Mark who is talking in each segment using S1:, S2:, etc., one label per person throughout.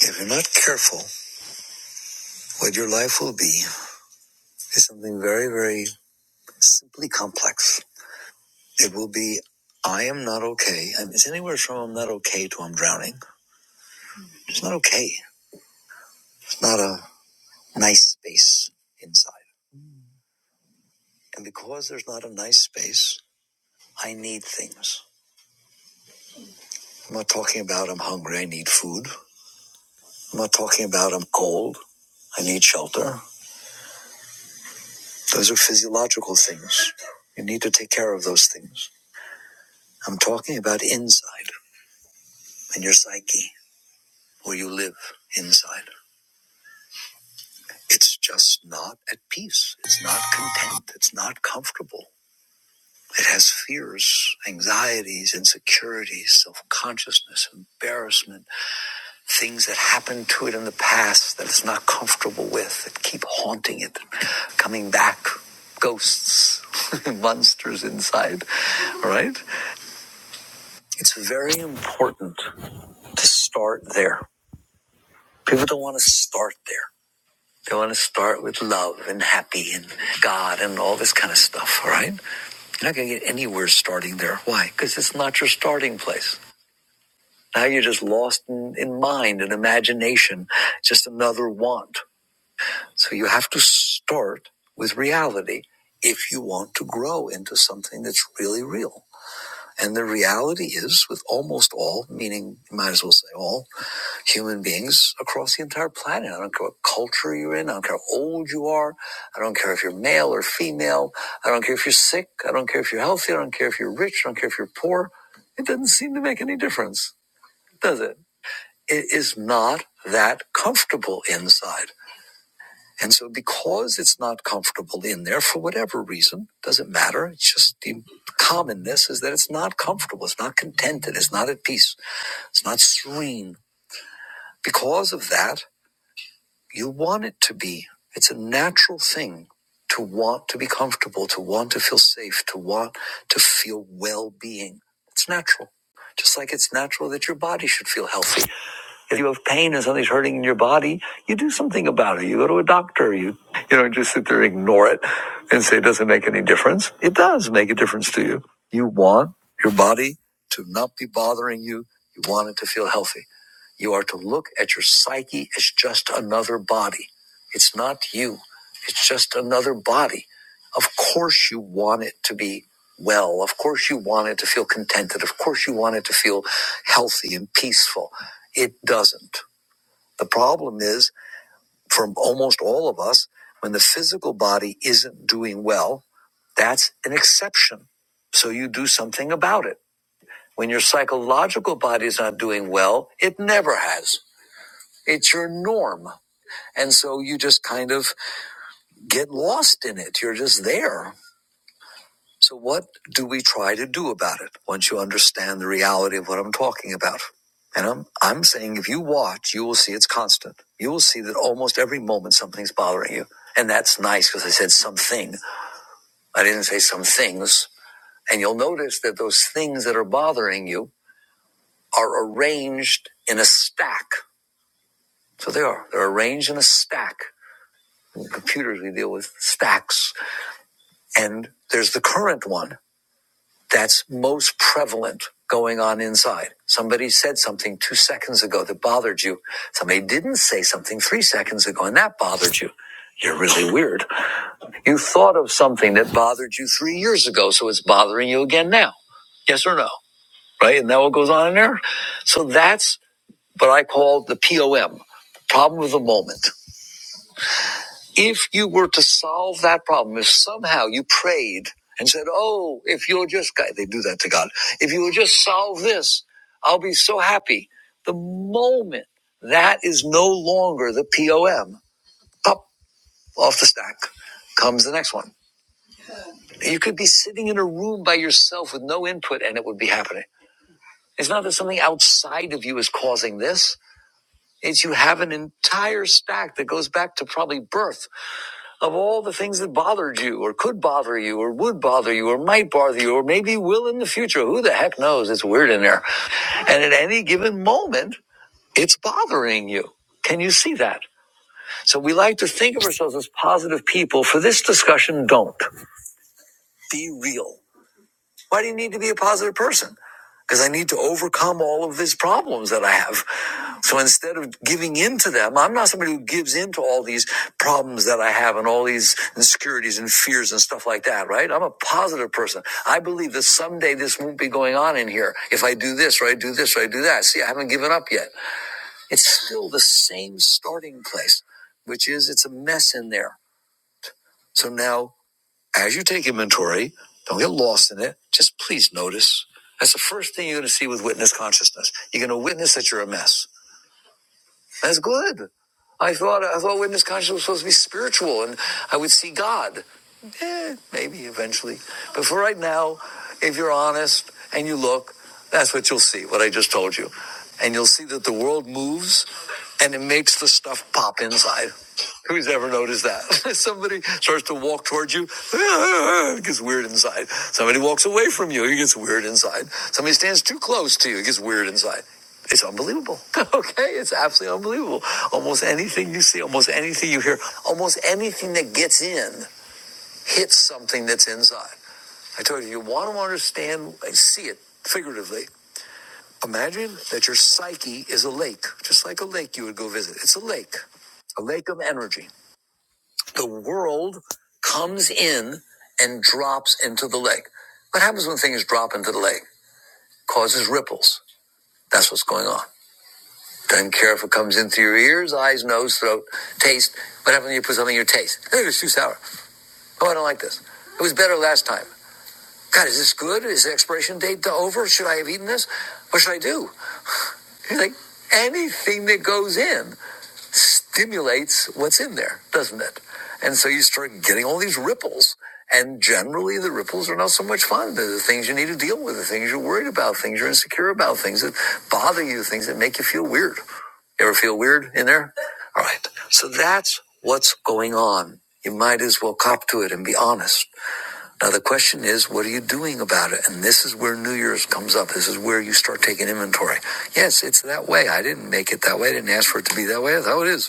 S1: If you're not careful, what your life will be is something very, very simply complex. It will be, I am not okay. And It's anywhere from I'm not okay to I'm drowning. It's not okay. It's not a nice space inside. And because there's not a nice space, I need things. I'm not talking about I'm hungry, I need food. I'm not talking about I'm cold, I need shelter. Those are physiological things. You need to take care of those things. I'm talking about inside and your psyche. or you live inside. It's just not at peace. It's not content. It's not comfortable. It has fears, anxieties, insecurities, self consciousness, embarrassment, things that happened to it in the past that it's not comfortable with that keep haunting it, coming back, ghosts, monsters inside, right? It's very important to start there. People don't want to start there. They want to start with love and happy and God and all this kind of stuff, all right? You're not going to get anywhere starting there. Why? Because it's not your starting place. Now you're just lost in, in mind and imagination, just another want. So you have to start with reality if you want to grow into something that's really real. And the reality is, with almost all, meaning, you might as well say all, human beings across the entire planet. I don't care what culture you're in. I don't care how old you are. I don't care if you're male or female. I don't care if you're sick. I don't care if you're healthy. I don't care if you're rich. I don't care if you're poor. It doesn't seem to make any difference, does it? It is not that comfortable inside. And so because it's not comfortable in there for whatever reason, doesn't matter. It's just the commonness is that it's not comfortable. It's not contented. It's not at peace. It's not serene. Because of that, You want it to be. It's a natural thing to want to be comfortable, to want to feel safe, to want to feel well being. It's natural. Just like it's natural that your body should feel healthy. If you have pain and something's hurting in your body, you do something about it. You go to a doctor. You you don't just sit there and ignore it and say it doesn't make any difference. It does make a difference to you. You want your body to not be bothering you. You want it to feel healthy. You are to look at your psyche as just another body. It's not you, it's just another body. Of course, you want it to be well. Of course, you want it to feel contented. Of course, you want it to feel healthy and peaceful. It doesn't. The problem is, for almost all of us, when the physical body isn't doing well, that's an exception. So you do something about it. When your psychological body is not doing well, it never has. It's your norm. And so you just kind of get lost in it. You're just there. So what do we try to do about it once you understand the reality of what I'm talking about? And I'm, I'm saying if you watch, you will see it's constant. You will see that almost every moment something's bothering you. And that's nice because I said something. I didn't say some things. And you'll notice that those things that are bothering you are arranged in a stack. So they are. They're arranged in a stack. In computers, we deal with stacks. And there's the current one that's most prevalent going on inside. Somebody said something two seconds ago that bothered you. Somebody didn't say something three seconds ago and that bothered you. You're really weird. You thought of something that bothered you three years ago, so it's bothering you again now. Yes or no? Right? And that what goes on in there? So that's what I call the POM, problem of the moment. If you were to solve that problem, if somehow you prayed and said, Oh, if you'll just, God, they do that to God. If you will just solve this, I'll be so happy. The moment that is no longer the POM, pop off the stack comes the next one. You could be sitting in a room by yourself with no input and it would be happening. It's not that something outside of you is causing this. It's you have an entire stack that goes back to probably birth of all the things that bothered you or could bother you or would bother you or might bother you or maybe will in the future. Who the heck knows? It's weird in there. And at any given moment, it's bothering you. Can you see that? So we like to think of ourselves as positive people. For this discussion, don't. Be real. Why do you need to be a positive person? Because I need to overcome all of these problems that I have. So instead of giving in to them, I'm not somebody who gives in to all these problems that I have and all these insecurities and fears and stuff like that, right? I'm a positive person. I believe that someday this won't be going on in here if I do this or I do this or I do that. See, I haven't given up yet. It's still the same starting place, which is it's a mess in there. So now, as you take inventory, don't get lost in it. Just please notice. That's the first thing you're going to see with witness consciousness. You're going to witness that you're a mess That's good. I thought I thought witness consciousness was supposed to be spiritual, and I would see God. Eh, maybe eventually, but for right now, if you're honest and you look, that's what you'll see. What I just told you, and you'll see that the world moves and it makes the stuff pop inside. Who's ever noticed that? Somebody starts to walk towards you, it gets weird inside. Somebody walks away from you, it gets weird inside. Somebody stands too close to you, it gets weird inside. It's unbelievable. Okay, it's absolutely unbelievable. Almost anything you see, almost anything you hear, almost anything that gets in hits something that's inside. I told you, you want to understand, see it figuratively. Imagine that your psyche is a lake, just like a lake you would go visit. It's a lake, a lake of energy the world comes in and drops into the lake. What happens when things drop into the lake? Causes ripples. That's what's going on. Doesn't care if it comes in through your ears, eyes, nose, throat, taste. What happens when you put something in your taste? Hey, it's too sour. Oh, I don't like this. It was better last time. God, is this good? Is the expiration date over? Should I have eaten this? What should I do? You're like, anything that goes in stimulates what's in there, doesn't it? And so you start getting all these ripples. And generally, the ripples are not so much fun. They're the things you need to deal with, the things you're worried about, things you're insecure about, things that bother you, things that make you feel weird. You ever feel weird in there? All right. So that's what's going on. You might as well cop to it and be honest. Now, the question is, what are you doing about it? And this is where New Year's comes up. This is where you start taking inventory. Yes, it's that way. I didn't make it that way. I didn't ask for it to be that way. That's how it is.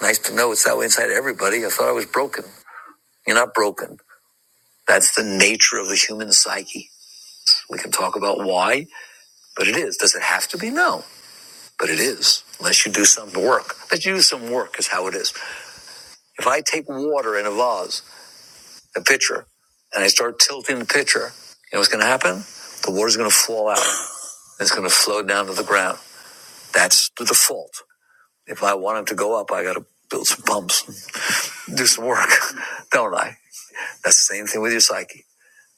S1: Nice to know it's that way inside everybody. I thought I was broken. You're not broken. That's the nature of the human psyche. We can talk about why, but it is. Does it have to be? No, but it is. Unless you do some work. Unless you do some work is how it is. If I take water in a vase, a pitcher, and I start tilting the pitcher, you know what's going to happen? The water's going to fall out. It's going to flow down to the ground. That's the default. If I want it to go up, I got to build some pumps, do some work, don't I? That's the same thing with your psyche.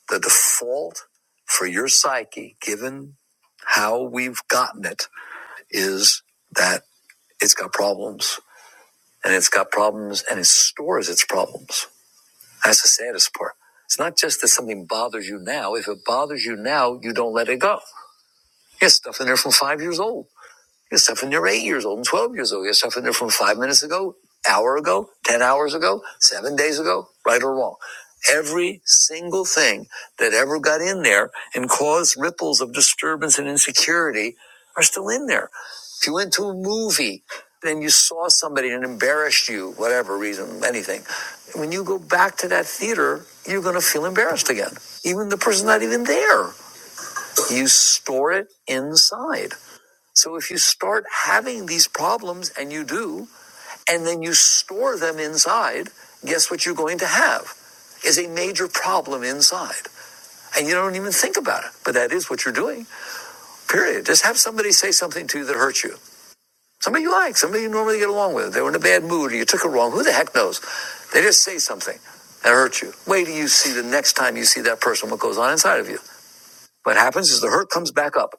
S1: The default for your psyche, given how we've gotten it, is that it's got problems and it's got problems and it stores its problems. That's the saddest part. It's not just that something bothers you now. If it bothers you now, you don't let it go. Yes, stuff in there from five years old. There's stuff in there eight years old and 12 years old. There's stuff in there from five minutes ago, hour ago, 10 hours ago, seven days ago, right or wrong. Every single thing that ever got in there and caused ripples of disturbance and insecurity are still in there. If you went to a movie and you saw somebody and embarrassed you, whatever reason, anything, when you go back to that theater, you're going to feel embarrassed again. Even the person's not even there. You store it inside. So if you start having these problems, and you do, and then you store them inside, guess what you're going to have is a major problem inside. And you don't even think about it, but that is what you're doing, period. Just have somebody say something to you that hurts you. Somebody you like, somebody you normally get along with. They were in a bad mood, or you took it wrong. Who the heck knows? They just say something that hurts you. Wait till you see the next time you see that person what goes on inside of you. What happens is the hurt comes back up,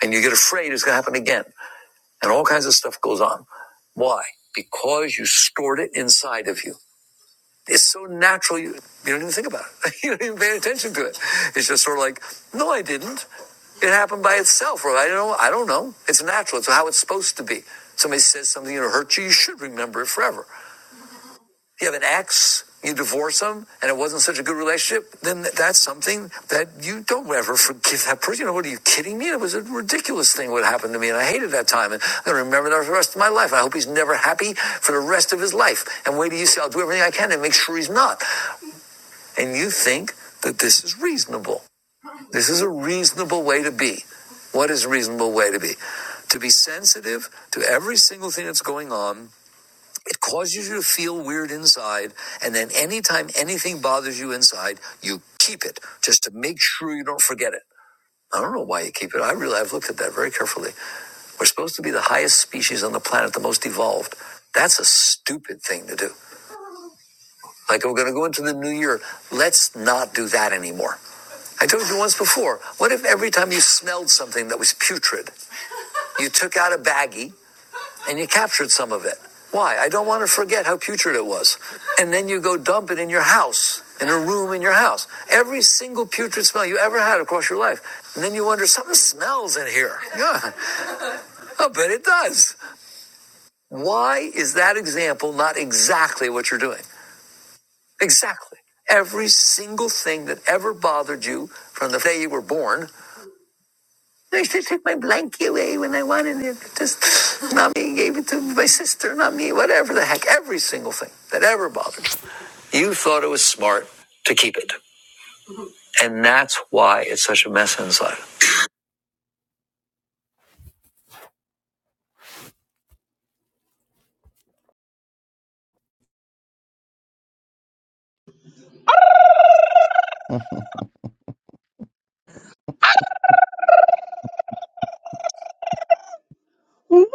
S1: and you get afraid it's going to happen again, and all kinds of stuff goes on. Why? Because you stored it inside of you. It's so natural you, you don't even think about it. You don't even pay attention to it. It's just sort of like, no, I didn't. It happened by itself, or I don't know. I don't know. It's natural. It's how it's supposed to be. Somebody says something that hurt you, you should remember it forever you have an ex, you divorce them, and it wasn't such a good relationship, then that's something that you don't ever forgive that person. You know, what are you kidding me? It was a ridiculous thing what happened to me, and I hated that time, and I'm gonna remember that for the rest of my life. I hope he's never happy for the rest of his life. And wait till you see, I'll do everything I can to make sure he's not. And you think that this is reasonable. This is a reasonable way to be. What is a reasonable way to be? To be sensitive to every single thing that's going on it causes you to feel weird inside. And then anytime anything bothers you inside, you keep it just to make sure you don't forget it. I don't know why you keep it. I really, I've looked at that very carefully. We're supposed to be the highest species on the planet, the most evolved. That's a stupid thing to do. Like, we're going to go into the new year. Let's not do that anymore. I told you once before, what if every time you smelled something that was putrid, you took out a baggie and you captured some of it. Why? I don't want to forget how putrid it was. And then you go dump it in your house, in a room in your house. Every single putrid smell you ever had across your life. And then you wonder, something smells in here. Yeah, I bet it does. Why is that example not exactly what you're doing? Exactly. Every single thing that ever bothered you from the day you were born I used to take my blankie away when I wanted it. Just mommy gave it to my sister, not me, whatever the heck, every single thing that ever bothered. me. You thought it was smart to keep it. And that's why it's such a mess inside.
S2: What?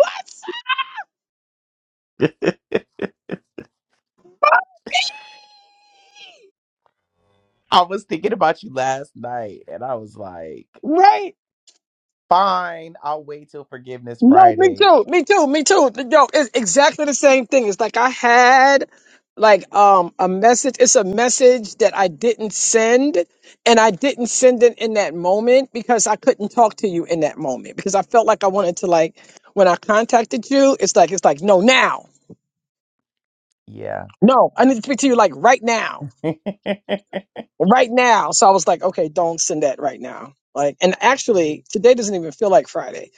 S1: I was thinking about you last night and I was like,
S2: Right?
S1: fine, I'll wait till forgiveness
S2: No, me
S1: Friday.
S2: too. Me too. Me too. Yo, it's exactly the same thing. It's like I had like um a message. It's a message that I didn't send, and I didn't send it in that moment because I couldn't talk to you in that moment because I felt like I wanted to like when I contacted you. It's like it's like no now.
S1: Yeah.
S2: No, I need to speak to you like right now, right now. So I was like, okay, don't send that right now. Like, and actually, today doesn't even feel like Friday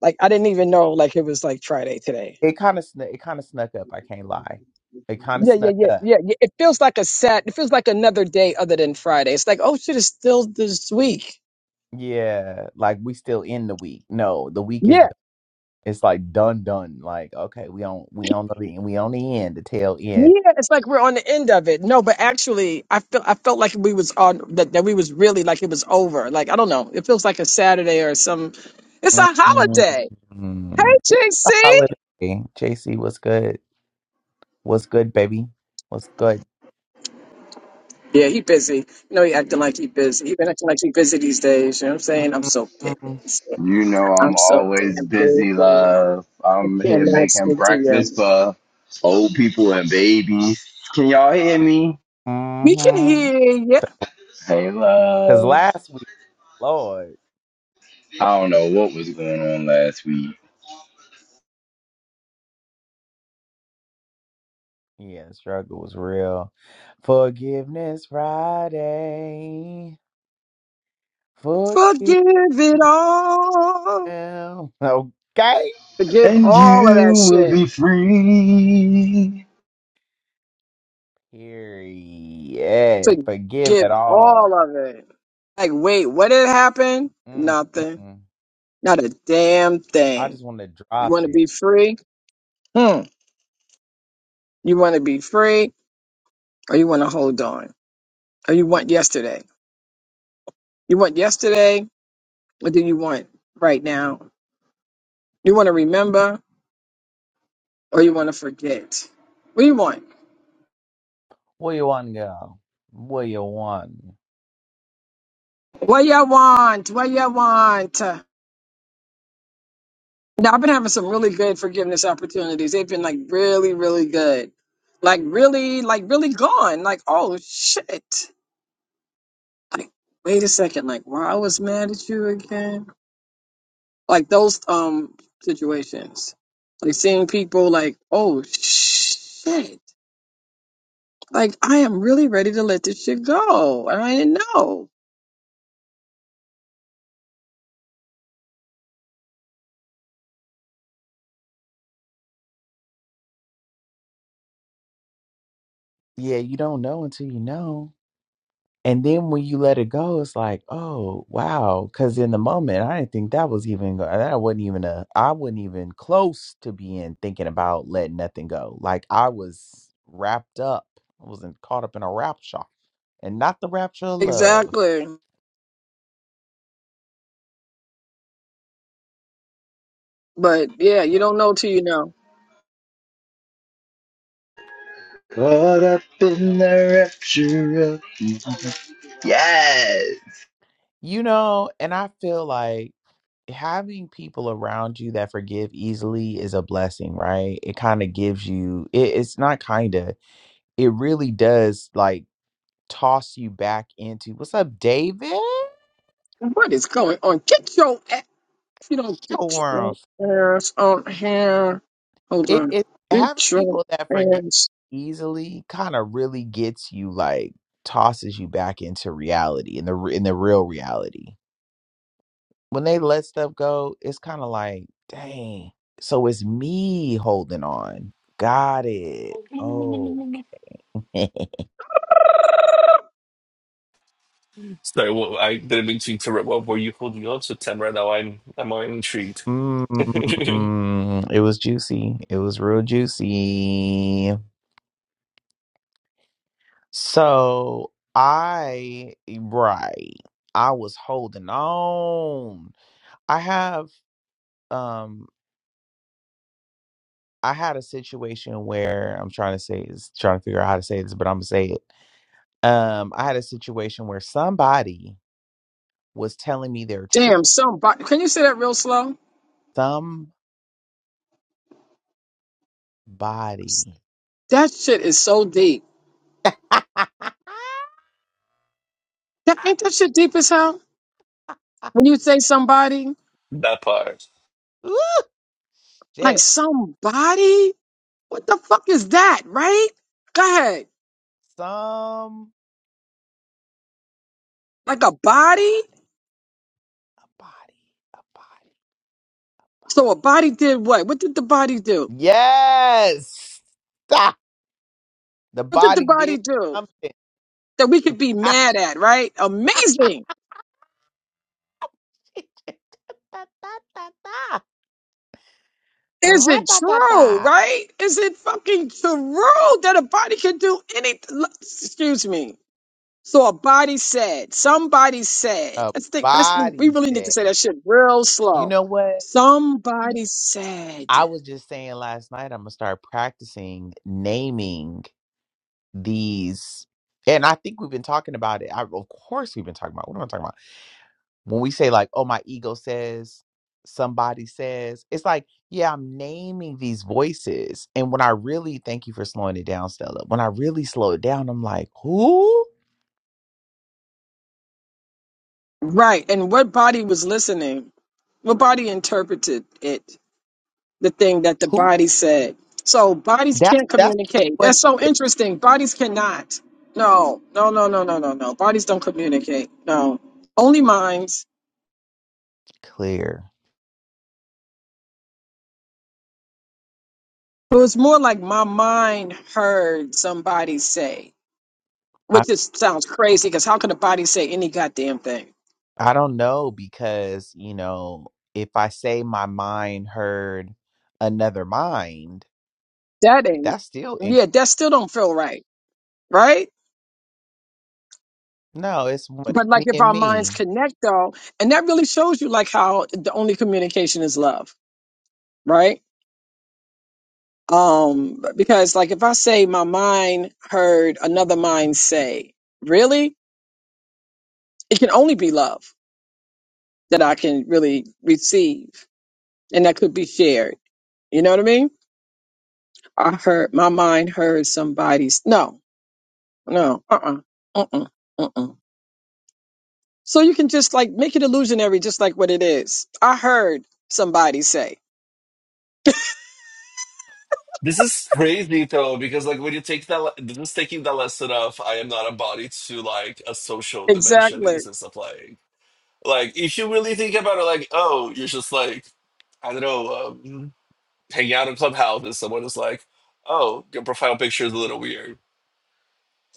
S2: Like I didn't even know like it was like Friday today.
S1: It kind of snuck it kind of snuck up, I can't lie. It kind of
S2: Yeah, yeah,
S1: snuck
S2: yeah,
S1: up.
S2: yeah, yeah. It feels like a sat. It feels like another day other than Friday. It's like oh shit, it's still this week.
S1: Yeah, like we still in the week. No, the week is
S2: Yeah,
S1: It's like done, done. Like okay, we on we on the we on the end, the tail end.
S2: yeah. It's like we're on the end of it. No, but actually, I felt I felt like we was on that that we was really like it was over. Like I don't know. It feels like a Saturday or some. It's a holiday. Hey,
S1: Mm-mm. It's
S2: JC.
S1: a holiday. JC, what's good? What's good, baby? What's good?
S2: Yeah, he busy. You know he acting like he busy. He been acting like he busy these days. You know what I'm saying? I'm so busy.
S1: Mm-hmm.
S3: You know
S2: I'm
S3: I'm
S2: so
S3: always
S2: damn
S3: busy,
S2: busy.
S3: love. I'm here
S2: cannot
S3: making
S2: speak to
S3: breakfast
S2: you.
S3: for old people and babies. Can y'all hear me?
S2: We can
S1: Mm-hmm.
S2: hear you.
S3: Hey,
S1: Cause
S3: love.
S1: last week, Lord,
S3: I don't know what was going on last week.
S1: yeah, struggle was real. Forgiveness Friday. Forgive.
S2: Forgive it all.
S1: now. Okay.
S2: Forgive
S3: And
S2: all of that
S3: you will
S2: shit.
S3: be free,
S1: Here, yeah. Forgive
S2: Forgive
S1: it
S2: all
S1: all.
S2: of it. Like, wait, what did happen? Nothing.
S1: Mm-mm.
S2: Not a damn
S1: I
S2: thing.
S1: just want to
S2: You
S1: drop
S2: want to
S1: it.
S2: be free? Hmm. You want to be free, or you want to hold on, or you want yesterday? You want yesterday, What do you want right now? You want to remember, or you want to forget? What do you want?
S1: Where you want to go? Where you want?
S2: What you want? What you want? Now, I've been having some really good forgiveness opportunities. They've been like really, really good. Like really, like really gone. Like, oh shit. Like, wait a second. Like, why I was mad at you again? Like those um situations. Like seeing people like, oh shit. Like I am really ready to let this shit go. And I didn't know.
S1: Yeah, you don't know until you know. And then when you let it go, it's like, oh wow, because in the moment, I didn't think that was even go- that wasn't even a I wasn't even close to being thinking about letting nothing go. Like I was wrapped up. I wasn't caught up in a rapture, and not the rapture of love,
S2: Exactly. But yeah, you don't know till you know.
S3: caught up in the rapture of yes.
S1: you know. And I feel like. having people around you that forgive easily is a blessing, right? It kind of gives you it, it's not kind of. It really does like toss you back into what's up, David?
S2: What is going on? Get your you don't get
S1: Sure.
S2: your ass on here. Hold
S1: It,
S2: on.
S1: it having
S2: Get your
S1: people that forgive
S2: ass.
S1: easily kind of really gets you like tosses you back into reality in the re- in the real reality. When they let stuff go, it's kind of like, dang. So it's me holding on. Got it. Oh.
S4: Sorry, well, I didn't mean to interrupt. What were you holding on to, Tamara? Now I'm I'm intrigued. that
S1: Mm, it was juicy. It was real juicy. So I, eh, right, I was holding on. I have, um, I had a situation where I'm trying to say is trying to figure out how to say this, but I'm gonna say it. Um, I had a situation where somebody was telling me their truth.
S2: Damn, somebody. Can you say that real slow?
S1: Somebody,
S2: That shit is so deep. That ain't that shit deep as hell. When you say somebody,
S4: part.
S1: Ooh,
S2: like
S1: shit,
S2: somebody, what the fuck is that, right? Go ahead.
S1: somebody,
S2: Like a body.
S1: a body, a body.
S2: So a body did what? What did the body do?
S1: Yes. Ah, the
S2: What did the
S1: body
S2: body
S1: did
S2: do
S1: something.
S2: that we could be mad at, right? Amazing.
S1: She did da, da, da, da.
S2: Is it true,
S1: Ra-ta-ta-ta.
S2: right? Is it fucking true that a body can do anything? Excuse me. So a body said, somebody said,
S1: A
S2: let's think, let's, we
S1: body
S2: really need to
S1: said.
S2: say that shit real
S1: You
S2: slow.
S1: know what?
S2: Somebody said,
S1: I was just saying last night I'm gonna start practicing naming these. And I think we've been talking about it. I, of course we've been talking about. What am I talking about? when we say like oh my ego says somebody says it's like yeah i'm naming these voices and when i really thank you for slowing it down stella when i really slow it down i'm like who
S2: right. And what body was listening? What body interpreted it? The thing that the
S1: who
S2: body said. So bodies
S1: that's
S2: can't
S1: that's really
S2: communicate.
S1: what
S2: That's so
S1: it
S2: interesting. Bodies cannot. No, no, no, no, no, no, no. Bodies don't communicate. No. Only minds.
S1: is clear
S2: It was more like my mind heard somebody say,
S1: i
S2: which just sounds crazy because how could a body say any goddamn thing?
S1: i don't know because you know if i say my mind heard another mind
S2: That ain't,
S1: that's still inc-
S2: yeah, that still don't feel right, right?
S1: no it's what
S2: But like
S1: me
S2: if
S1: and
S2: our minds
S1: me
S2: connect though, and that really shows you like how the only communication is love, right? Um, because like if I say my mind heard another mind say, really, it can only be love that I can really receive, and that could be shared. You know what I mean? I heard my mind heard somebody's no, no, uh uh-uh, uh, uh uh. So you can just like make it illusionary, just like what it is. I heard somebody say
S4: This is crazy though, because like when you take that, le- this is taking the lesson of I am not a body to like a social dimension in
S2: exactly.
S4: the sense of like, like if you really think about it, like oh, you're just like I don't know, um, hanging out in clubhouse and someone is like, oh, your profile picture is a little weird,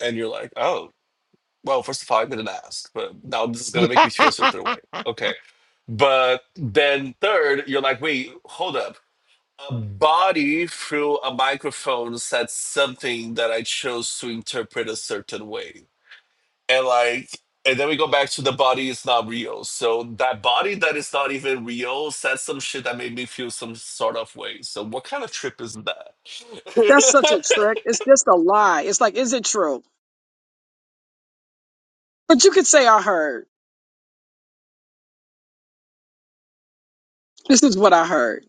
S4: and you're like, oh. Well, first of all, I didn't ask, but now this is gonna make me feel a certain way. Okay. But then third, you're like, wait, hold up. A body through a microphone said something that I chose to interpret a certain way. And like and then we go back to the body is not real. So that body that is not even real said some shit that made me feel some sort of way. So what kind of trip is that?
S2: That's such a trick. It's just a lie. It's like, is it true? But you could say I heard. This is what I heard,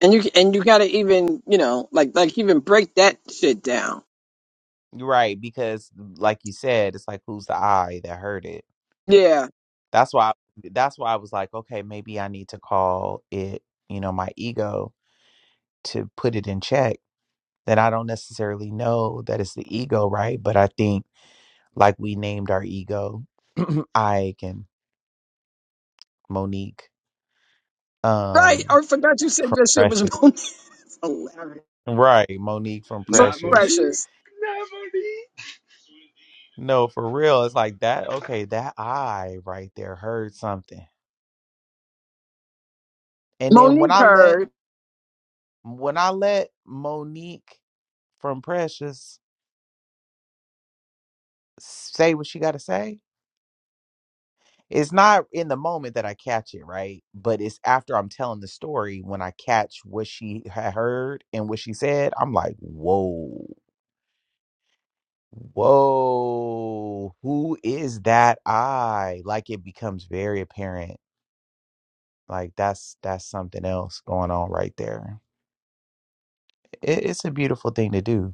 S2: and you and you gotta even you know like like even break that shit down.
S1: right because like you said it's like who's the i that heard it
S2: Yeah,
S1: That's why that's why I was like, okay, maybe I need to call it, you know, my ego to put it in check. That I don't necessarily know that it's the ego, right? But I think like we named our ego Ike and Monique
S2: right.
S1: um
S2: Oh, I forgot you said
S1: from
S2: that shit was
S1: Precious.
S2: Monique. Hilarious.
S1: Right, Monique from
S3: Not Monique.
S1: Precious.
S2: Precious.
S3: Not Monique.
S1: No, for real. It's like that, okay, that I right there heard something. And then when
S2: Monique
S1: I let
S2: heard.
S1: when I let Monique from Precious say what she got to say, it's not in the moment that I catch it, right? But it's after I'm telling the story when I catch what she had heard and what she said. I'm like, whoa, whoa, who is that I? Like it becomes very apparent. Like that's that's something else going on right there. It, it's a beautiful thing to do.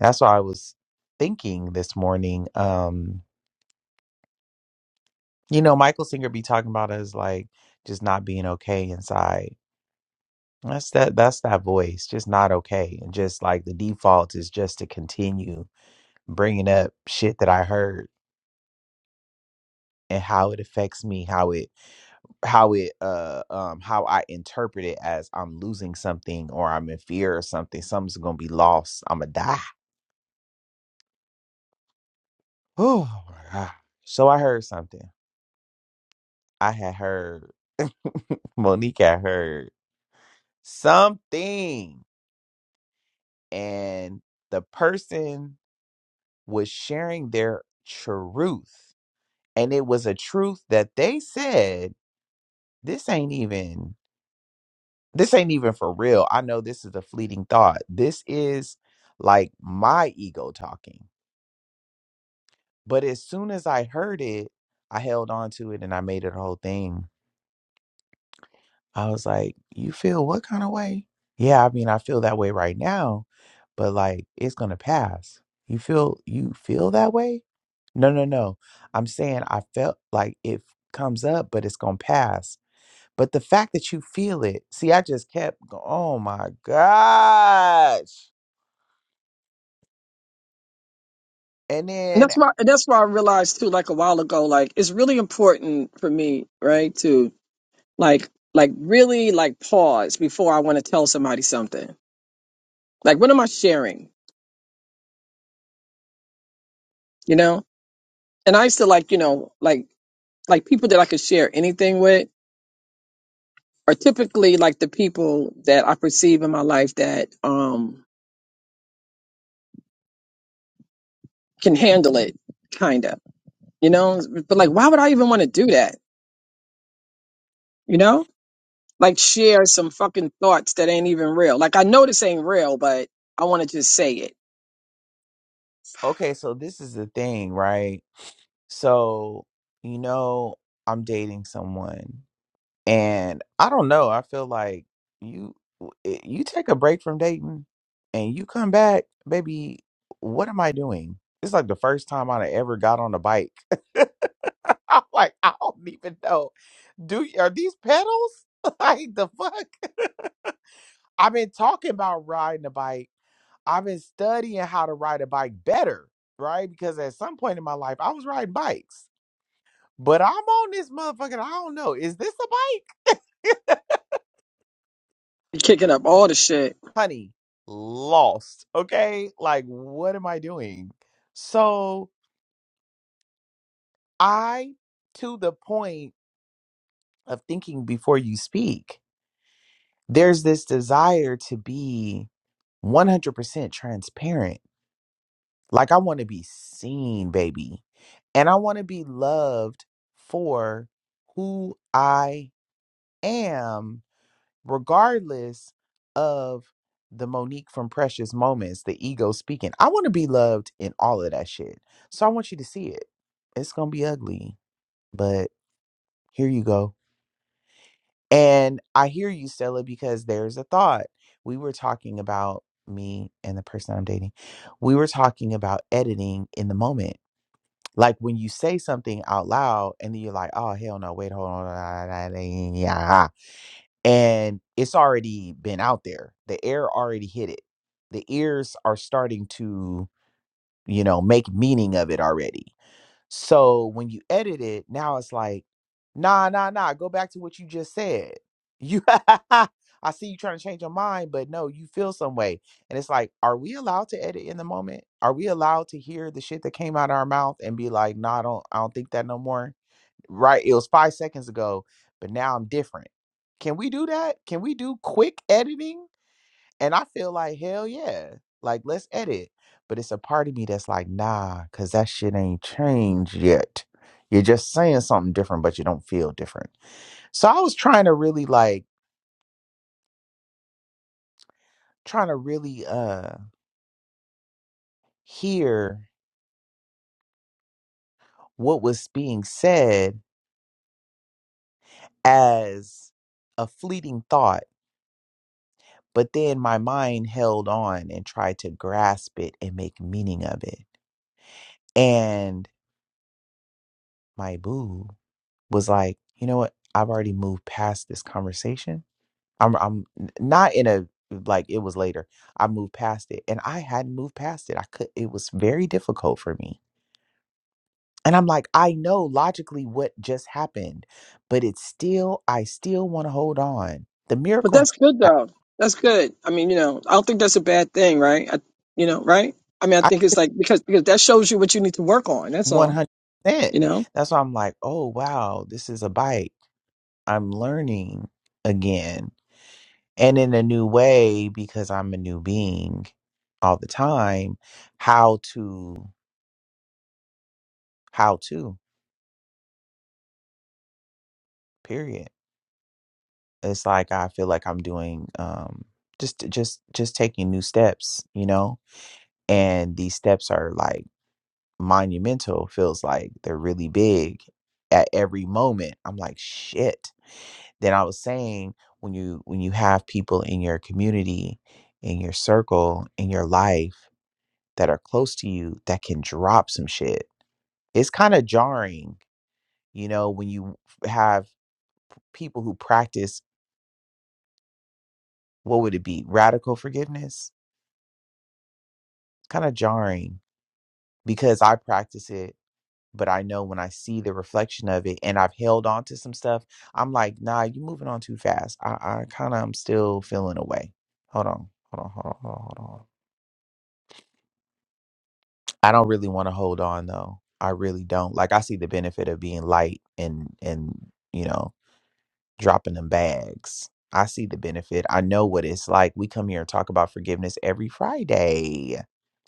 S1: That's why I was thinking this morning. Um, you know, Michael Singer be talking about us like just not being okay inside That's that that's that voice. Just not okay. And just like the default is just to continue bringing up shit that I heard and how it affects me, how it how it uh um how I interpret it as I'm losing something or I'm in fear or something. Something's going to be lost. I'm going to die. Oh my god. So I heard something. I had heard Monique had heard something and the person was sharing their truth and it was a truth that they said this ain't even this ain't even for real i know this is a fleeting thought this is like my ego talking but as soon as i heard it i held on to it and i made it a whole thing i was like you feel what kind of way yeah i mean i feel that way right now but like it's gonna pass you feel you feel that way no no no i'm saying i felt like it comes up but it's gonna pass But the fact that you feel it, see, I just kept going, oh my gosh. And
S2: And
S1: then,
S2: that's why and that's why I realized too, like a while ago, like it's really important for me, right, to like like really like pause before I want to tell somebody something. Like what am I sharing? You know? And I used to like, you know, like like people that I could share anything with are typically like the people that I perceive in my life that um can handle it, kinda. You know? But like why would I even want to do that? You know? Like share some fucking thoughts that ain't even real. Like I know this ain't real, but I want to just say it.
S1: okay, so this is the thing, right? So, you know, I'm dating someone and I don't know, I feel like you you take a break from dating and you come back, baby, what am I doing? It's like the first time I ever got on a bike. I'm like, I don't even know. Do are these pedals? Like the fuck? I've been talking about riding a bike. I've been studying how to ride a bike better, right? Because at some point in my life, I was riding bikes, but I'm on this motherfucker. I don't know. Is this a bike?
S2: You're kicking up all the shit.
S1: Honey, lost. Okay. Like, what am I doing? So I, to the point of thinking before you speak, there's this desire to be 100% transparent Like I want to be seen, baby. And I want to be loved for who I am, regardless of the Monique from Precious Moments, the ego speaking. I want to be loved in all of that shit. So I want you to see it. It's going to be ugly, but here you go. And I hear you, Stella, because there's a thought. We were talking about me and the person I'm dating. We were talking about editing in the moment Like when you say something out loud and then you're like, oh, hell no, wait, hold on. ah, ah, ah, ah," ah," And it's already been out there. The air already hit it. The ears are starting to, you know, make meaning of it already so when you edit it, now it's like, nah, nah, nah, go back to what you just said. You I see you trying to change your mind, but no, you feel some way. And it's like, are we allowed to edit in the moment? Are we allowed to hear the shit that came out of our mouth and be like, nah, I don't I don't think that no more? Right. It was five seconds ago, but now I'm different. Can we do that? Can we do quick editing? And I feel like, hell yeah. Like, let's edit. But it's a part of me that's like, nah, because that shit ain't changed yet. You're just saying something different, but you don't feel different. So I was trying to really, like, trying to really uh hear what was being said as a fleeting thought. But then my mind held on and tried to grasp it and make meaning of it. And my boo was like, you know what? I've already moved past this conversation I'm I'm n- not in a like it was later. I moved past it and I hadn't moved past it. I could it was very difficult for me. And I'm like, I know logically what just happened, but it's still I still want to hold on. The
S2: But
S1: miracle ha-
S2: that's good
S1: ha-
S2: though. That's good. I mean, you know, I don't think that's a bad thing, right? I, you know, right? I mean, I
S1: I
S2: think it's like because because that shows you what you need to work on. That's all.
S1: 100%.
S2: You know.
S1: That's why I'm like, oh wow, this is a bite. I'm learning again and in a new way because I'm a new being all the time how to how to period it's like I feel like I'm doing um just just just taking new steps, you know? And these steps are like monumental, feels like they're really big at every moment. I'm like, shit. Then I was saying when you when you have people in your community, in your circle, in your life that are close to you that can drop some shit. It's kind of jarring, you know, when you have people who practice what would it be? Radical forgiveness kind of jarring because I practice it, but I know when I see the reflection of it and I've held on to some stuff, I'm like, nah, you're moving on too fast. I, I kind of am still feeling away. Hold on, hold on, hold on, hold on, hold on. I don't really want to hold on though. I really don't. Like I see the benefit of being light and and you know dropping them bags. I see the benefit. I know what it's like. We come here and talk about forgiveness every Friday.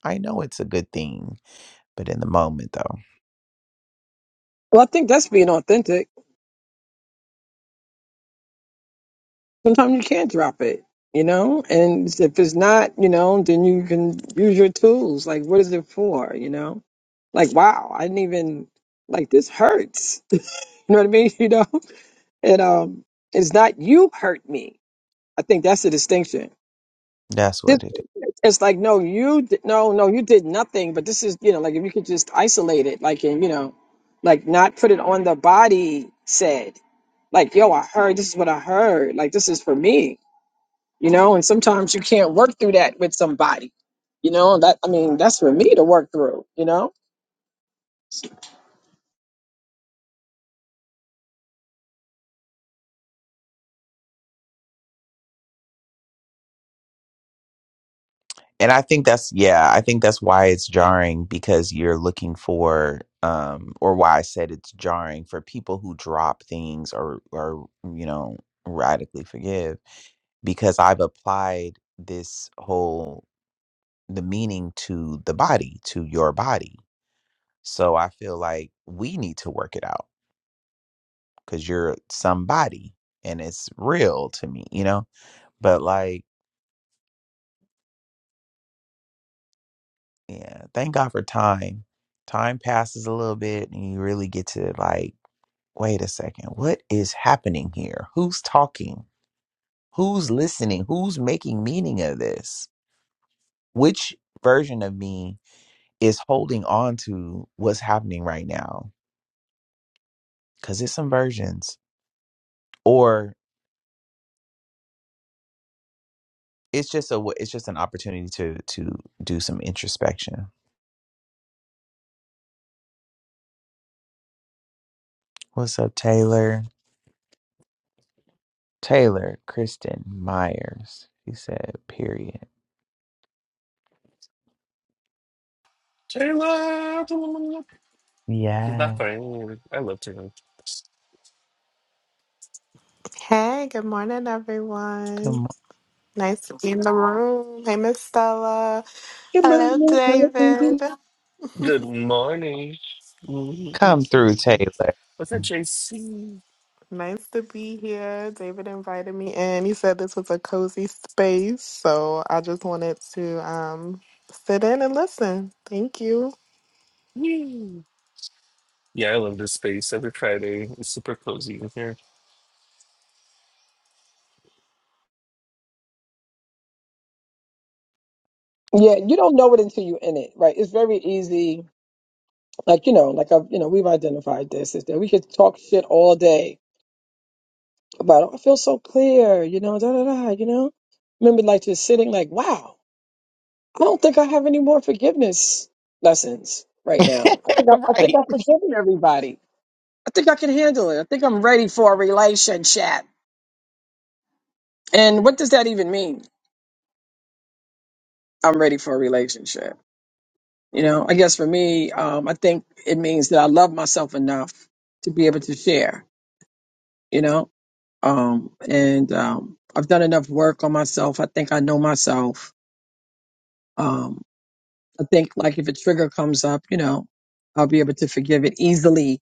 S1: I know it's a good thing, but in the moment though.
S2: Well, I think that's being authentic. sometimes you can't drop it, you know? And if it's not, you know, then you can use your tools. Like, what is it for, you know? Like, wow, I didn't even, like, this hurts. You know what I mean? You know? And um, it's not you hurt me. I think that's the distinction.
S1: That's
S2: This,
S1: what it is.
S2: it's like, no, you, did, no, no, you did nothing, but this is, you know, like, if you could just isolate it, like, and, you know, like, not put it on the body said, like, yo, I heard, this is what I heard. Like, this is for me you know and sometimes you can't work through that with somebody you know that i mean that's for me to work through you know
S1: and i think that's yeah i think that's why it's jarring because you're looking for um or why i said it's jarring for people who drop things or or you know radically forgive because i've applied this whole the meaning to the body to your body so i feel like we need to work it out because you're somebody and it's real to me you know but like Yeah, thank God for time. Time passes a little bit, and you really get to like, wait a second, what is happening here? Who's talking? Who's listening? Who's making meaning of this? Which version of me is holding on to what's happening right now? Because it's some versions, or it's just a it's just an opportunity to to do some introspection. What's up, Taylor? Taylor Kristen Myers. She said, "Period."
S4: Taylor, she's not
S1: Yeah.
S4: funny. I love Taylor.
S5: Hey, good morning, everyone.
S1: Good
S5: Nice to be in the room. Hey, Miss Stella.
S2: Good
S5: Hello,
S2: morning, hi,
S5: David.
S2: baby.
S4: Good morning. Mhm.
S1: Come through, Taylor.
S4: What's up, JC?
S5: Nice to be here. David invited me in. He said this was a cozy space, so I just wanted to um sit in and listen. Thank you.
S4: Yee. Yeah, I love this space every Friday. It's super cozy in here.
S2: yeah you don't know it until you're in it right it's very easy like you know like i you know we've identified this is that we could talk shit all day about oh, i feel so clear you know da da da you know remember like just sitting like wow i don't think i have any more forgiveness lessons right now i think i, I think
S1: right.
S2: i've forgiven everybody i think i can handle it i think i'm ready for a relationship And what does that even mean? I'm ready for a relationship. You know, I guess for me, um, I think it means that I love myself enough to be able to share, you know, um, and um, I've done enough work on myself. I think I know myself. Um, I think, like, if a trigger comes up, you know, I'll be able to forgive it easily.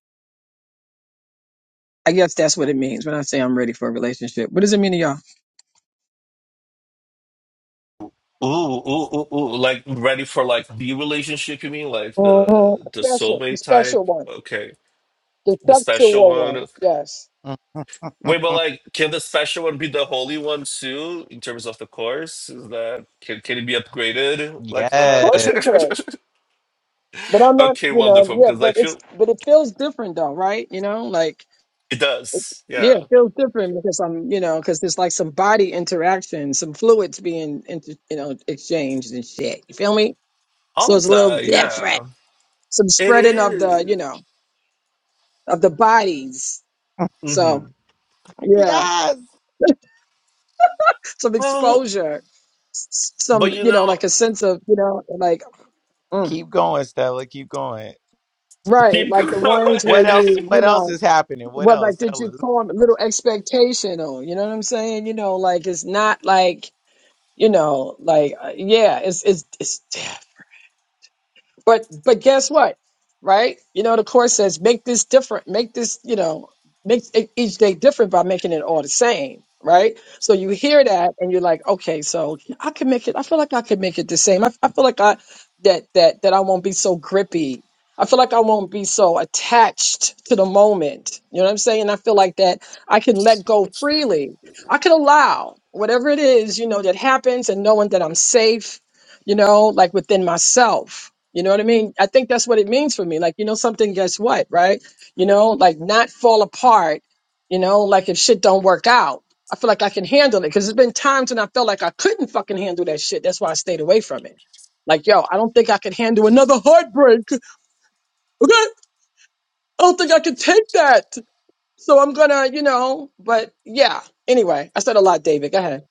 S2: I guess that's what it means when I say I'm ready for a relationship. What does it mean to y'all?
S4: Ooh, ooh, ooh, ooh. Like ready for like the relationship, you mean? Like
S2: hmm
S4: the the
S2: Special, the
S4: soulmate type?
S2: special one,
S4: Okay.
S2: the
S4: The special
S2: sexual one.
S4: one.
S2: Yes,
S4: Wait, but like can the special one be the holy one too in terms of the course? Is that can can it be upgraded like
S2: of course
S1: yes.
S2: it could,
S4: that?
S2: but I'm not.
S4: okay,
S2: You know,
S4: wonderful,
S2: yeah,
S4: because
S2: but
S4: I
S2: it's
S4: feel
S2: but it feels different though, right? You know, like
S4: it does.
S2: yeah,
S4: Yeah.
S2: it feels different because I'm, you know, because there's like some body interaction, some fluids being, inter, you know, exchanged and shit. You feel me?
S4: All
S2: So it's
S4: of
S2: a little
S4: that, yeah.
S2: different. Some
S4: It
S2: spreading of the, you
S4: is.
S2: know, of the bodies. So
S4: Mm-hmm.
S2: yeah,
S1: Yes.
S2: some
S4: Well,
S2: exposure, s-
S4: but
S2: some,
S4: you
S2: you know, like
S4: know,
S2: a sense of, you know, like. mm,
S1: Keep going, Stella. Keep going.
S2: Right,
S4: keep
S2: like
S4: going.
S2: the ones where
S1: What else?
S2: you, you
S1: What else
S2: know,
S1: is happening? What
S2: well,
S1: else?
S2: like did
S1: Stella?
S2: you form a little expectation on? You know what I'm saying? You know, like it's not like you know, like uh, yeah, it's it's it's. But but guess what? Right? You know, the course says make this different, make this, you know, make e- each day different by making it all the same. Right. So you hear that and you're like, okay, so I can make it. I feel like I can make it the same. I, I feel like I that that that I won't be so grippy. I feel like I won't be so attached to the moment. You know what I'm saying? I feel like that I can let go freely. I can allow whatever it is, you know, that happens and knowing that I'm safe, you know, like within myself you know what I mean? I think that's what it means for me. Like, you know, something, guess what, right? You know, like not fall apart, you know, like if shit don't work out. I feel like I can handle it because there's been times when I felt like I couldn't fucking handle that shit. That's why I stayed away from it. Like, yo, I don't think I could handle another heartbreak. Okay. I don't think I could take that. So I'm gonna, you know, but yeah. Anyway, I said a lot, David. Go ahead.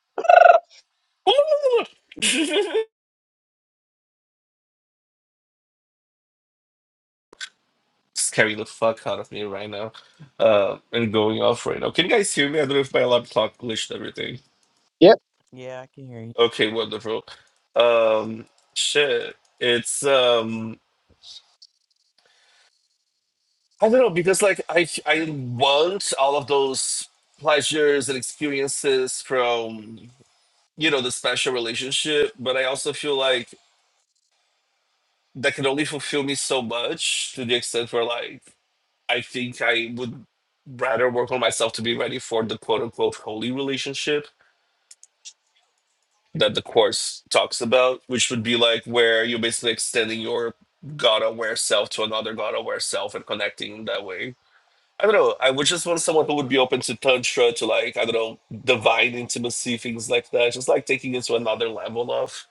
S4: Scary the fuck out of me right now, uh, and going off right now. Can you guys hear me? I don't know if my alarm clock glitched everything.
S2: Yep.
S1: Yeah, I can hear you.
S4: Okay, wonderful. Um, shit, it's um, I don't know because like I I want all of those pleasures and experiences from you know the special relationship, but I also feel like that can only fulfill me so much to the extent where like I think I would rather work on myself to be ready for the quote unquote holy relationship that the course talks about, which would be like where you're basically extending your God aware self to another God aware self and connecting in that way. I don't know. I would just want someone who would be open to tantra, to like, I don't know, divine intimacy, things like that. Just like taking it to another level of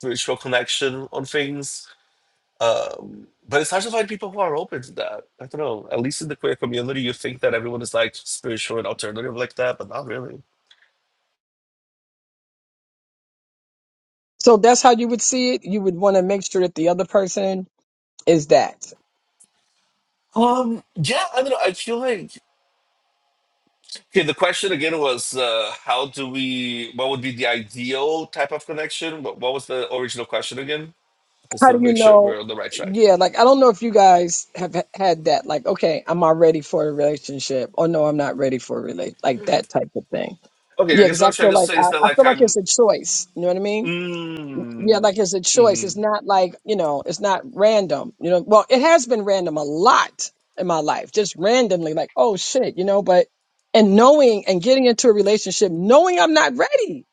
S4: spiritual connection on things Um, but it's hard to find people who are open to that. I don't know. At least in the queer community, you think that everyone is like spiritual and alternative like that, but not really.
S2: So that's how you would see it. You would want to make sure that the other person is that.
S4: Um, yeah, I don't know. I feel like okay. The question again was, uh, how do we? What would be the ideal type of connection? What, what was the original question again? Just
S2: How
S4: to
S2: do you
S4: make sure
S2: know?
S4: we're on the right track.
S2: Yeah, like I don't know if you guys have h- had that. Like, okay, am I ready for a relationship? Or no, I'm not ready for a relate like that
S4: Okay,
S2: type of thing.
S4: I
S2: Yeah,
S4: guess
S2: because
S4: what
S2: I
S4: I'm trying
S2: feel
S4: to
S2: like
S4: say is
S2: I,
S4: that
S2: I
S4: like
S2: feel like
S4: I'm.
S2: it's a choice. You know what I mean? Yeah,
S4: Mm,
S2: like it's a choice. It's not like you know, it's not random. You know, well, it has been random a lot in my life, just randomly, like oh shit, you know. But and knowing and getting into a relationship, knowing I'm not ready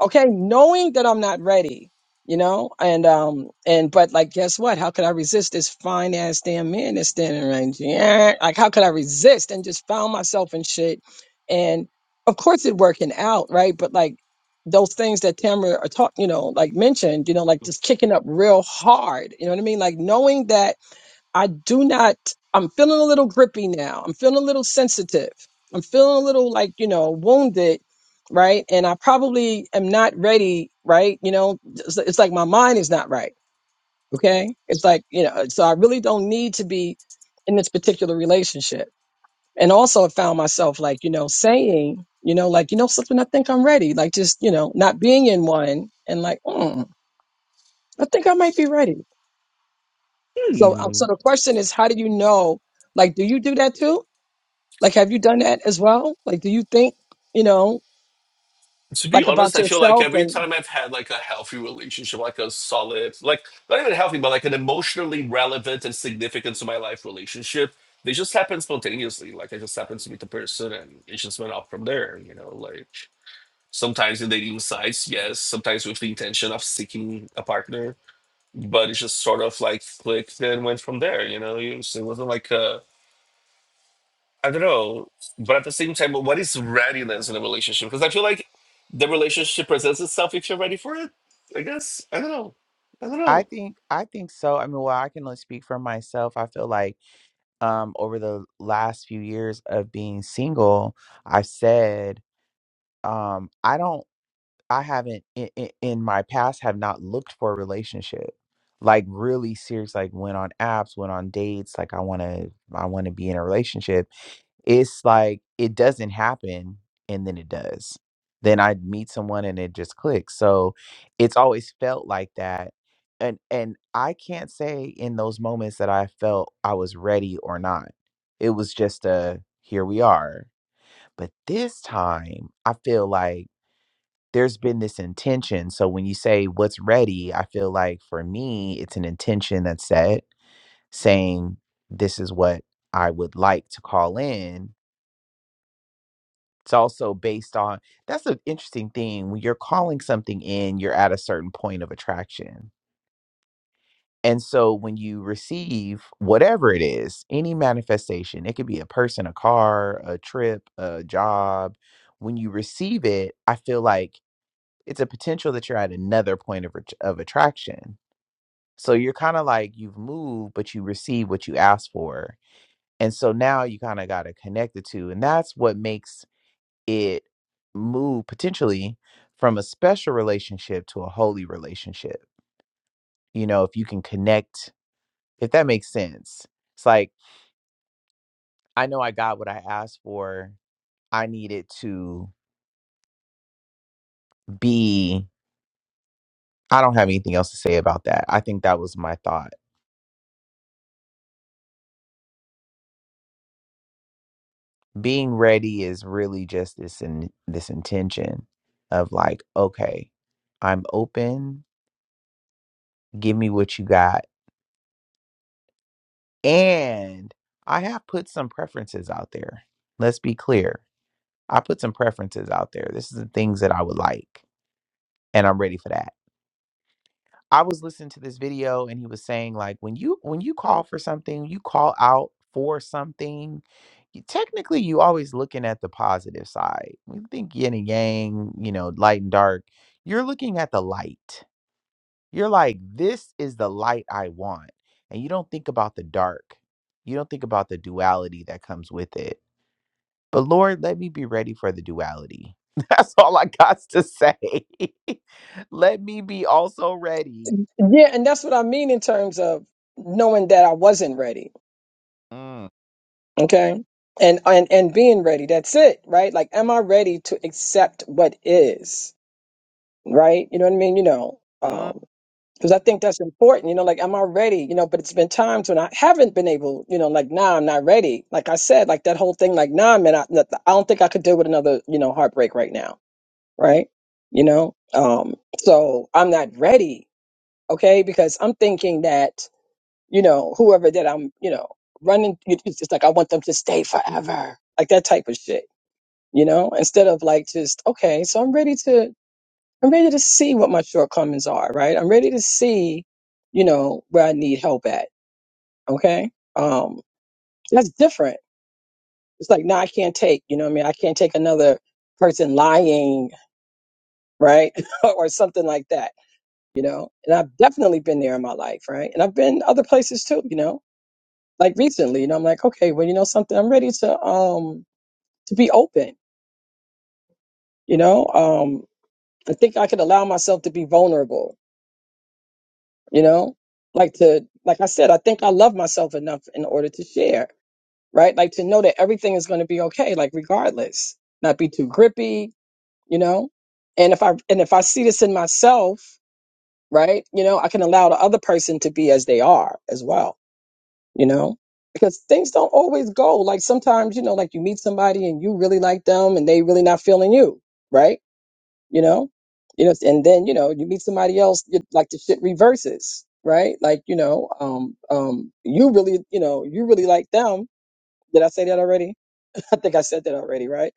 S2: okay knowing that i'm not ready you know and um and but like guess what how could i resist this fine ass damn man that's standing right here? like how could i resist and just found myself in shit and of course it working out right but like those things that Tamara are talk, you know, like mentioned, you know, like just kicking up real hard. You know what I mean? Like knowing that I do not, I'm feeling a little grippy now. I'm feeling a little sensitive. I'm feeling a little like, you know, wounded, right? And I probably am not ready, right? You know, it's, it's like my mind is not right. Okay. It's like, you know, so I really don't need to be in this particular relationship. And also I found myself like, you know, saying, you know, like, you know, something, I think I'm ready. Like just, you know, not being in one and like, mm, I think I might be ready. So, um,
S4: mm,
S2: so the question is, how do you know? Like, do you do that too? Like, have you done that as well? Like, do you think, you know,
S4: to be
S2: like
S4: honest,
S2: about
S4: I feel like
S2: yourself
S4: every
S2: and
S4: time I've had like a healthy relationship, like a solid, like not even healthy, but like an emotionally relevant and significant to my life relationship, they just happen spontaneously. Like I just happened to meet the person and it just went off from there, you know, like sometimes in dating sites, yes, sometimes with the intention of seeking a partner, but it just sort of like clicked and went from there, you know. It was- it wasn't like a I don't know, but at the same time, what is readiness in a relationship? Because I feel like the relationship presents itself if you're ready for it. I guess I don't know. I don't
S1: I
S4: know.
S1: think I think so. I mean, well, I can only speak for myself. I feel like um over the last few years of being single, I've said um I don't I haven't in, in, in my past have not looked for a relationship. Like really serious like went on apps, went on dates like I want to I want to be in a relationship it's like it doesn't happen and then it does. Then I meet someone and it just clicks. So it's always felt like that. And and I can't say in those moments that I felt I was ready or not. It was just a here we are. But this time I feel like there's been this intention. So when you say what's ready, I feel like for me, it's an intention that's set saying, this is what I would like to call in. It's also based on that's an interesting thing. When you're calling something in, you're at a certain point of attraction. And so when you receive whatever it is, any manifestation, it could be a person, a car, a trip, a job, when you receive it, I feel like it's a potential that you're at another point of, ret- of attraction. So you're kind of like you've moved, but you receive what you asked for. And so now you kind of got to connect the two. And that's what makes it move potentially from a special relationship to a holy relationship. You know, if you can connect, if that makes sense. It's like, I know I got what I asked for. I needed to be, I don't have anything else to say about that. I think that was my thought. Being ready is really just this in this intention of like, okay, I'm open, give me what you got. And I have put some preferences out there. Let's be clear. I put some preferences out there. This is the things that I would like, and I'm ready for that. I was listening to this video and he was saying like when you when you call for something, you call out for something, you, technically you always looking at the positive side. When you think yin and yang, you know, light and dark, you're looking at the light. You're like, this is the light I want. And you don't think about the dark. You don't think about the duality that comes with it But Lord, let me be ready for the duality. That's all I got to say. let me be also ready.
S2: yeah, and that's what I mean in terms of knowing that I wasn't ready.
S1: Mm,
S2: Okay. And, and, and being ready. That's it. Right. Like, am I ready to accept what is? Right. You know what I mean? You know,
S1: mm.
S2: um, because I think that's important, you know, like, am I ready? You know, but it's been times when I haven't been able, you know, like, nah, I'm not ready. Like I said, like that whole thing, like, nah, man, I, I don't think I could deal with another, you know, heartbreak right now right? You know, um, so I'm not ready, okay? Because I'm thinking that, you know, whoever that I'm, you know, running, it- it's just like I want them to stay forever, like that type of shit, you know, instead of like just, okay, so I'm ready to, I'm ready to see what my shortcomings are, right? I'm ready to see, you know, where I need help at, okay? Um, that's different. It's like, no, I can't take, you know what I mean? I can't take another person lying, right? or something like that you know. And I've definitely been there in my life, right? And I've been other places too, you know. Like recently, you know, I'm like, okay, well, you know something, I'm ready to um to be open, you know. Um I think I could allow myself to be vulnerable, you know? Like to like I said, I think I love myself enough in order to share, right? Like to know that everything is going to be okay like regardless. Not be too grippy, you know? And if I and if I see this in myself, right? You know, I can allow the other person to be as they are as well you know because things don't always go like sometimes you know like you meet somebody and you really like them and they really not feeling you right you know you know and then you know you meet somebody else you, like the shit reverses right like you know um um you really you know you really like them did i say that already i think i said that already right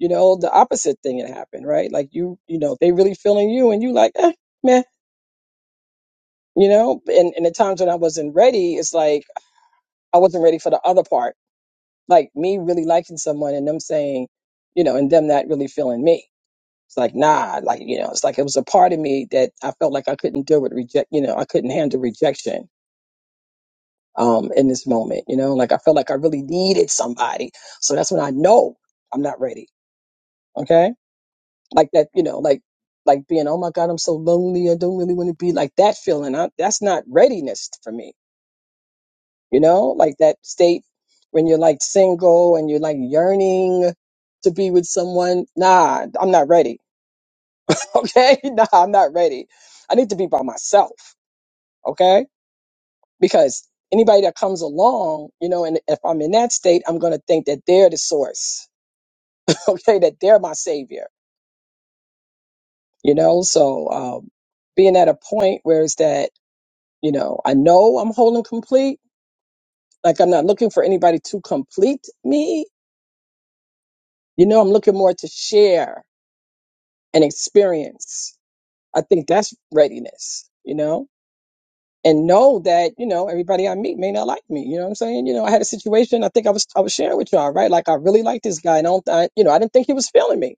S2: you know the opposite thing had happened right like you you know they really feeling you and you like eh, meh you know and and the times when i wasn't ready it's like i wasn't ready for the other part Like me really liking someone and them saying, you know, and them not really feeling me. It's like, nah, like, you know, it's like it was a part of me that I felt like I couldn't deal with reject, you know, I couldn't handle rejection um in this moment, you know, like I felt like I really needed somebody. So that's when I know I'm not ready. Okay. Like that, you know, like like being, oh my God, I'm so lonely. I don't really want to be like that feeling. I, that's not readiness for me you know, like that state when you're like single and you're like yearning to be with someone. Nah, I'm not ready. Okay. Nah, I'm not ready. I need to be by myself. Okay. Because anybody that comes along, you know, and if I'm in that state, I'm going to think that they're the source. Okay. That they're my savior, you know? So, um, being at a point where it's that, you know, I know I'm whole and complete. Like I'm not looking for anybody to complete me. You know, I'm looking more to share and experience. I think that's readiness, you know, and know that, you know, everybody I meet may not like me. You know what I'm saying? You know, I had a situation, I think I was, I was sharing with y'all, right? Like I really like this guy and I don't, I, you know, I didn't think he was feeling me,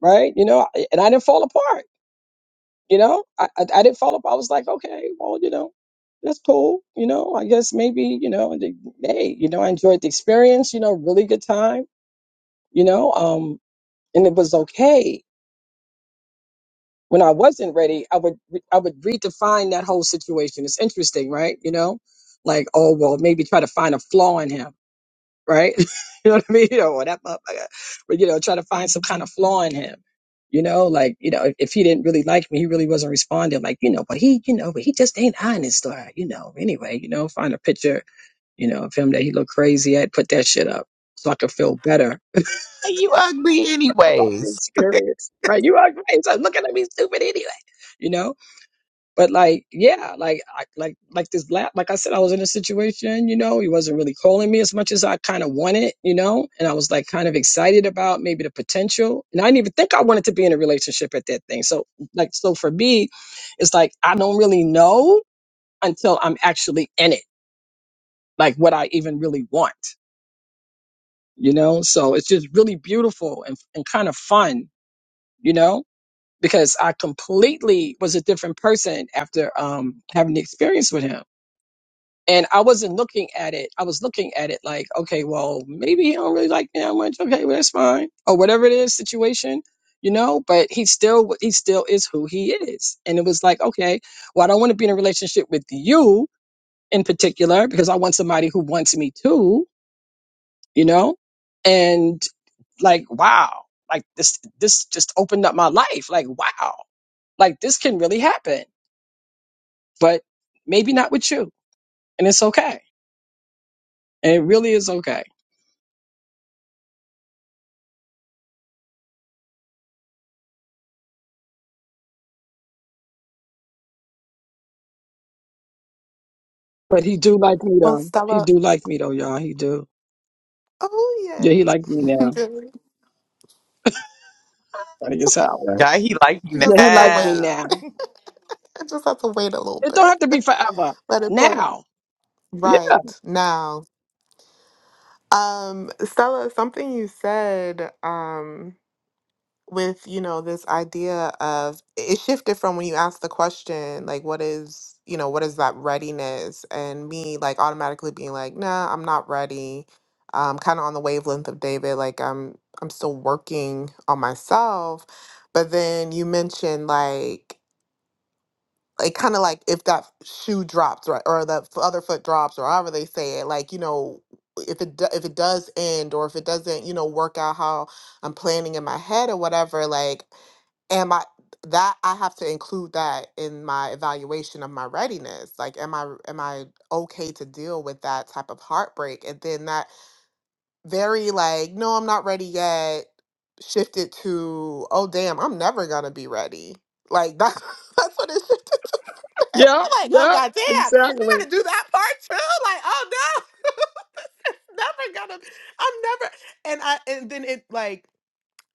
S2: right? You know, I- and I didn't fall apart, you know, I, I, I didn't fall apart. I was like, okay, well, you know, that's cool. You know, I guess maybe, you know, and they- hey, you know, I enjoyed the experience, you know, really good time, you know, um, and it was okay When I wasn't ready, I would re- I would redefine that whole situation. It's interesting, right? You know, like oh well, maybe try to find a flaw in him, right? you know what I mean? You know, or that motherfucker, but you know, try to find some kind of flaw in him. You know, like you know, if, if he didn't really like me, he really wasn't responding. Like you know, but he, you know, but he just ain't honest, or you know, anyway, you know, find a picture, you know, of him that he looked crazy at, put that shit up, so I could feel better
S1: Why You ugly,
S2: about the
S1: anyways.
S2: experience, right? You are right. So I'm looking at me stupid anyway, you know. But like, yeah, like, I, like, like this lab, like I said, I was in a situation, you know, he wasn't really calling me as much as I kind of wanted, you know, and I was like kind of excited about maybe the potential. And I didn't even think I wanted to be in a relationship at that thing. So like, so for me, it's like, I don't really know until I'm actually in it, like what I even really want, you know? So it's just really beautiful and, and kind of fun, you know? Because I completely was a different person after um, having the experience with him And I wasn't looking at it. I was looking at it like, okay, well, maybe he don't really like me that much. Okay, well, that's fine, or whatever it is, situation, you know. But he still, he still is who he is. And it was like, okay, well, I don't want to be in a relationship with you in particular because I want somebody who wants me too, you know. And like, wow, like this, this just opened up my life. Like, wow, like this can really happen, but maybe not with you, and it's okay, and it really is okay But he do like me
S5: Well,
S2: though. He
S5: Stella.
S2: do like me though, y'all. He do. Yeah,
S5: Oh,
S2: he like me
S5: yay.
S2: now. I think it's how, right?
S1: Guy, he like
S5: you
S1: you
S2: Yeah,
S5: just
S2: he
S5: have to
S2: like me
S5: wait.
S1: now.
S2: now.
S5: I just have to wait a little
S2: It don't have to
S5: bit.
S2: be forever.
S5: Let it play out.
S2: Now. Yeah,
S5: Right now. Um, Stella, something you said. Um, with you know this idea of it shifted from when you asked the question like what is you know what is that readiness and me like automatically being like nah i'm not ready um kind of on the wavelength of david like i'm i'm still working on myself but then you mentioned like like kind of like if that shoe drops right or the f- other foot drops or however they say it like you know if it do- if it does end or if it doesn't you know work out how I'm planning in my head or whatever, like am I that I have to include that in my evaluation of my readiness. Like am I am I okay to deal with that type of heartbreak? And then that very like, no, I'm not ready yet shifted to, oh damn, I'm never gonna be ready. Like that's that's what it shifted to.
S2: yeah,
S5: like, oh
S2: yeah.
S5: god damn, I
S2: Exactly.
S5: gotta do that part too. Like, oh no, never gonna I'm never and I and then it like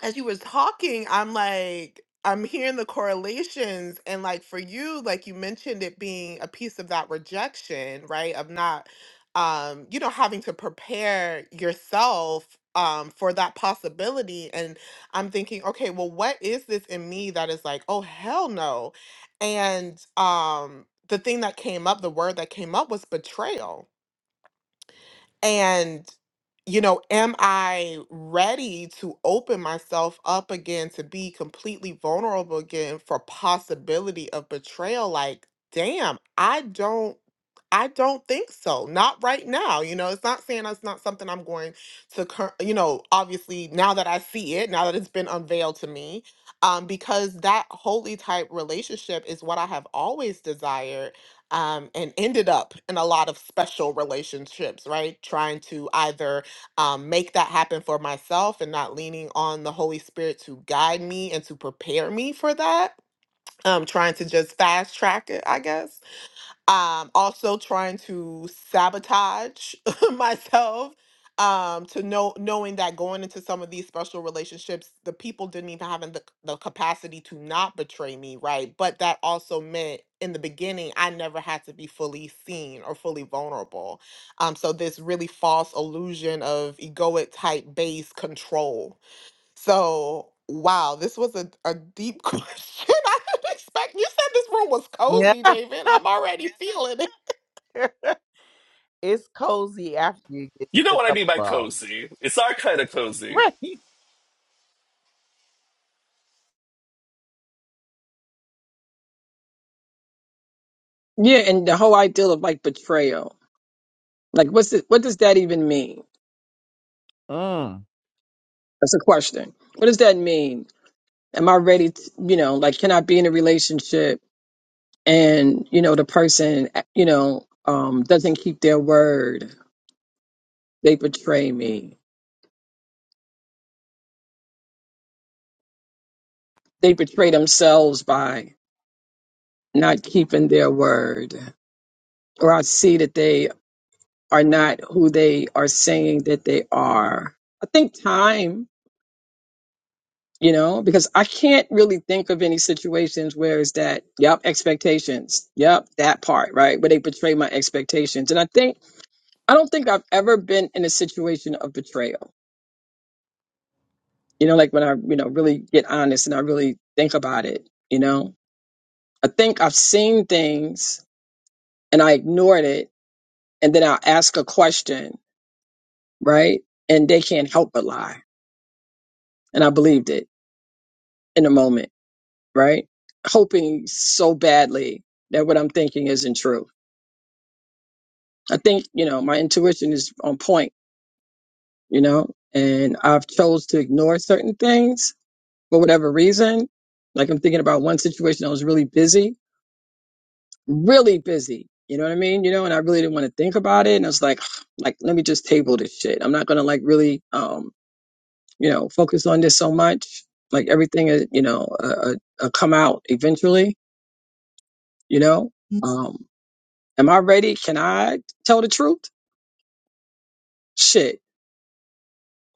S5: as you was talking, I'm like, I'm hearing the correlations. And like for you, like you mentioned it being a piece of that rejection, right? Of not um, you know, having to prepare yourself um for that possibility. And I'm thinking, okay, well, what is this in me that is like, oh hell no. And um the thing that came up, the word that came up was betrayal and, you know, am I ready to open myself up again to be completely vulnerable again for possibility of betrayal? Like, damn, I don't. I don't think so. Not right now. You know, it's not saying it's not something I'm going to, cur- you know, obviously now that I see it, now that it's been unveiled to me, um, because that holy type relationship is what I have always desired um, and ended up in a lot of special relationships, right? Trying to either um, make that happen for myself and not leaning on the Holy Spirit to guide me and to prepare me for that. Um, trying to just fast track it, I guess um, also trying to sabotage myself um, to know knowing that going into some of these special relationships, the people didn't even have the, the capacity to not betray me, right? But that also meant in the beginning, I never had to be fully seen or fully vulnerable. Um, so this really false illusion of egoic type based control so, wow, this was a, a deep question. I didn't expect you said this room was cozy,
S1: Yeah,
S5: David. I'm already feeling it.
S1: it's cozy after you get
S4: You know
S1: shook
S4: what I
S1: up.
S4: mean by
S1: Well,
S4: cozy? It's our kind of cozy.
S1: right.
S2: Yeah, and the whole idea of like betrayal. Like what's it what does that even mean?
S1: Mm.
S2: That's a question. What does that mean? Am I ready to, you know, like can I be in a relationship and, you know, the person, eh, you know, um doesn't keep their word. They betray me. They betray themselves by not keeping their word, or I see that they are not who they are saying that they are. I think time, you know, because I can't really think of any situations where it's that, yep, expectations, yep, that part, right, where they betray my expectations. And I think, I don't think I've ever been in a situation of betrayal, you know, like when I, you know, really get honest and I really think about it, you know. I think I've seen things and I ignored it, and then I'll ask a question right? And they can't help but lie. And I believed it in a moment, right? Hoping so badly that what I'm thinking isn't true. I think, you know, my intuition is on point, you know, and I've chose to ignore certain things for whatever reason. Like I'm thinking about one situation, I was really busy, really busy. You know what I mean? You know, and I really didn't want to think about it. And I was like, like, let me just table this shit. I'm not going to like really, um, you know focus on this so much like everything is you know uh, uh, uh, come out eventually you know um am i ready can i tell the truth shit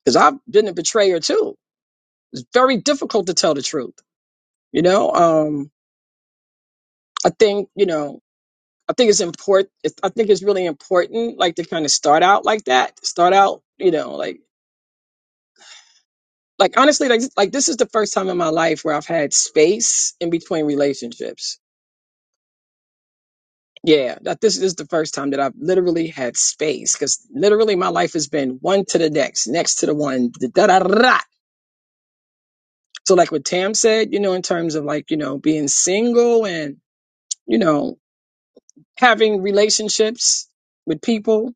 S2: because i've been a betrayer too it's very difficult to tell the truth you know um i think you know i think it's important it's, i think it's really important like to kind of start out like that start out you know like like honestly like like this is the first time in my life where i've had space in between relationships Yeah, that this is the first time that I've literally had space because literally my life has been one to the next, next to the one, da da da. da. So like what Tam said, you know, in terms of like you know being single and you know having relationships with people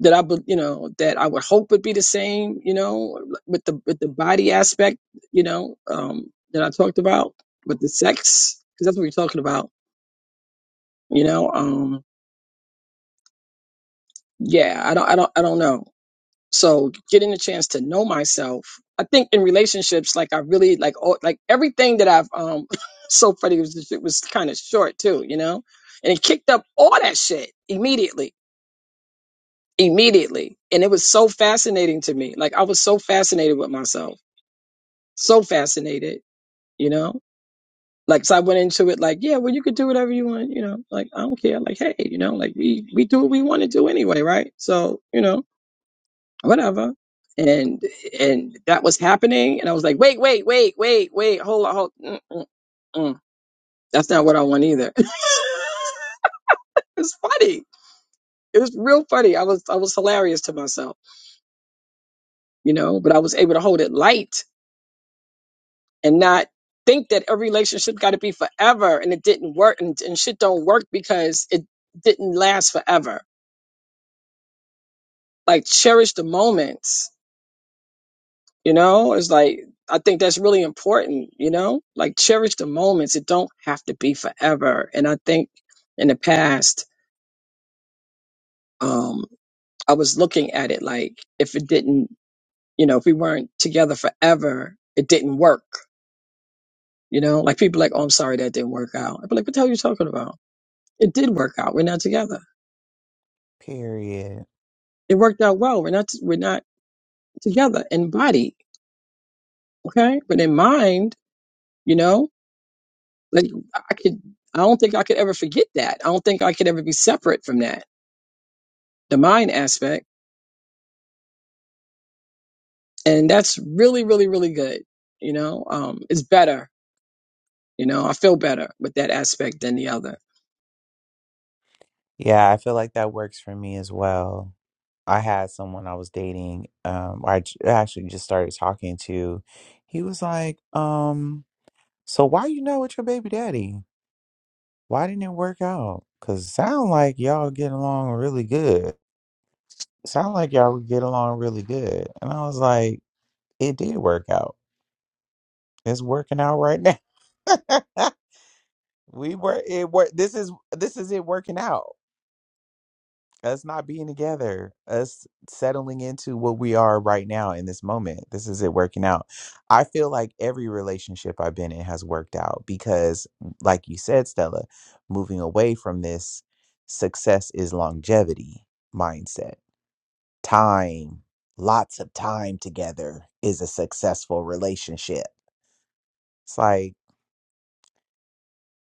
S2: that I would you know that I would hope would be the same, you know, with the with the body aspect, you know, um, that I talked about with the sex because that's what we're talking about, you know. Um, yeah, I don't, I don't, I don't know. So getting a chance to know myself, I think in relationships, like I really like all, like everything that I've um so funny it was it was kind of short too, you know, and it kicked up all that shit immediately, immediately, and it was so fascinating to me. Like I was so fascinated with myself, so fascinated, you know. Like so I went into it like, yeah, well you could do whatever you want, you know. Like I don't care. Like hey, you know, like we we do what we want to do anyway, right? So you know whatever. And and that was happening, and I was like, wait, wait, wait, wait, wait, hold on, hold. Mm, mm, mm. That's not what I want either. it was funny. It was real funny. I was I was hilarious to myself, you know. But I was able to hold it light and not think that every relationship got to be forever. And it didn't work, and, and shit don't work because it didn't last forever. Like cherish the moments You know, it's like I think that's really important, you know? Like cherish the moments. It don't have to be forever. And I think in the past, um, I was looking at it like if it didn't, you know, if we weren't together forever, it didn't work. You know, like people like, oh, I'm sorry that didn't work out. I'd be like, what the hell are you talking about? It did work out. We're not together.
S1: Period.
S2: It worked out well. We're not, we're not together in body. Okay. But in mind, you know? Like I could, I don't think I could ever forget that. I don't think I could ever be separate from that, the mind aspect, and that's really, really, really good. You know, um, it's better. You know, I feel better with that aspect than the other.
S1: Yeah, I feel like that works for me as well. I had someone I was dating. Um, I j- actually just started talking to. He was like, um. So why you not with your baby daddy? Why didn't it work out? Cause sound like y'all get along really good. Sound like y'all would get along really good. And I was like, it did work out. It's working out right now. we were it work. This is this is it working out. us not being together, us settling into what we are right now in this moment. This is it working out. I feel like every relationship I've been in has worked out because, like you said, Stella, moving away from this success is longevity mindset. Time, lots of time together is a successful relationship. It's like,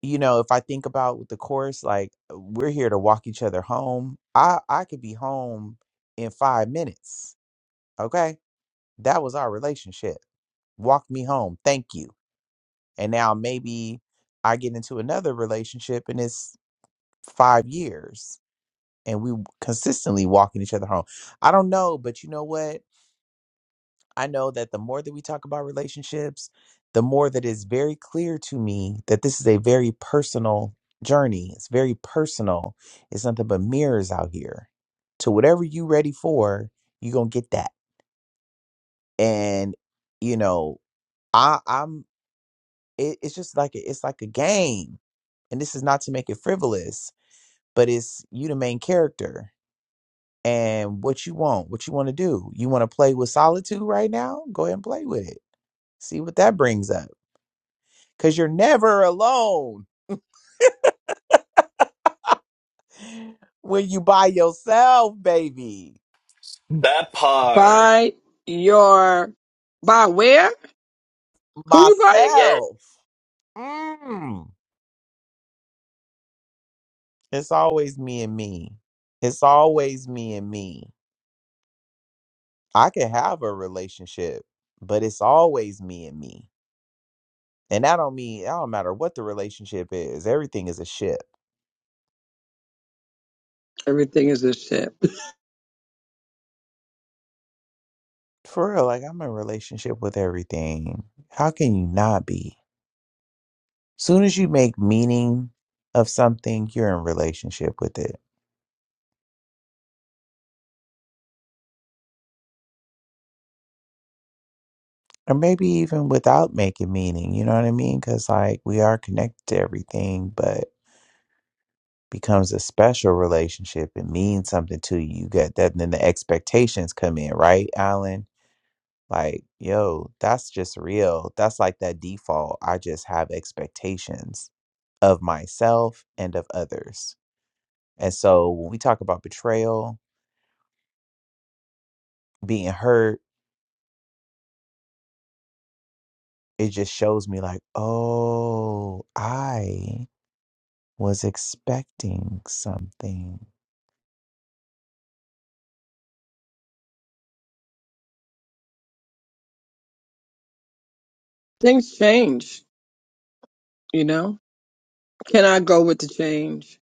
S1: you know, if I think about with the course, like we're here to walk each other home. I I could be home in five minutes Okay. That was our relationship. Walk me home. Thank you. And now maybe I get into another relationship and it's five years and we consistently walking each other home. I don't know, but you know what? I know that the more that we talk about relationships, the more that it's very clear to me that this is a very personal journey. It's very personal. It's nothing but mirrors out here. To whatever you ready for, you're gonna get that. And you know, I I'm it, it's just like a, it's like a game and this is not to make it frivolous but it's you the main character and what you want what you want to do you want to play with solitude right now go ahead and play with it see what that brings up because you're never alone when you by yourself baby
S4: That part.
S2: By your, by where? Who you buy again?
S1: myself mm. it's always me and me it's always me and me i can have a relationship but it's always me and me And I don't mean I don't matter what the relationship is. Everything is a ship.
S2: Everything is a shit.
S1: For real, like I'm in a relationship with everything. How can you not be? Soon as you make meaning of something, you're in relationship with it. Or maybe even without making meaning, you know what I mean? Cuz like we are connected to everything, but becomes a special relationship. It means something to you. You get that and then the expectations come in, right, Alan? Like, yo, that's just real. That's like that default. I just have expectations of myself and of others. And so when we talk about betrayal, being hurt, it just shows me, like, oh, I was expecting something.
S2: Things change, you know? Can I go with the change?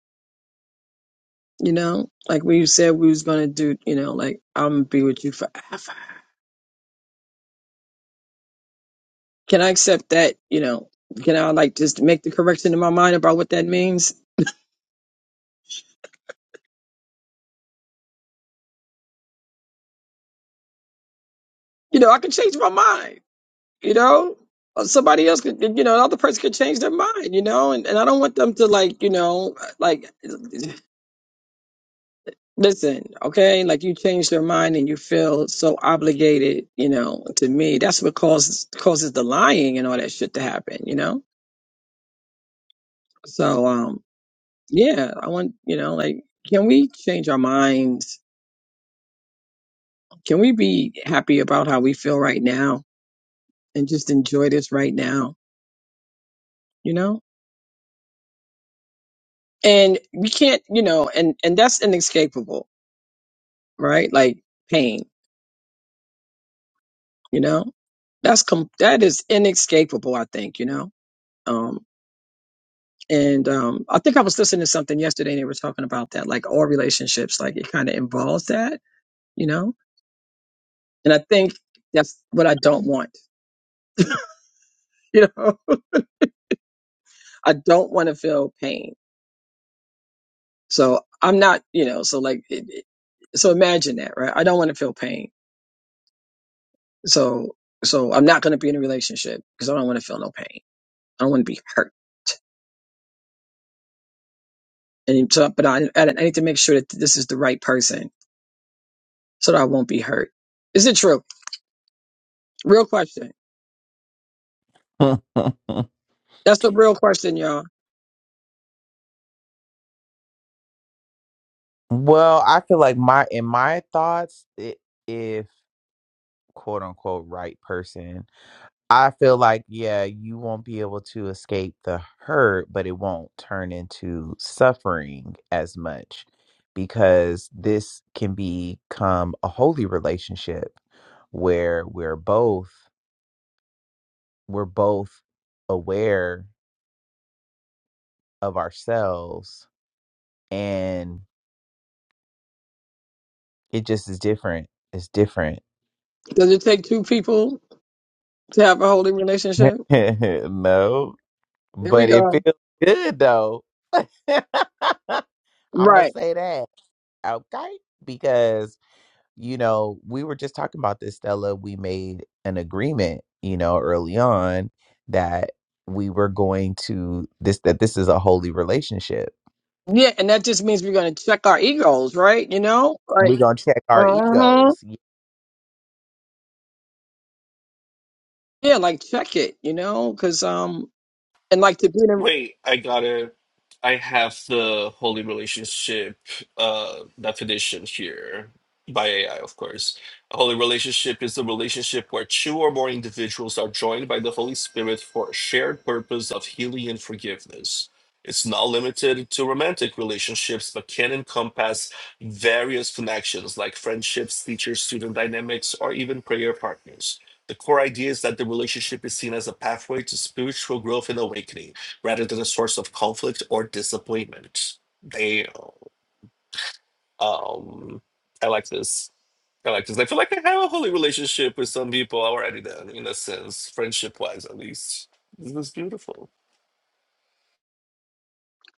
S2: You know? Like we said we was gonna do, you know, like I'm gonna be with you forever. Can I accept that, you know? Can I like just make the correction in my mind about what that means? You know, I can change my mind, you know? Or Somebody else could, you know, another person could change their mind, you know, and, and I don't want them to like, you know, like Listen, okay, like you change their mind and you feel so obligated, you know, to me. That's what causes causes the lying and all that shit to happen, you know? So um yeah, I want you know, like can we change our minds? Can we be happy about how we feel right now and just enjoy this right now, you know? And we can't, you know, and and that's inescapable, right? Like pain, you know? That's com- that is inescapable, I think, you know? Um, And um, I think I was listening to something yesterday and they were talking about that, like all relationships, like it kind of involves that, you know? And I think that's what I don't want, you know? I don't want to feel pain. So I'm not, you know, so like, it, it, so imagine that, right? I don't want to feel pain. So, so I'm not going to be in a relationship because I don't want to feel no pain. I don't want to be hurt. And so, but I, I need to make sure that this is the right person so that I won't be hurt. Is it true? Real question. That's the real question, y'all.
S1: Well, I feel like my, in my thoughts, i- if quote unquote right person I feel like, yeah, you won't be able to escape the hurt, but it won't turn into suffering as much because this can become a holy relationship where we're both we're both aware of ourselves and it just is different. It's different.
S2: Does it take two people to have a holy relationship?
S1: no,
S2: Here we
S1: but it
S2: go.
S1: feels good though. I'm gonna
S2: Right.
S1: say that, okay? Because you know, we were just talking about this, Stella. We made an agreement, you know, early on that we were going to this that this is a holy relationship.
S2: Yeah, and that just means we're gonna check our egos, right? You know, like,
S1: We're gonna check our
S2: uh-huh.
S1: egos. Yeah,
S2: yeah, like check it, you know, because um, and like to be the
S4: Wait, I gotta. I have the holy relationship uh, definition here by AI, of course. A holy relationship is a relationship where two or more individuals are joined by the Holy Spirit for a shared purpose of healing and forgiveness. It's not limited to romantic relationships, but can encompass various connections like friendships, teacher student dynamics, or even prayer partners. The core idea is that the relationship is seen as a pathway to spiritual growth and awakening rather than a source of conflict or disappointment. They, um, I like this. I like this. I feel like I have a holy relationship with some people already. Then, in a sense, friendship wise, at least, this is beautiful.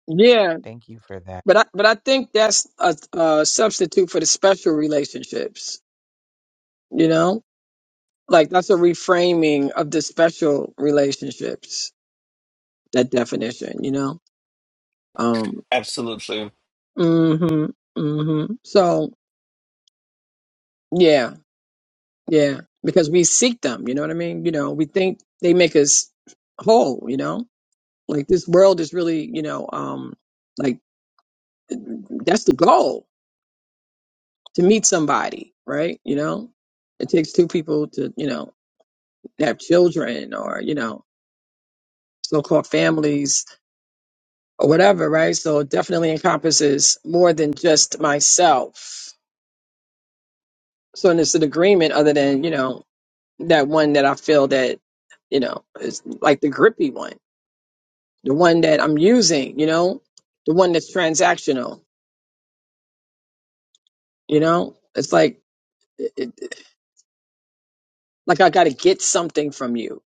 S2: yeah,
S1: thank you for that.
S2: but I but I think that's a, a substitute for the special relationships, you know, like that's a reframing of the special relationships. That definition, you know, um,
S4: Absolutely.
S2: mm-hmm, mm-hmm. So yeah, Yeah, because we seek them, you know what I mean? You know, we think they make us whole, you know? Like this world is really, you know, um like that's the goal to meet somebody, right? You know? It takes two people to, you know, have children or, you know, so-called families or whatever, right? So it definitely encompasses more than just myself. So and it's an agreement other than, you know, that one that I feel that, you know, is like the grippy one the one that I'm using, you know, the one that's transactional, you know, it's like, it, it- like I got to get something from you,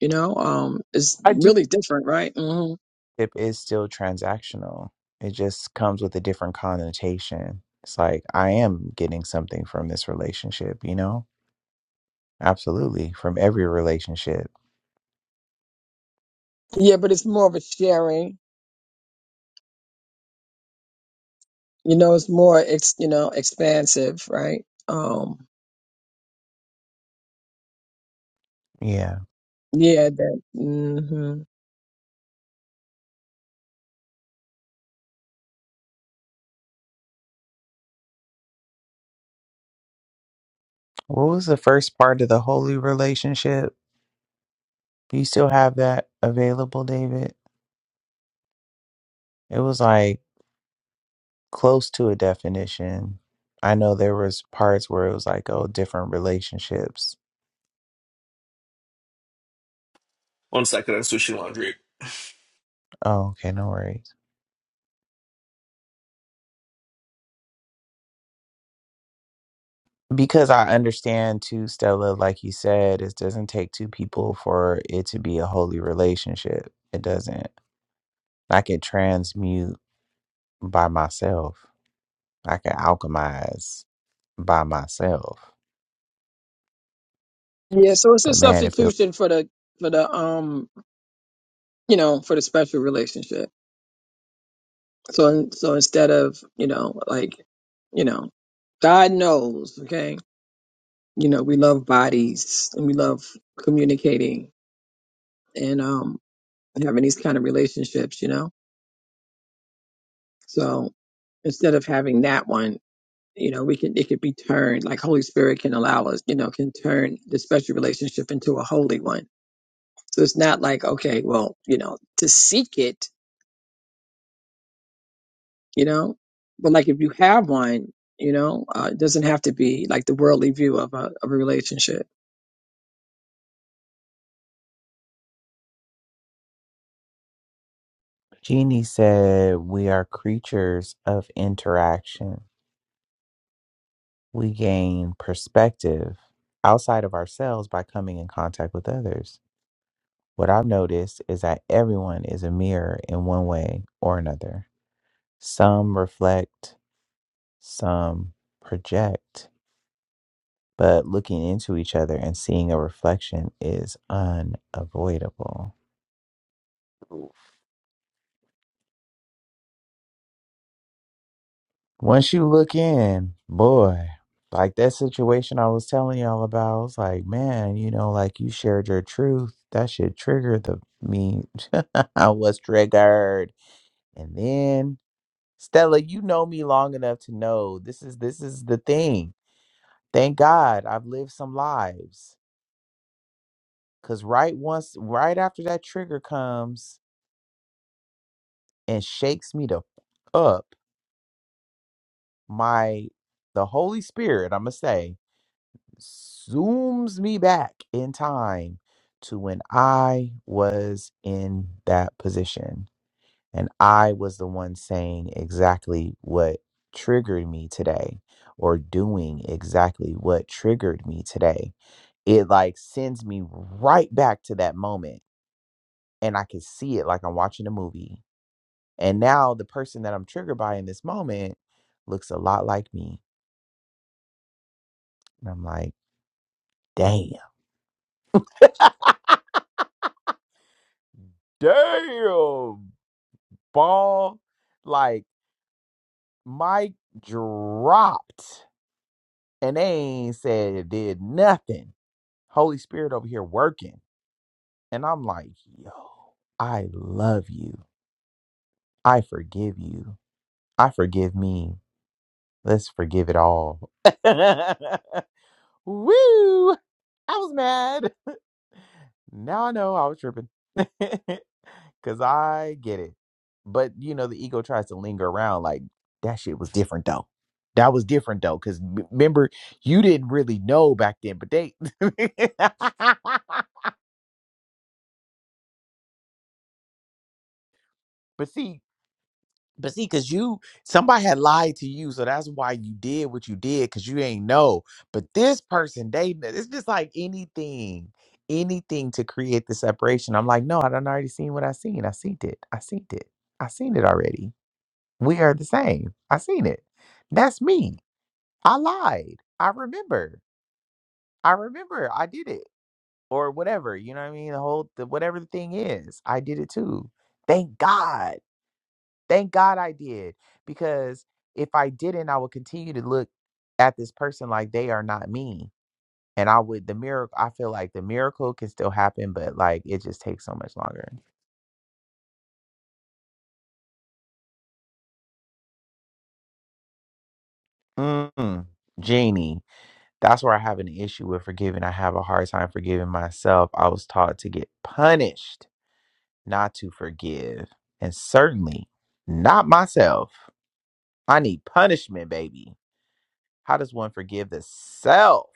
S2: you know, um, it's
S1: I do
S2: really different, right? hmm
S1: it is still transactional. It just comes with a different connotation. It's like I am getting something from this relationship, you know? Absolutely. From every relationship.
S2: Yeah, but it's more of a sharing, you know, it's more, ex, you know, expansive, right? Um,
S1: Yeah.
S2: yeah, that, hmm
S1: What was the first part of the holy relationship? Do you still have that available, David? It was like close to a definition. I know there was parts where it was like, oh, different relationships.
S4: One second, I'm switching laundry.
S1: Oh, okay, no worries. Because I understand too, Stella, like you said, it doesn't take two people for it to be a holy relationship. It doesn't. I can transmute by myself. I can alchemize by myself.
S2: yeah. So it's a
S1: But man, it feels.
S2: substitution for the, for the, um, you know, for the special relationship. So, so instead of, you know, like, you know, God knows, okay you know we love bodies and we love communicating and um having these kind of relationships you know so instead of having that one you know we can it could be turned like holy spirit can allow us you know can turn the special relationship into a holy one so it's not like okay well you know to seek it you know but like if you have one you know uh, it doesn't have to be like the worldly view of a, of a relationship
S1: like Jeannie said, We are creatures of interaction. We gain perspective outside of ourselves by coming in contact with others. What I've noticed is that everyone is a mirror in one way or another. Some reflect, some project. but looking into each other and seeing a reflection is unavoidable. Once you look in, boy, like that situation I was telling y'all about, I was like, man, you know, like you shared your truth. That should trigger the me. I was triggered. And then Stella, you know me long enough to know this is this is the thing. Thank God I've lived some lives. Cause right once right after that trigger comes and shakes me to up my the Holy Spirit, I'm gonna say, zooms me back in time to when I was in that position. And I was the one saying exactly what triggered me today or doing exactly what triggered me today. It like sends me right back to that moment and I can see it like I'm watching a movie. And now the person that I'm triggered by in this moment looks a lot like me. And I'm like, Damn. Damn, ball. Like Mike dropped and they ain't said it did nothing. Holy Spirit over here working. And I'm like, yo, I love you. I forgive you. I forgive me. Let's forgive it all. Woo! I was mad. Now I know I was tripping. Cause I get it. But you know, the ego tries to linger around like that shit was different though. That was different though. Cause m- remember, you didn't really know back then, but they but see, but see, cause you somebody had lied to you, so that's why you did what you did, cause you ain't know. But this person, they kn- it's just like anything, anything to create the separation. I'm like, no, I done already seen what I seen. I seen it. I seen it. I seen it already We are the same. I seen it. That's me. I lied. I remember. I remember. I did it. Or whatever. You know what I mean? The whole the, whatever the thing is. I did it too. Thank God. Thank God I did. Because if I didn't, I would continue to look at this person like they are not me. And I would the miracle I feel like the miracle can still happen, but like it just takes so much longer. Mm. Genie. That's where I have an issue with forgiving. I have a hard time forgiving myself. I was taught to get punished not to forgive, and certainly not myself. I need punishment, baby. How does one forgive the self?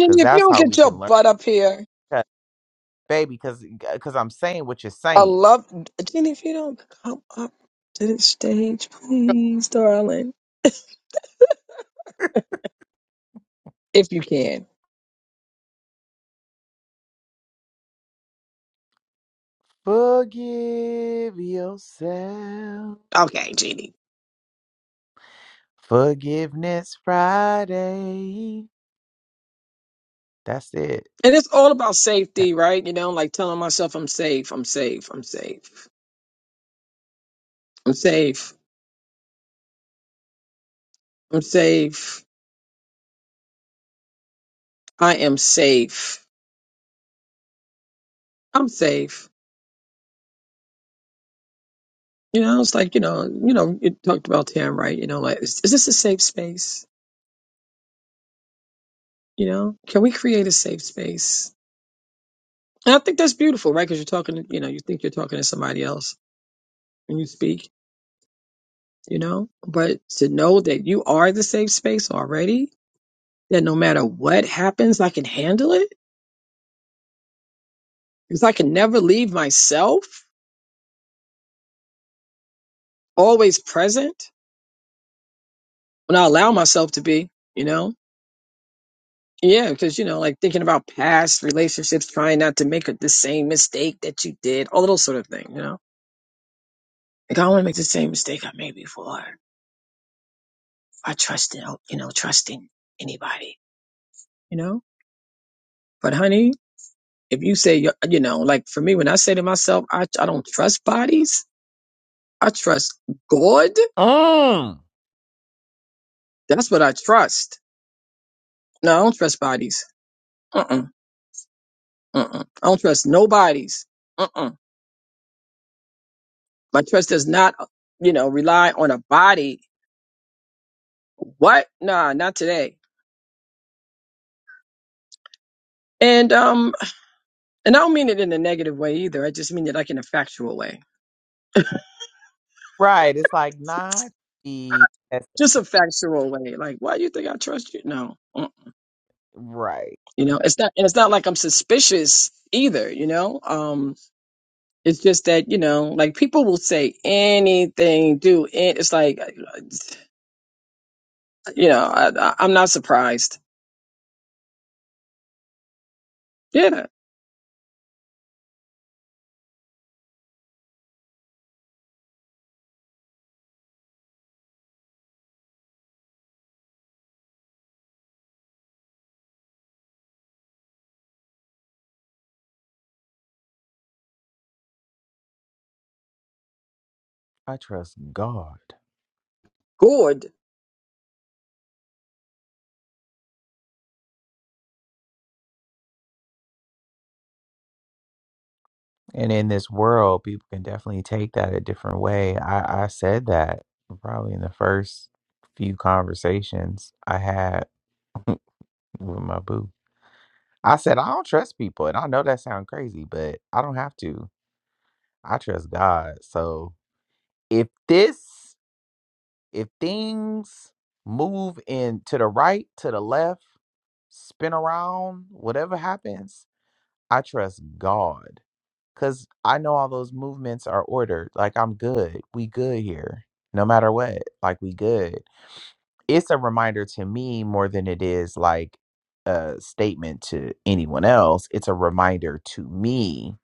S1: Because
S2: if you
S1: that's
S2: don't
S1: how
S2: get
S1: we
S2: your
S1: can learn.
S2: butt up here
S1: 'Cause- Baby, because because I'm saying what you're
S2: I
S1: saying.
S2: love Jenny. If you don't come up to the stage, please, darling, if you can.
S1: Forgive yourself.
S2: Okay, Jenny.
S1: Forgiveness Friday. That's it.
S2: And it's all about
S1: That
S2: safety, right? You know, like telling myself I'm safe, I'm safe, I'm safe, I'm safe, I'm safe, I am safe, I'm safe. You know, it's like you know, you know, you talked about Tam, right? You know, like is, is this a safe space? You know, can we create a safe space? And I think that's beautiful, right? Because you're talking, you know, you think you're talking to somebody else when you speak you know, but to know that you are the safe space already, that no matter what happens, I can handle it because I can never leave myself always present when I allow myself to be, you know? Yeah, because, you know, like thinking about past relationships, trying not to make the same mistake that you did, all of those sort of things, you know? Like, I don't want to make the same mistake I made before. I trust, in- you know, trusting anybody, you know? But honey, if you say, you you know, like for me, when I say to myself, I, I don't trust bodies, I trust God.
S1: Mm.
S2: That's what I trust. No, I don't trust bodies. Uh. Uh. Uh. Uh. I don't trust nobody's. Uh. Uh. My trust does not, you know, rely on a body. What? Nah, not today. And um, and I don't mean it in a negative way either. I just mean it like in a factual way,
S1: Right. It's like not the that's
S2: just a factual way. Like, why do you think I trust you? No, Mm-mm.
S1: right.
S2: you know, it's not, and it's not like I'm suspicious either. You know, um, it's just that you know, like people will say anything, do it. It's like uh, You know, I, I, I'm not surprised. Yeah,
S1: I trust God.
S2: good.
S1: And in this world, people can definitely take that a different way. I, I said that probably in the first few conversations I had with my boo. I said, I don't trust people. And I know that sounds crazy, but I don't have to. I trust God. So if this, if things move in to the right, to the left, spin around, whatever happens, I trust God Cause I know all those movements are ordered. Like I'm good. We good here. No matter what. Like we good. It's a reminder to me more than it is like a statement to anyone else. It's a reminder to me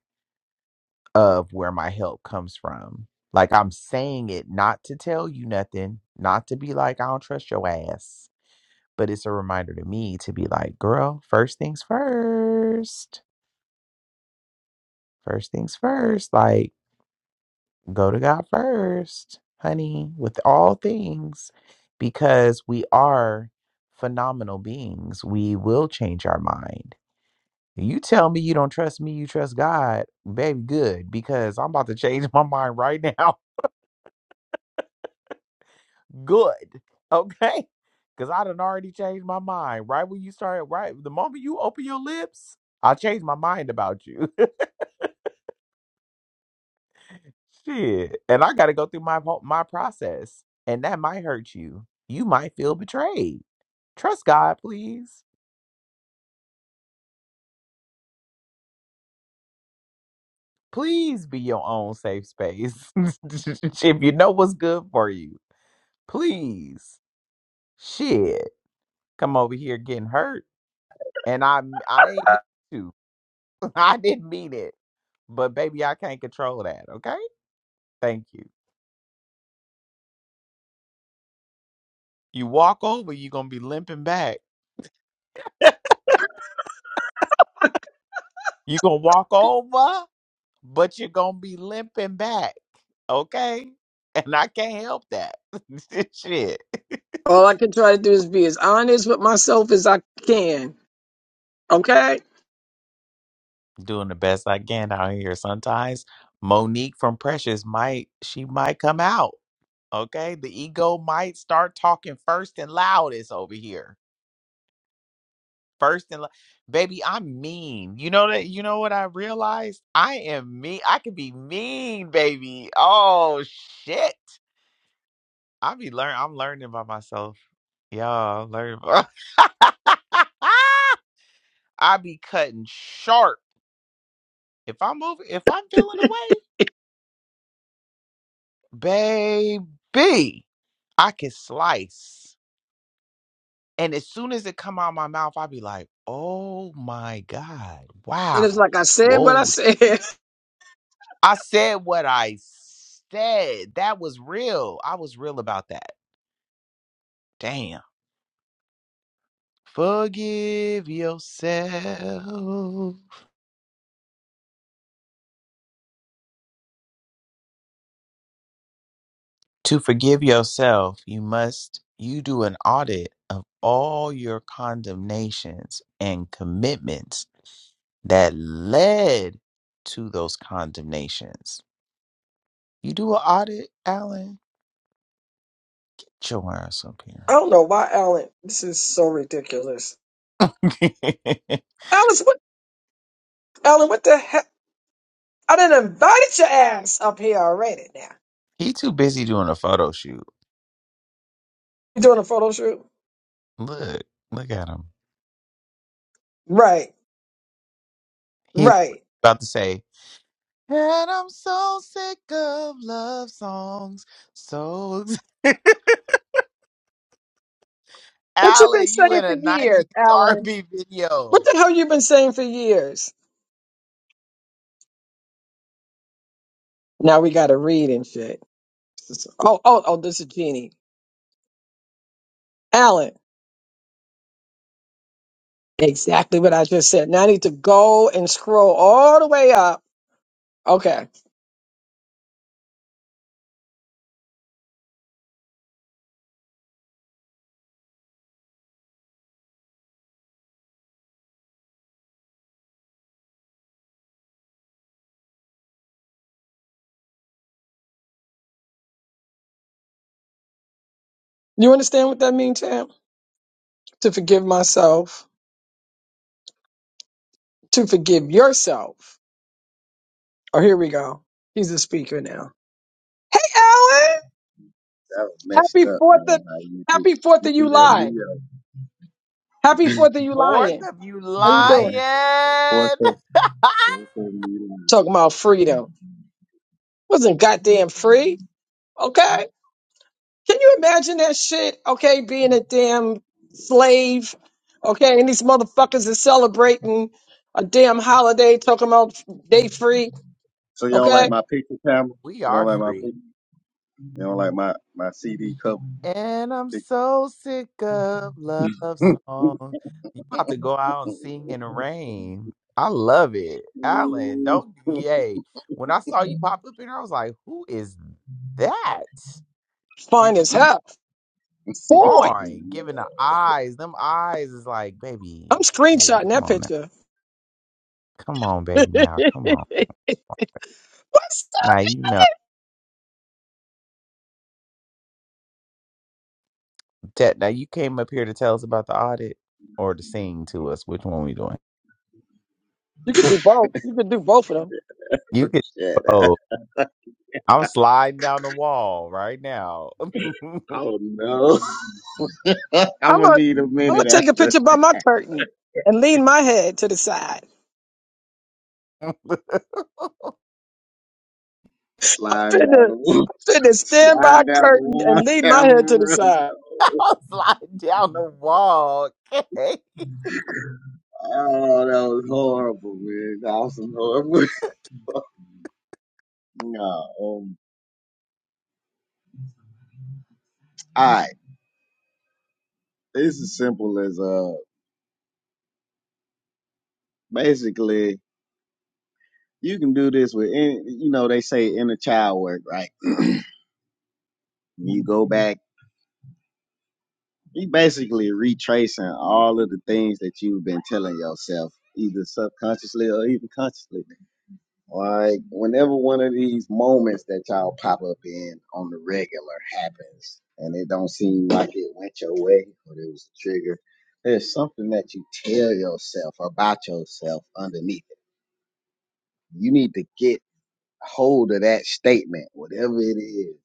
S1: of where my help comes from. Like I'm saying it not to tell you nothing, not to be like, I don't trust your ass. But it's a reminder to me to be like, girl, first things first. First things first. Like go to God first, honey, with all things, because we are phenomenal beings. We will change our mind. You tell me you don't trust me, you trust God, baby, good, because I'm about to change my mind right now. Good. Okay? Because I done already changed my mind. Right when you started, right the moment you open your lips, I changed my mind about you. Shit. And I got to go through my whole- my process, and that might hurt you. You might feel betrayed. Trust God, please. Please be your own safe space. if you know what's good for you, please. Shit. Come over here getting hurt, and I I ain't mean to. I didn't mean it. But baby, I can't control that, okay? Thank you. You walk over, you're gonna be limping back. You gonna walk over? but you're gonna be limping back, okay? And I can't help that. Shit,
S2: All I can try to do is be as honest with myself as I can. Okay?
S1: doing the best I can out here. Sometimes Monique from Precious might she might come out, okay? The ego might start talking first and loudest over here. First and lo- baby, I'm mean. You know that. You know what I realized? I am mean. I can be mean, baby. Oh shit. I be learn. I'm learning by myself. Y'all I'm learning. By- I be cutting sharp. If I move, if I'm feeling away, baby, I can slice. And as soon as it come out my mouth, I be like, "Oh my god!
S2: And it's
S1: Wow!
S2: like I said what I
S1: Whoa!"
S2: said.
S1: I said what I said. That was real. I was real about that. Damn. Forgive yourself. To forgive yourself, you must you do an audit of all your condemnations and commitments that led to those condemnations. You do an audit, Alan? Get your ass up
S2: I
S1: here.
S2: don't know why Alan. This is so ridiculous. Alice, what Alan, what the hell? I done invited your ass up here already now.
S1: he too busy doing a photo shoot.
S2: You doing a photo shoot?
S1: Look, look at him.
S2: Right.
S1: He
S2: Right.
S1: about to say, and I'm so sick of love songs. So
S2: What you been
S1: Allen, you
S2: saying
S1: in
S2: for
S1: a 90s
S2: years, Alan?
S1: R&B
S2: What
S1: video.
S2: the hell you been saying for years? Now we gotta read and shit. Oh, oh, oh, this is Jeannie. Alan, exactly what I just said. Now I need to go and scroll all the way up. Okay. You understand what that means, Tam? To forgive myself, to forgive yourself. Oh, here we go. He's the speaker now. Hey, Alan!
S6: That was messed
S2: Happy
S6: up, man.
S2: 4th of,
S6: How you did
S2: happy 4th
S6: you
S2: of
S6: threw that
S2: July! Happy 4th
S6: Neo.
S2: of July!
S1: Fourth of you
S2: How you doing?
S6: Fourth
S1: lying.
S6: of fourth of Neo.
S2: Talking about freedom. Wasn't goddamn free. Okay. Can you imagine that shit? Okay, being a damn slave. Okay, and these motherfuckers are celebrating a damn holiday, talking about day free.
S6: So y'all like
S2: Okay,
S6: my picture camera?
S1: we
S6: You don't
S1: are
S6: like my
S1: free.
S6: picture? You don't like my my CD cover
S1: And I'm
S6: picture?
S1: so sick of love songs. You about to go out and sing in the rain. I love it. Alan, don't yay. When I saw you pop up in here, I was like, who is that? And
S2: fine as hell. Fine.
S1: Fine.
S6: Mm,
S1: Giving the
S6: No,
S1: eyes. Them eyes is like, baby,
S2: I'm
S1: baby,
S2: screenshotting
S1: come
S2: that
S1: on now.
S2: picture.
S1: Come on, baby,
S2: What's
S1: now. Come on.
S2: up?
S1: Now you know. Tet, now you came up here to tell us about the audit or to sing to us. Which one we doing?
S2: You could do both. You could do both of them.
S1: You could.
S6: shut up.
S1: Oh, I'm sliding down the wall right now. I'm
S6: Oh no! I'm
S2: I'm
S6: gonna
S2: gonna,
S6: need a
S2: I'm gonna
S6: minute
S2: take a
S6: after
S2: picture by my curtain and lean my head to the side. I'm
S6: sliding down
S2: finna,
S6: the wall,
S2: I'm finna stand by a
S6: sliding down the
S2: curtain and
S6: wall
S2: lean my head to the
S6: camera.
S2: side.
S1: sliding down the wall.
S6: No. Oh, that was horrible, man. That was horrible. no. Um, all right. It's as simple as uh basically you can do this with any you know, they say inner child work, right? you go back, you basically retracing all of the things that you've been telling yourself, either subconsciously or even consciously. Like whenever one of these moments that y'all pop up in on the regular happens and it don't seem like it went your way or it was a trigger, there's something that you tell yourself about yourself underneath it. You need to get hold of that statement, whatever it is,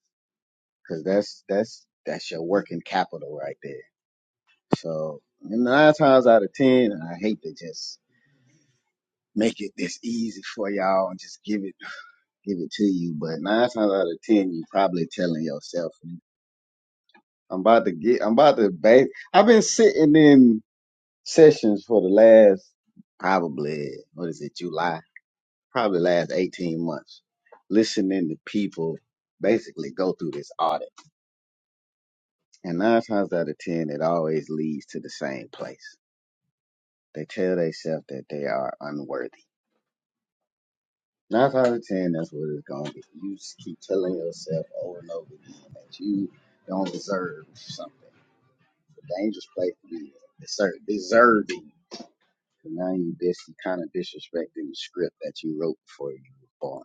S6: because that's that's that's your working capital right there. So and nine times out of ten, I hate to just make it this easy for y'all and just give it give it to you, but nine times out of ten, you probably telling yourself, "I'm about to get, I'm about to bake." I've been sitting in sessions for the last probably what is it, July? Probably last eighteen months, listening to people basically go through this audit And nine times out of ten, it always leads to the same place. They tell themselves that they are unworthy. Nine times out of ten, that's what it's going to be. You just keep telling yourself over and over again that you don't deserve something. It's a dangerous place to be Deser- deserving. And now you dis- you kind of disrespecting the script that you wrote before you were born.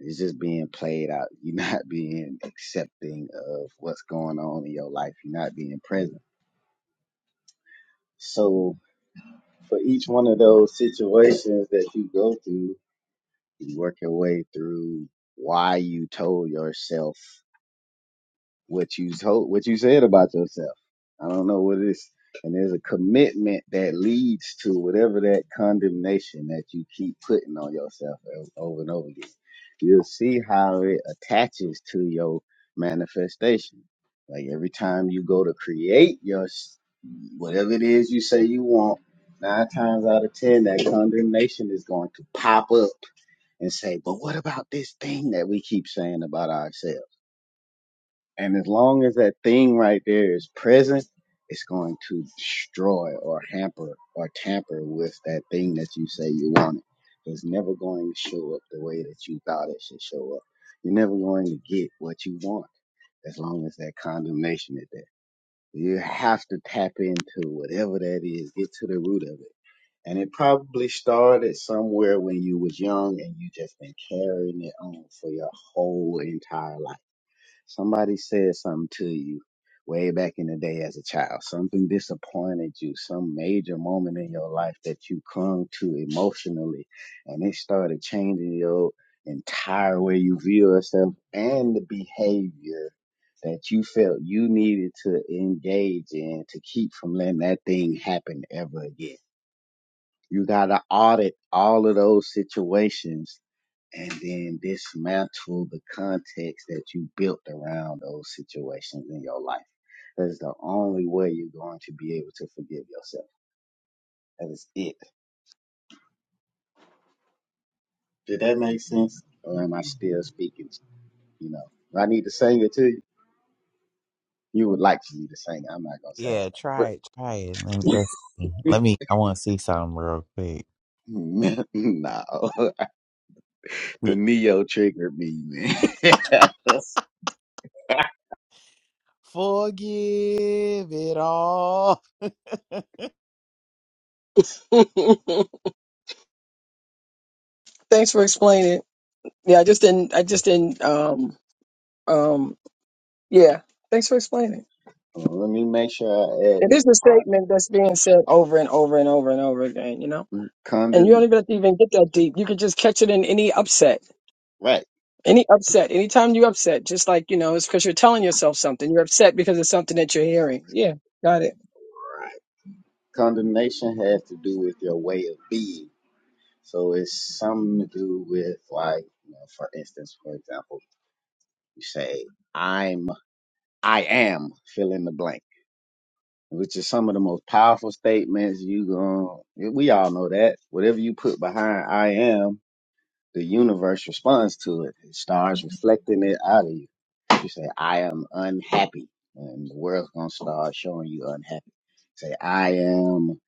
S6: It's just being played out. You're not being accepting of what's going on in your life. You're not being present. So for each one of those situations that you go through, you work your way through why you told yourself what you told, what you said about yourself. I don't know what it is. And there's a commitment that leads to whatever that condemnation that you keep putting on yourself o- over and over again. You'll see how it attaches to your manifestation. Like every time you go to create your s- whatever it is you say you want, nine times out of ten, that condemnation is going to pop up and say, "But what about this thing that we keep saying about ourselves?" And as long as that thing right there is present, it's going to destroy or hamper or tamper with that thing that you say you wanted. It's never going to show up the way that you thought it should show up. You're never going to get what you want as long as that condemnation is there. You have to tap into whatever that is, get to the root of it. And it probably started somewhere when you was young and you just been carrying it on for your whole entire life Somebody said something to you way back in the day as a child. Something disappointed you, some major moment in your life that you clung to emotionally, and it started changing your entire way you view yourself and the behavior that you felt you needed to engage in to keep from letting that thing happen ever again. You got to audit all of those situations and then dismantle the context that you built around those situations in your life. That is the only way you're going to be able to forgive yourself. That is it. Did that make sense? Or am I still speaking? You know, If I need to sing it to you. You would like for me to sing it. I'm not gonna sing
S1: Yeah,
S6: it. But
S1: try it. Try it. Let me, let's see. Let me. I want to see something real quick.
S6: no, the Neo triggered me, man.
S1: Forgive it all.
S2: Thanks for explaining. Yeah, I just didn't. I just didn't. Um, um, yeah. Thanks for explaining.
S6: Let me make sure I add
S2: It
S6: this
S2: is a
S6: part.
S2: statement that's being said over and over and over and over again. You know, and you
S6: Condemn,
S2: don't even have to even get that deep. You can just catch it in any upset,
S6: right?
S2: any upset, anytime you upset. Just like you know, it's because you're telling yourself something. You're upset because it's something that you're hearing. Yeah, got it.
S6: Condemnation has to do with your way of being So it's something to do with like, you know, for instance, for example, you say, I'm, I am fill in the blank, which is some of the most powerful statements you going we all know that whatever you put behind I am, the universe responds to it. It starts reflecting it out of you. You say, I am unhappy and the world's going to start showing you unhappy. Say, I am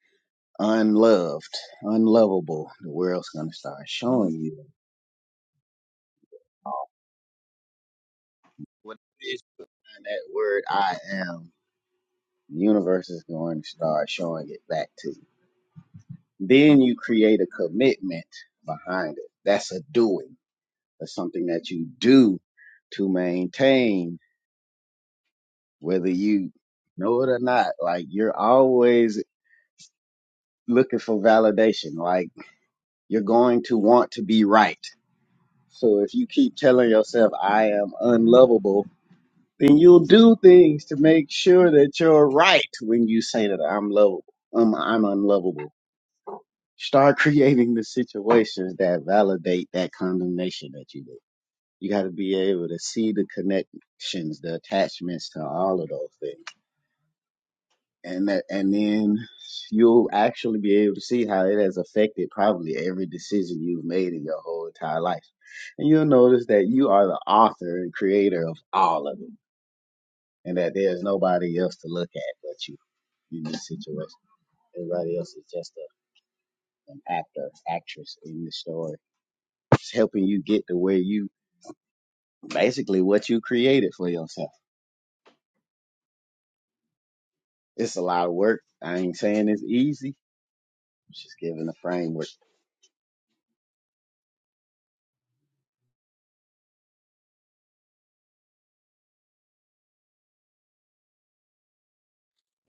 S6: unloved, unlovable. The world's going to start showing you what that word I am, the universe is going to start showing it back to you. Then you create a commitment behind it. That's a doing. That's something that you do to maintain, whether you know it or not. Like you're always looking for validation. Like you're going to want to be right. So if you keep telling yourself, I am unlovable, then you'll do things to make sure that you're right when you say that I'm lovable um, I'm unlovable. Start creating the situations that validate that condemnation that you did. You got to be able to see the connections, the attachments to all of those things, and that, and then you'll actually be able to see how it has affected probably every decision you've made in your whole entire life. And you'll notice that you are the author and creator of all of it, and that there's nobody else to look at but you in this situation. Everybody else is just a, an actor, actress in the story. It's helping you get to where you basically what you created for yourself. It's a lot of work. I ain't saying it's easy. I'm just giving a framework.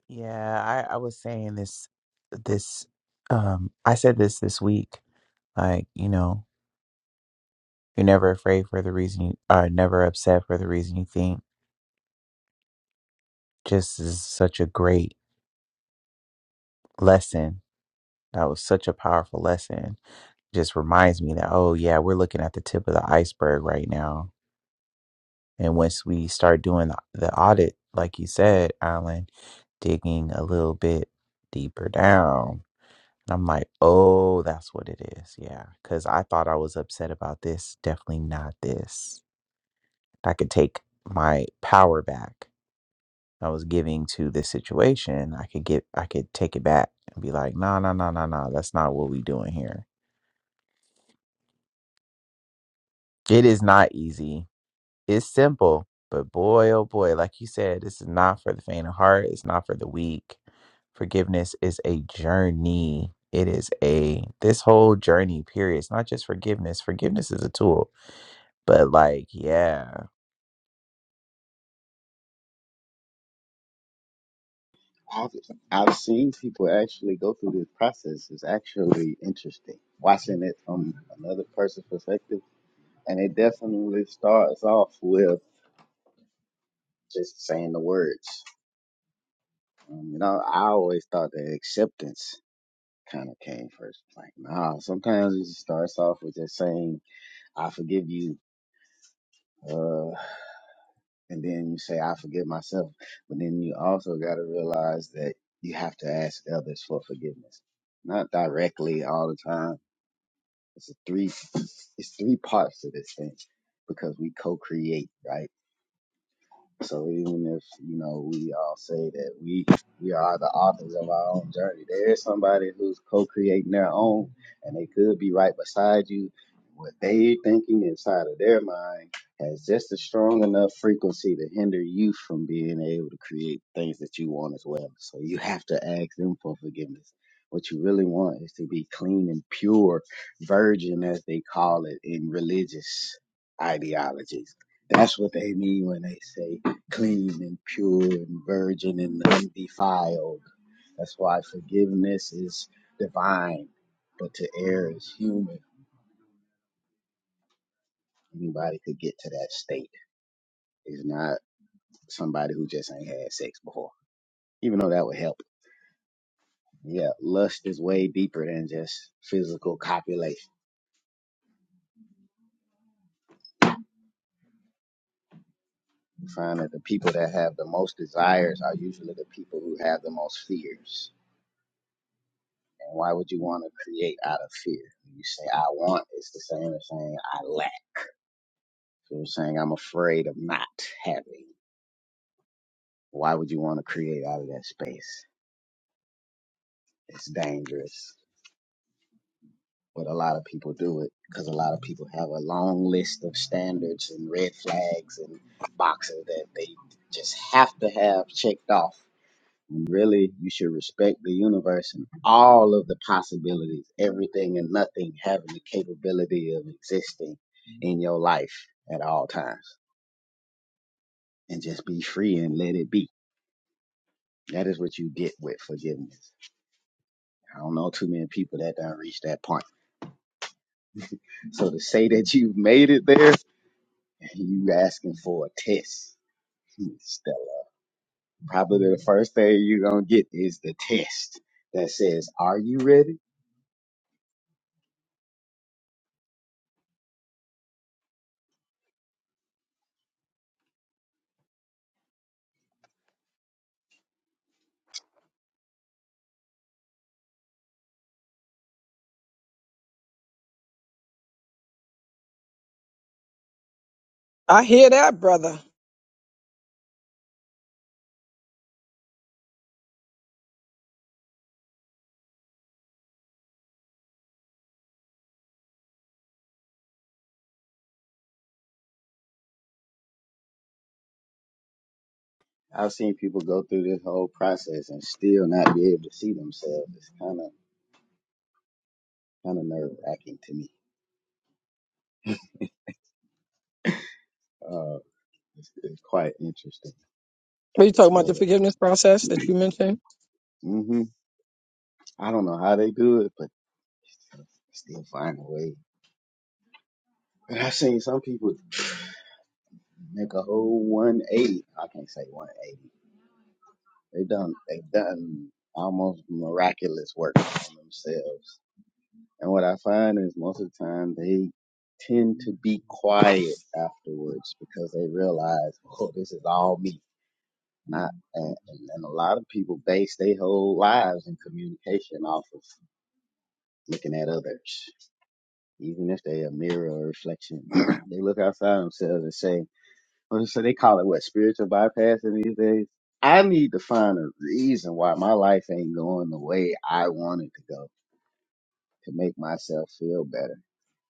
S1: Yeah, I, I was saying this this um I said this this week. Like, you know, you're never afraid for the reason you are never upset for the reason you think. Just is such a great lesson. That was such a powerful lesson. Just reminds me that, oh yeah, we're looking at the tip of the iceberg right now. And once we start doing the the audit, like you said, Alan, digging a little bit deeper down, I'm like, oh, that's what it is. Yeah. Cause I thought I was upset about this. Definitely not this. I could take my power back I was giving to this situation. I could get, I could take it back and be like, no, no, no, no, no. That's not what we doing here. It is not easy It's simple, but boy, oh boy, like you said, this is not for the faint of heart. It's not for the weak. Forgiveness is a journey. It is a, this whole journey, period. It's not just forgiveness. Forgiveness is a tool, but like, yeah,
S6: I've, I've seen people actually go through this process. It's actually interesting watching it from another person's perspective. And it definitely starts off with just saying the words. Um, you know, I always thought that acceptance kind of came first. Like, nah, sometimes it starts off with just saying, I forgive you. Uh, and then you say I forgive myself, but then you also got to realize that you have to ask others for forgiveness, not directly all the time. It's a three, it's three parts to this thing because we co-create, right? So even if you know we all say that we we are the authors of our own journey, there is somebody who's co-creating their own, and they could be right beside you. What they thinking inside of their mind has just a strong enough frequency to hinder you from being able to create things that you want as well. So you have to ask them for forgiveness. What you really want is to be clean and pure, virgin as they call it in religious ideologies. That's what they mean when they say clean and pure and virgin and undefiled. That's why forgiveness is divine, but to err is human. Anybody could get to that state. It's not somebody who just ain't had sex before, even though that would help. Yeah, lust is way deeper than just physical copulation. You find that the people that have the most desires are usually the people who have the most fears. And why would you want to create out of fear? You say, I want, it's the same as saying, I lack So we're saying I'm afraid of not having. Why would you want to create out of that space? It's dangerous. But a lot of people do it because a lot of people have a long list of standards and red flags and boxes that they just have to have checked off. And really, you should respect the universe and all of the possibilities, everything and nothing having the capability of existing in your life at all times. And just be free and let it be. That is what you get with forgiveness. I don't know too many people that don't reach that point. So to say that you've made it there, you asking for a test. Hmm, Stella. Probably the first thing you're gonna get is the test that says, Are you ready?
S2: I hear that, brother.
S6: I've seen people go through this whole process and still not be able to see themselves. It's kinda kinda nerve wracking to me. Uh it's, it's quite interesting.
S2: Are you talking about
S6: But
S2: the forgiveness process that you mentioned?
S6: hmm I don't know how they do it, but still find a way. And I've seen some people Make a whole 180. I can't say 180. They done, they done almost miraculous work on themselves. And what I find is most of the time they tend to be quiet afterwards because they realize, oh, this is all me. Not, and, and and a lot of people base their whole lives in communication off of looking at others. Even if they a mirror or reflection, they look outside themselves and say, Or so they call it what spiritual bypassing these days. I need to find a reason why my life ain't going the way I want it to go to make myself feel better.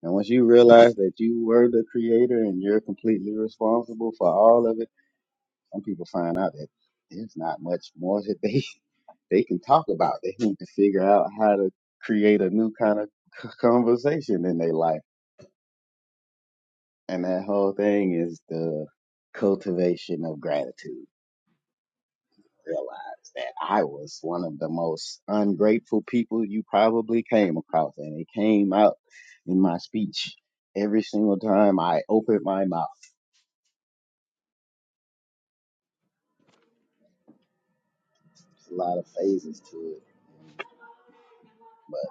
S6: And once you realize that you were the creator and you're completely responsible for all of it, some people find out that there's not much more that they they can talk about. They need to figure out how to create a new kind of c- conversation in their life. And that whole thing is the cultivation of gratitude. realize that I was one of the most ungrateful people you probably came across, and it came out in my speech every single time I opened my mouth. There's a lot of phases to it, but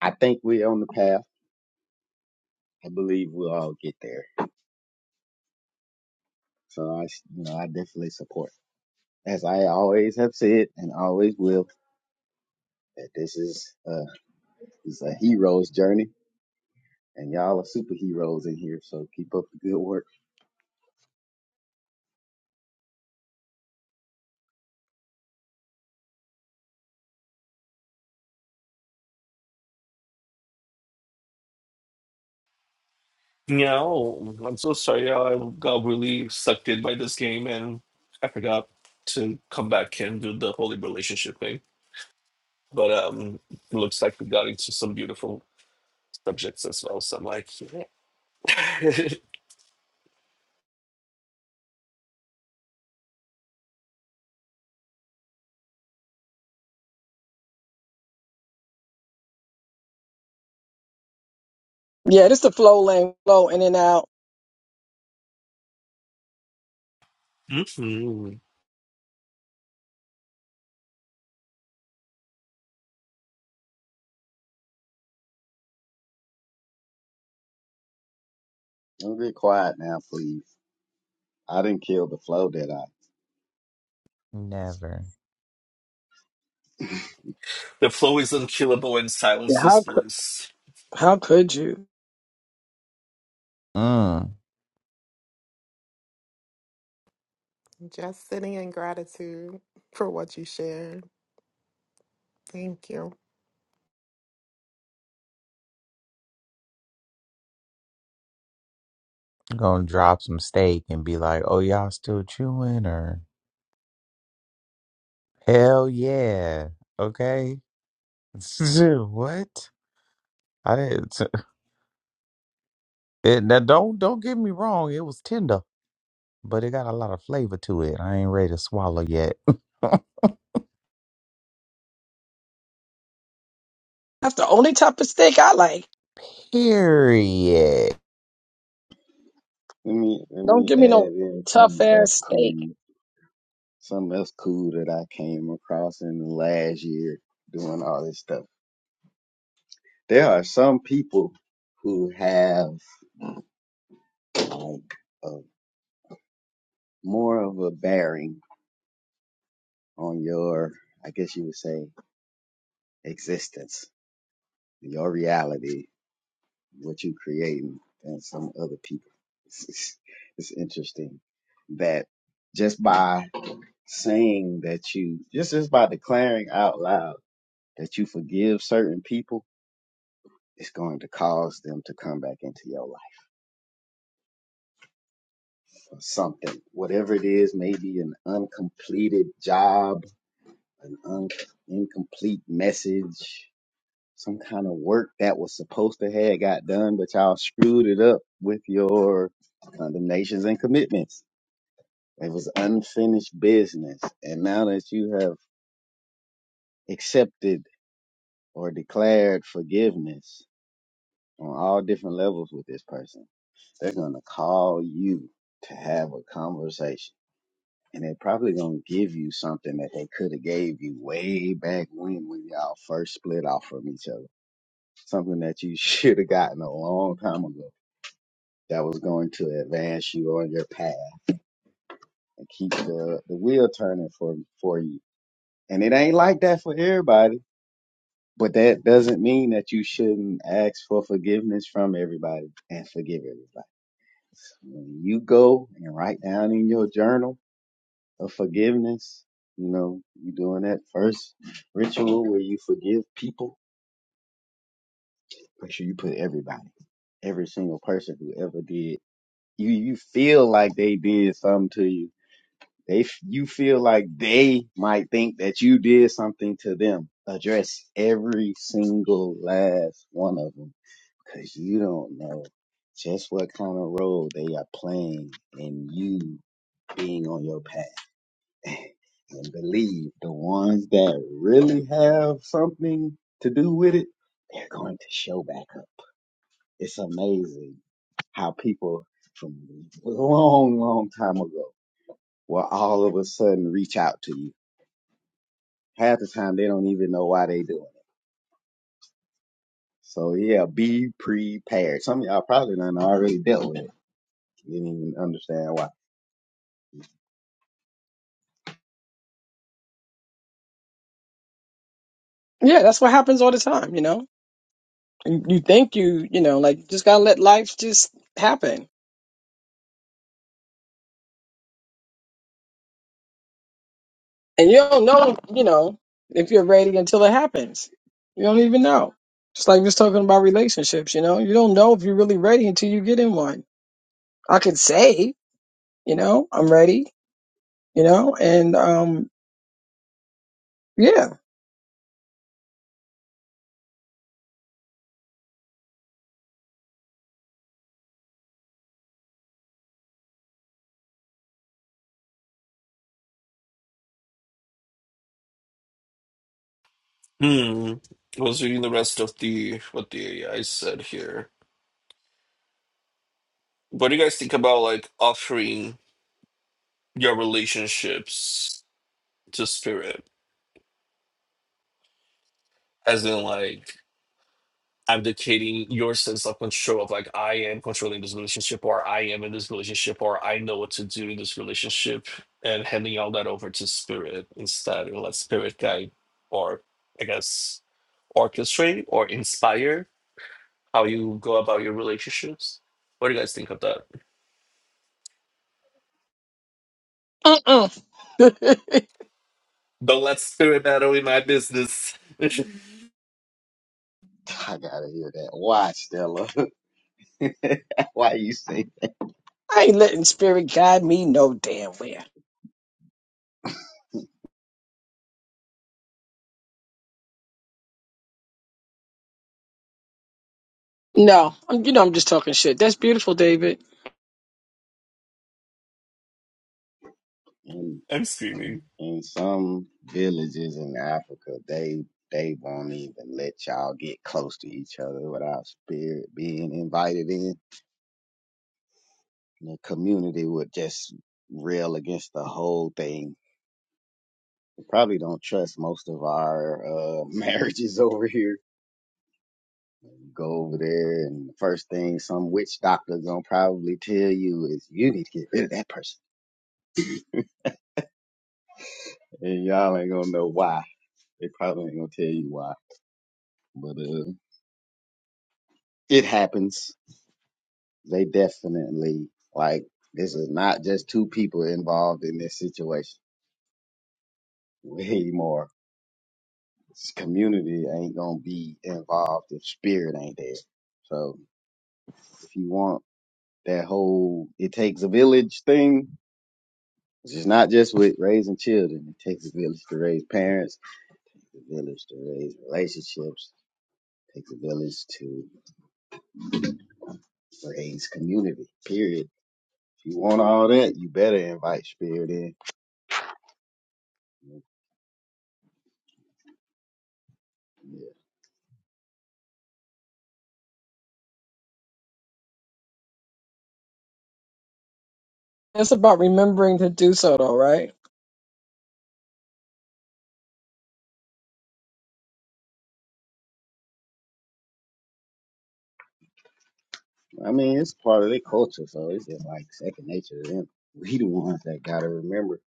S6: I think we're on the path. I believe we'll all get there. So I, you know, I definitely support. As I always have said and always will, that this is a, this is a hero's journey, and y'all are superheroes in here. So keep up the good work.
S4: No, I'm so sorry. I got really sucked in by this game, and I forgot to come back and do the holy relationship thing. But um, looks like we got into some beautiful subjects as well. So I'm like, yeah.
S2: Yeah, this the flow lane, flow in and out.
S4: mm
S6: Don't get quiet now, please. I didn't kill the flow that I.
S1: never.
S4: The flow is unkillable and
S2: Yeah,
S4: silence is
S2: how could
S4: bliss.
S2: how could you?
S1: Mm,
S5: Just sitting in gratitude for what you shared. Thank you.
S1: gonna drop some steak and be like, oh, y'all still chewing or hell yeah. Okay. what? I didn't. It, now don't don't get me wrong. It was tender but it got a lot of flavor to it. I ain't ready to swallow yet.
S2: That's the only type of steak I like.
S1: Period.
S6: Let me let
S2: Don't
S6: me
S2: give me
S6: add
S2: no
S6: in
S2: tough
S6: something
S2: ass
S6: else
S2: steak.
S6: cool, something else cool that I came across in the last year doing all this stuff. There are some people who have like a more of a bearing on your, I guess you would say, existence, your reality, what you creating, than some other people. It's, it's, it's interesting that just by saying that you just just by declaring out loud that you forgive certain people it's going to cause them to come back into your life or something whatever it is maybe an uncompleted job an un- incomplete message some kind of work that was supposed to have got done but y'all screwed it up with your condemnations and commitments it was unfinished business and now that you have accepted or declared forgiveness on all different levels with this person. They're going to call you to have a conversation. And they're probably going to give you something that they could have gave you way back when, when y'all first split off from each other. Something that you should have gotten a long time ago that was going to advance you on your path and keep the, the wheel turning for, for you. And it ain't like that for everybody, but that doesn't mean that you shouldn't ask for forgiveness from everybody and forgive everybody When you go and write down in your journal of forgiveness, you know, you doing that first ritual where you forgive people. Make sure you put everybody, every single person who ever did. You you feel like they did something to you. They you feel like they might think that you did something to them. Address every single last one of them because you don't know just what kind of role they are playing in you being on your path. and believe the ones that really have something to do with it, they're going to show back up. It's amazing how people from a long, long time ago will all of a sudden reach out to you. Half the time they don't even know why they doing it. So yeah, be prepared. Some of y'all probably done already dealt with it. You Didn't even understand why.
S2: Yeah, that's what happens all the time, you know? You, you think you, you know, like, just gotta let life just happen. And you don't know, you know, if you're ready until it happens. You don't even know. Just like just talking about relationships, you know? You don't know if you're really ready until you get in one. I could say, you know, I'm ready, you know? And, um, yeah.
S4: Hmm. I was reading the rest of the what the AI said here. What do you guys think about like offering your relationships to spirit? As in like abdicating your sense of control of like I am controlling this relationship or I am in this relationship or I know what to do in this relationship and handing all that over to spirit instead and let spirit guide or I guess orchestrate or inspire how you go about your relationships. What do you guys think of that?
S2: Mm-mm. I
S4: Don't let spirit meddle in my business.
S6: I gotta hear that. Why, Stella? why you say?
S2: ain't letting spirit guide me no damn where. No, I'm, you know, I'm just talking shit. That's beautiful, David.
S4: I'm screaming.
S6: In some villages in Africa, they they won't even let y'all get close to each other without spirit being invited in. The community would just rail against the whole thing. We probably don't trust most of our uh, marriages over here. Go over there, and the first thing some witch doctor gonna probably tell you is you need to get rid of that person, and y'all ain't gonna know why. They probably ain't gonna tell you why, but uh, it happens they definitely like this is not just two people involved in this situation. Way more. This community ain't gonna be involved if spirit ain't there. So if you want that whole it takes a village thing, it's not just with raising children. It takes a village to raise parents, a village to raise relationships, it takes a village to raise community, period. If you want all that, you better invite spirit in.
S2: It's about remembering to do so, though, right?
S6: I mean, it's part of their culture, so it's just like second nature to them. We the ones that gotta remember.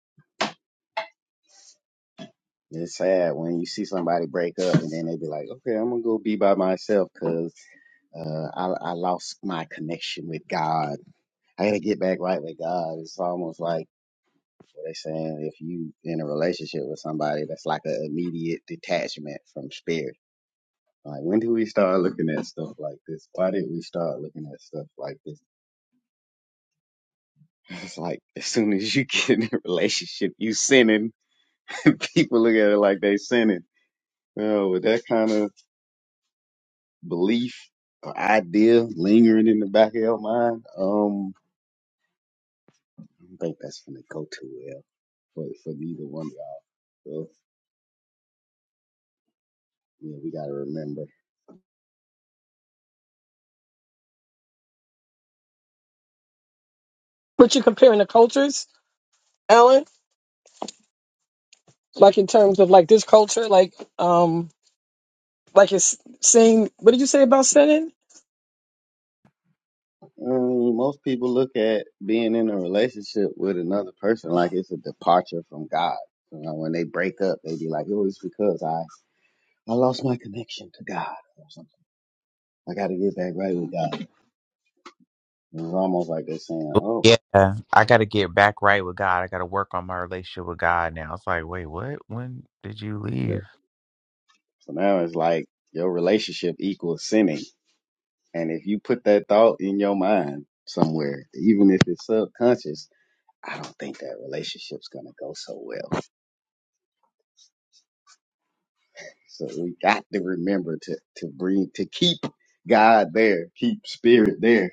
S6: And It's sad when you see somebody break up and then they be like, "Okay, I'm gonna go be by myself 'cause uh, I I lost my connection with God. I gotta get back right with God." It's almost like what they saying if you in a relationship with somebody that's like an immediate detachment from spirit. Like, when do we start looking at stuff like this? Why did we start looking at stuff like this? It's like as soon as you get in a relationship, you sinning. People look at it like they sinning. Oh, with that kind of belief or idea lingering in the back of your mind, um, I don't think that's gonna go too well for for neither one of y'all. So yeah, we gotta remember.
S2: But you're comparing the cultures, Alan, like in terms of like this culture, like um, like it's saying, what did you say about sinning?
S6: Um, most people look at being in a relationship with another person like it's a departure from God. You know, when they break up, they be like, "Oh, it's because I I lost my connection to God or something. I got to get back right with God." It's almost like they're saying, "Oh,
S1: Yeah, I got to get back right with God. I got to work on my relationship with God now. It's like, wait, what? When did you
S6: yeah."
S1: leave?
S6: so now it's like your relationship equals sinning." And if you put that thought in your mind somewhere, even if it's subconscious, I don't think that relationship's gonna go so well. So we got to remember to to bring to keep God there, keep spirit there.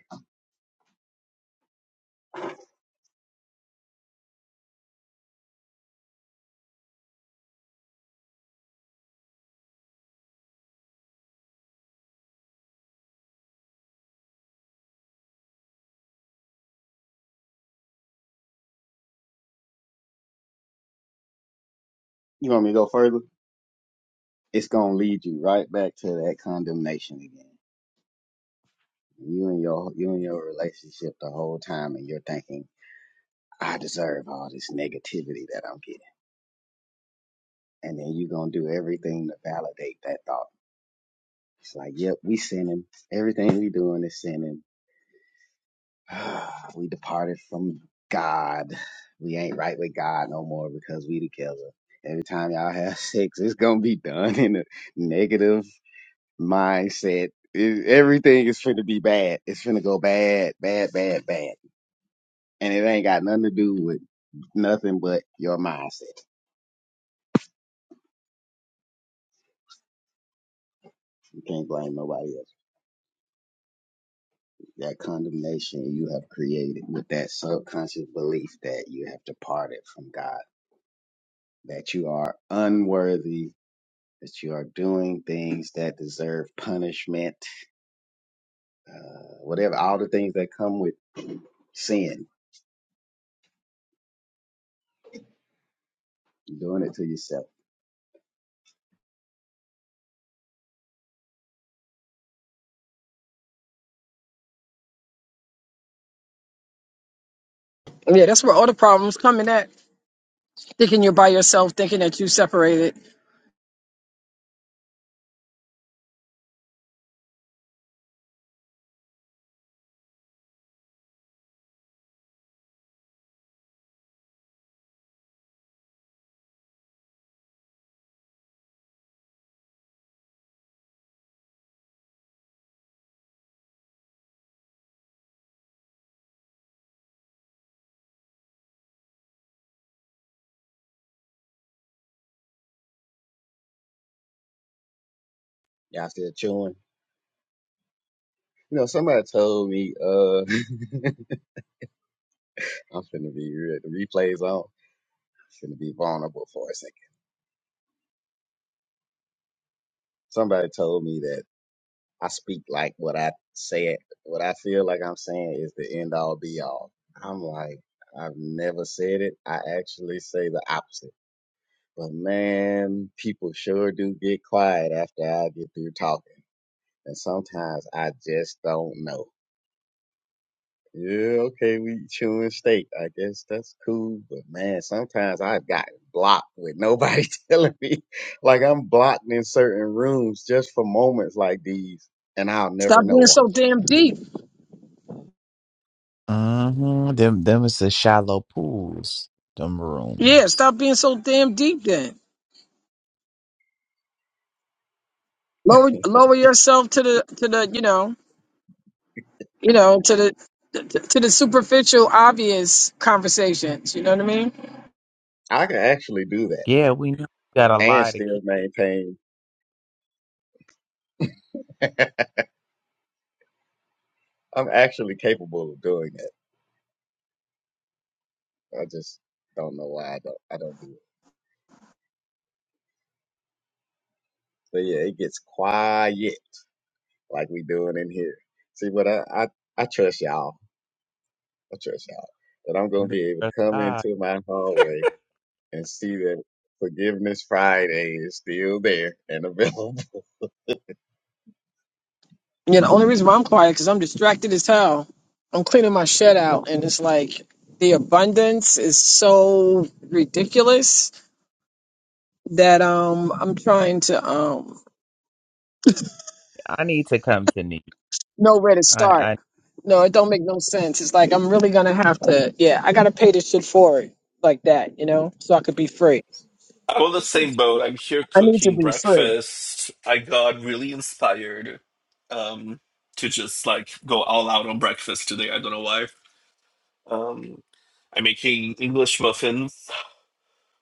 S6: You want me to go further? It's gonna lead you right back to that condemnation again. You and your you and your relationship the whole time, and you're thinking, "I deserve all this negativity that I'm getting." and then you're gonna do everything to validate that thought. It's like, yep, we sinning. Everything we doing is sinning. we departed from God. We ain't right with God no more because we together. Every time y'all have sex, it's gonna be done in a negative mindset. It- everything is finna be bad. It's finna go bad, bad, bad, bad. And it ain't got nothing to do with nothing but your mindset. You can't blame nobody else. that condemnation you have created with that subconscious belief that you have departed from God, that you are unworthy, that you are doing things that deserve punishment, uh, whatever, all the things that come with sin, you're doing it to yourself.
S2: Yeah, that's where all the problems come in at. Thinking you're by yourself, thinking that you separated.
S6: Y'all still chewing? You know, somebody told me, uh, I'm finna be real. The replay's on. I'm finna be vulnerable for a second. Somebody told me that I speak like what I say it what I feel like I'm saying is the end all be all. I'm like, I've never said it. I actually say the opposite. But man, people sure do get quiet after I get through talking. And sometimes I just don't know. Yeah, okay, we chewing steak. I guess that's cool. But man, sometimes I've gotten blocked with nobody telling me. Like I'm blocked in certain rooms just for moments like these, and I'll never
S2: Stop
S6: know
S2: being
S6: why.
S2: so damn deep.
S1: Mm-hmm. Them, them is the shallow pools, them
S2: Yeah,
S1: rooms.
S2: stop being so damn deep. Then lower lower yourself to the to the you know you know to the to, to the superficial obvious conversations. You know what I mean?
S6: I can actually do that
S1: Yeah, we know you got a
S6: and
S1: lie to
S6: still
S1: kick it.
S6: maintain. I'm actually capable of doing that. I just don't know why I don't. I don't do it. But yeah, it gets quiet like we doing in here. See, but I I, I trust y'all. I trust y'all that I'm gonna be able
S1: There's
S6: to come
S1: God.
S6: into my hallway and see that Forgiveness Friday is still there and available. I
S2: Yeah, the only reason why I'm quiet because I'm distracted as hell. I'm cleaning my shed out, and it's like the abundance is so ridiculous that um I'm trying to um
S1: I need to come to me.
S2: know where to
S1: I,
S2: start.
S1: I
S2: No, it don't make no sense. It's like I'm really gonna have to. Yeah, I gotta pay this shit forward like that, you know, so I could be free.
S4: I'm on the same
S2: I
S4: boat. I'm here
S2: need to
S4: cooking
S2: be free.
S4: breakfast. I got really inspired um, to just like go all out on breakfast today. I don't know why. Um, I'm making English muffins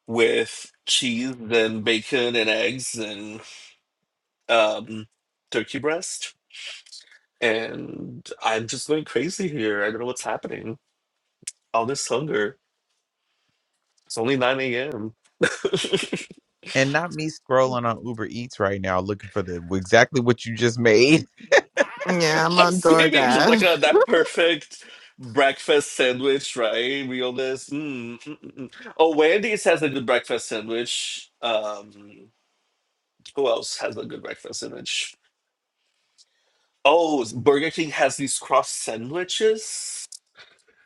S4: with cheese and bacon and eggs and um, turkey breast. And I'm just going crazy here. I don't know what's happening. All this hunger. It's only 9 a.m.
S1: and not me scrolling on Uber Eats right now looking for the exactly what you just made.
S5: Yeah, I'm on
S4: Maybe just like a,
S5: DoorDash.
S4: that perfect breakfast sandwich, right? Realness. Mm, mm, mm, mm. Oh, Wendy's has a good breakfast sandwich. Um, who else has a good breakfast sandwich? Oh, Burger King has these cross sandwiches.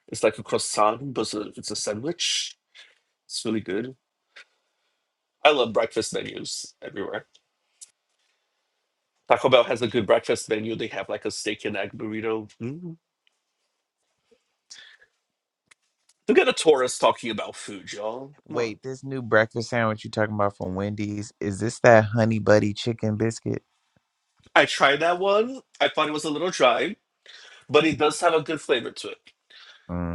S4: It's like a croissant, but it's a, it's a sandwich. It's really good. I love breakfast menus everywhere. Taco Bell has a good breakfast menu. They have like a steak and egg burrito. Mm. Look at a tourist talking about food, y'all. Come on.
S1: Wait, this new breakfast sandwich you talking about from Wendy's, is this that honey buddy chicken biscuit?
S4: I tried that one. I thought it was a little dry, but it does have a good flavor to it.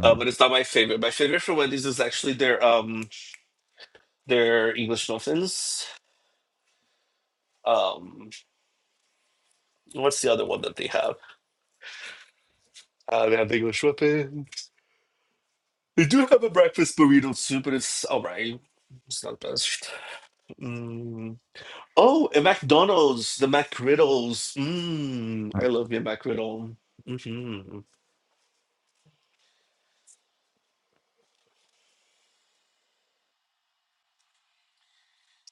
S4: Uh, but it's not my favorite. My favorite from Wendy's is actually their um their English muffins. Um, what's the other one that they have? Uh, they have the English muffins. They do have a breakfast burrito too, but it's all right. It's not the best. Mm. Oh, and McDonald's, the McGriddles. Mm, I love your McGriddle. Mm-hmm.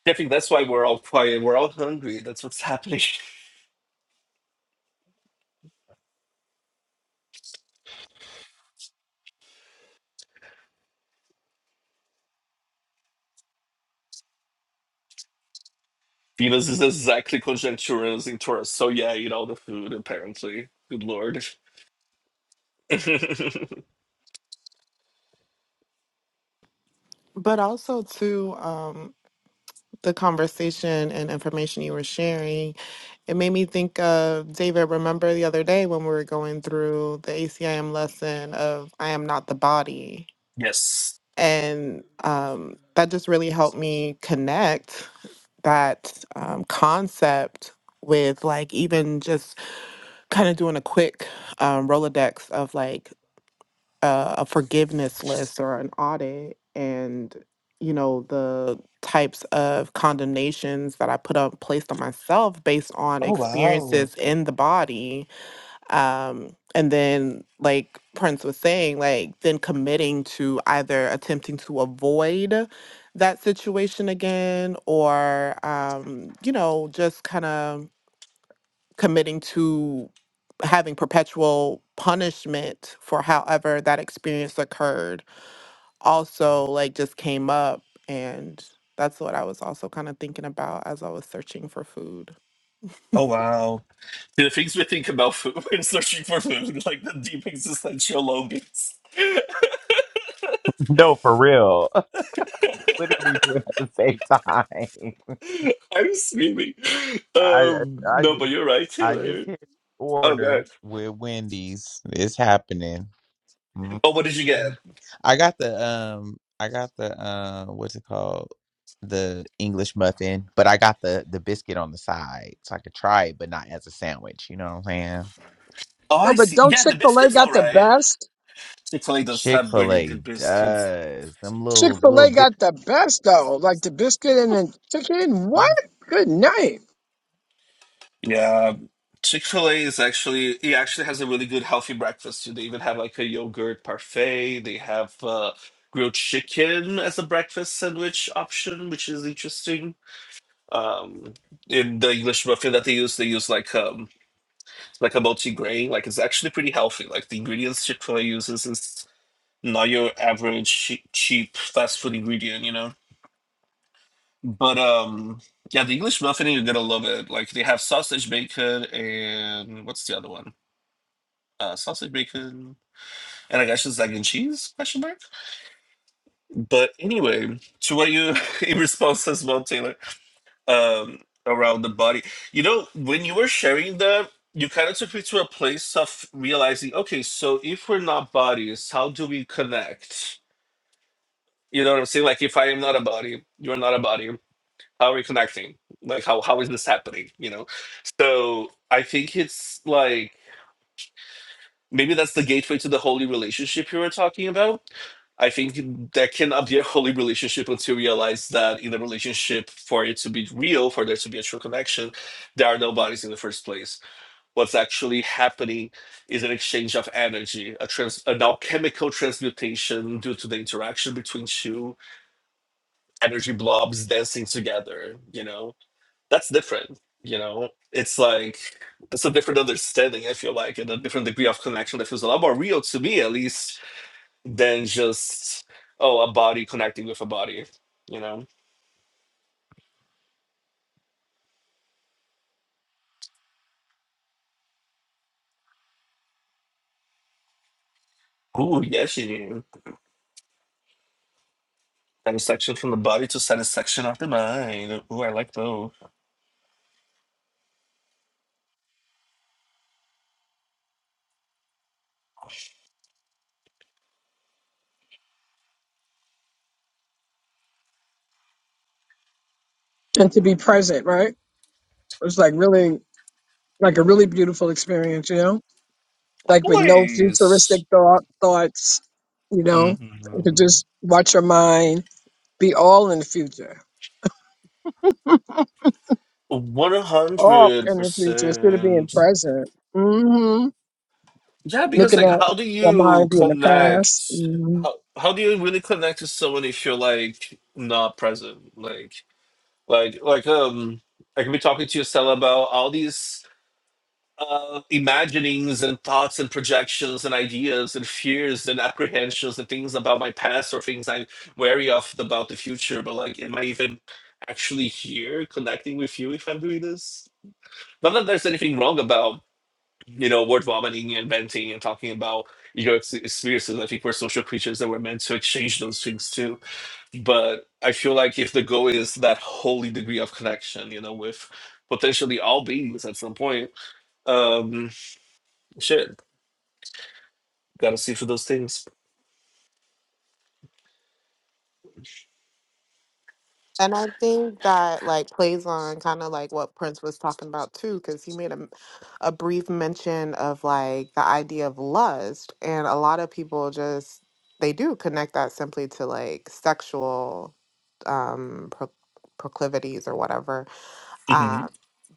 S4: I think that's why we're all quiet. We're all hungry. That's what's happening. Venus is exactly conjectural using Taurus. So yeah, eat all the food apparently. Good lord.
S5: But also too um the conversation and information you were sharing, it made me think of David, remember the other day when we were going through the ACIM lesson of I am not the body
S4: yes.
S5: and um, that just really helped me connect that um, concept with like even just kind of doing a quick um, rolodex of like uh, a forgiveness list or an audit and you know the types of condemnations that i put up placed on myself based on
S4: Oh wow.
S5: experiences in the body um and then like prince was saying like then committing to either attempting to avoid that situation again or um you know just kind of committing to having perpetual punishment for however that experience occurred also like just came up and that's what I was also kind of thinking about as I was searching for food.
S4: Oh wow. The things we think about food when searching for food, like the deep existential longings.
S1: No, for real. Literally doing it at the same time.
S4: I'm screaming.
S1: I
S4: Um
S1: I
S4: no, but
S1: just
S4: you're right,
S1: I
S4: Taylor.
S1: just hit
S4: Oh god.
S1: order with Wendy's. It's happening. Mhm.
S4: Oh what did you get?
S1: I got the um I got the uh what's it called? The English muffin, but I got the the biscuit on the side so I could try it, but not as a sandwich. You know what I'm saying?
S4: Oh
S2: No,
S4: I
S2: but
S4: see.
S2: don't
S4: Yeah,
S2: Chick
S4: the
S2: Fil A
S4: biscuits
S2: got the
S4: alright.
S2: best?
S4: Italy does have really
S1: Chick-fil-A
S4: good biscuits.
S1: does. Them
S2: Chick
S1: little
S2: Fil
S1: little
S2: A got the best though,
S1: biscuits.
S2: like the biscuit and the chicken. What? Good night.
S4: Yeah. Chick-fil-A is actually it actually has a really good healthy breakfast too. They even have like a yogurt parfait. They have uh grilled chicken as a breakfast sandwich option, which is interesting. Um in the English muffin that they use, they use like um like a multi-grain. Like it's actually pretty healthy. Like the ingredients Chick-fil-A uses is not your average cheap, cheap fast food ingredient, you know. But um yeah, the English muffin, you're gonna love it. Like they have sausage bacon and what's the other one? uh, sausage bacon and i guess it's egg and cheese question mark but anyway to what you in response as well taylor um around the body you know when you were sharing that you kind of took me to a place of realizing okay so if we're not bodies how do we connect you know what i'm saying like if i am not a body you're not a body how are we connecting like how how is this happening you know so i think it's like Maybe that's the gateway to the holy relationship you were talking about. I think there cannot be a holy relationship until you realize that in a relationship, for it to be real, for there to be a true connection, there are no bodies in the first place. What's actually happening is an exchange of energy, a trans, an alchemical transmutation due to the interaction between two energy blobs dancing together. You know, that's different you know it's like it's a different understanding i feel like and a different degree of connection that feels a lot more real to me at least than just oh a body connecting with a body you know Ooh, yes, you do. Satisfaction from the body to satisfaction of the mind. Ooh, I like those.
S2: and to be present, right? It was like really like a really beautiful experience, you know, like with no futuristic
S4: Always.
S2: thought, thoughts, you know, you could
S4: hmm
S2: just watch your mind be all in the future,
S4: One
S2: all
S4: hundred
S2: in the future instead of being
S4: percent.
S2: present. hmm
S4: Yeah, because
S2: Looking
S4: like,
S2: at
S4: how do
S2: your
S4: you
S2: mind being the past.
S4: connect?
S2: hmm
S4: How how do you really connect to someone if you're like not present? Like like like um, I can be talking to you, Stella, about all these uh imaginings and thoughts and projections and ideas and fears and apprehensions and things about my past or things I'm wary of about the future. But like, am I even actually here connecting with you if I'm doing this? Not that there's anything wrong about you know, word vomiting and venting and talking about your ex- experiences. I think we're social creatures that we're meant to exchange those things too. But I feel like if the goal is that holy degree of connection, you know, with potentially all beings at some point, um, shit, gotta see for those things.
S5: And I think that like plays on kind of like what Prince was talking about too, because he made a, a brief mention of like the idea of lust. And a lot of people just, they do connect that simply to like sexual um, pro- proclivities or whatever.
S4: hmm
S5: Uh,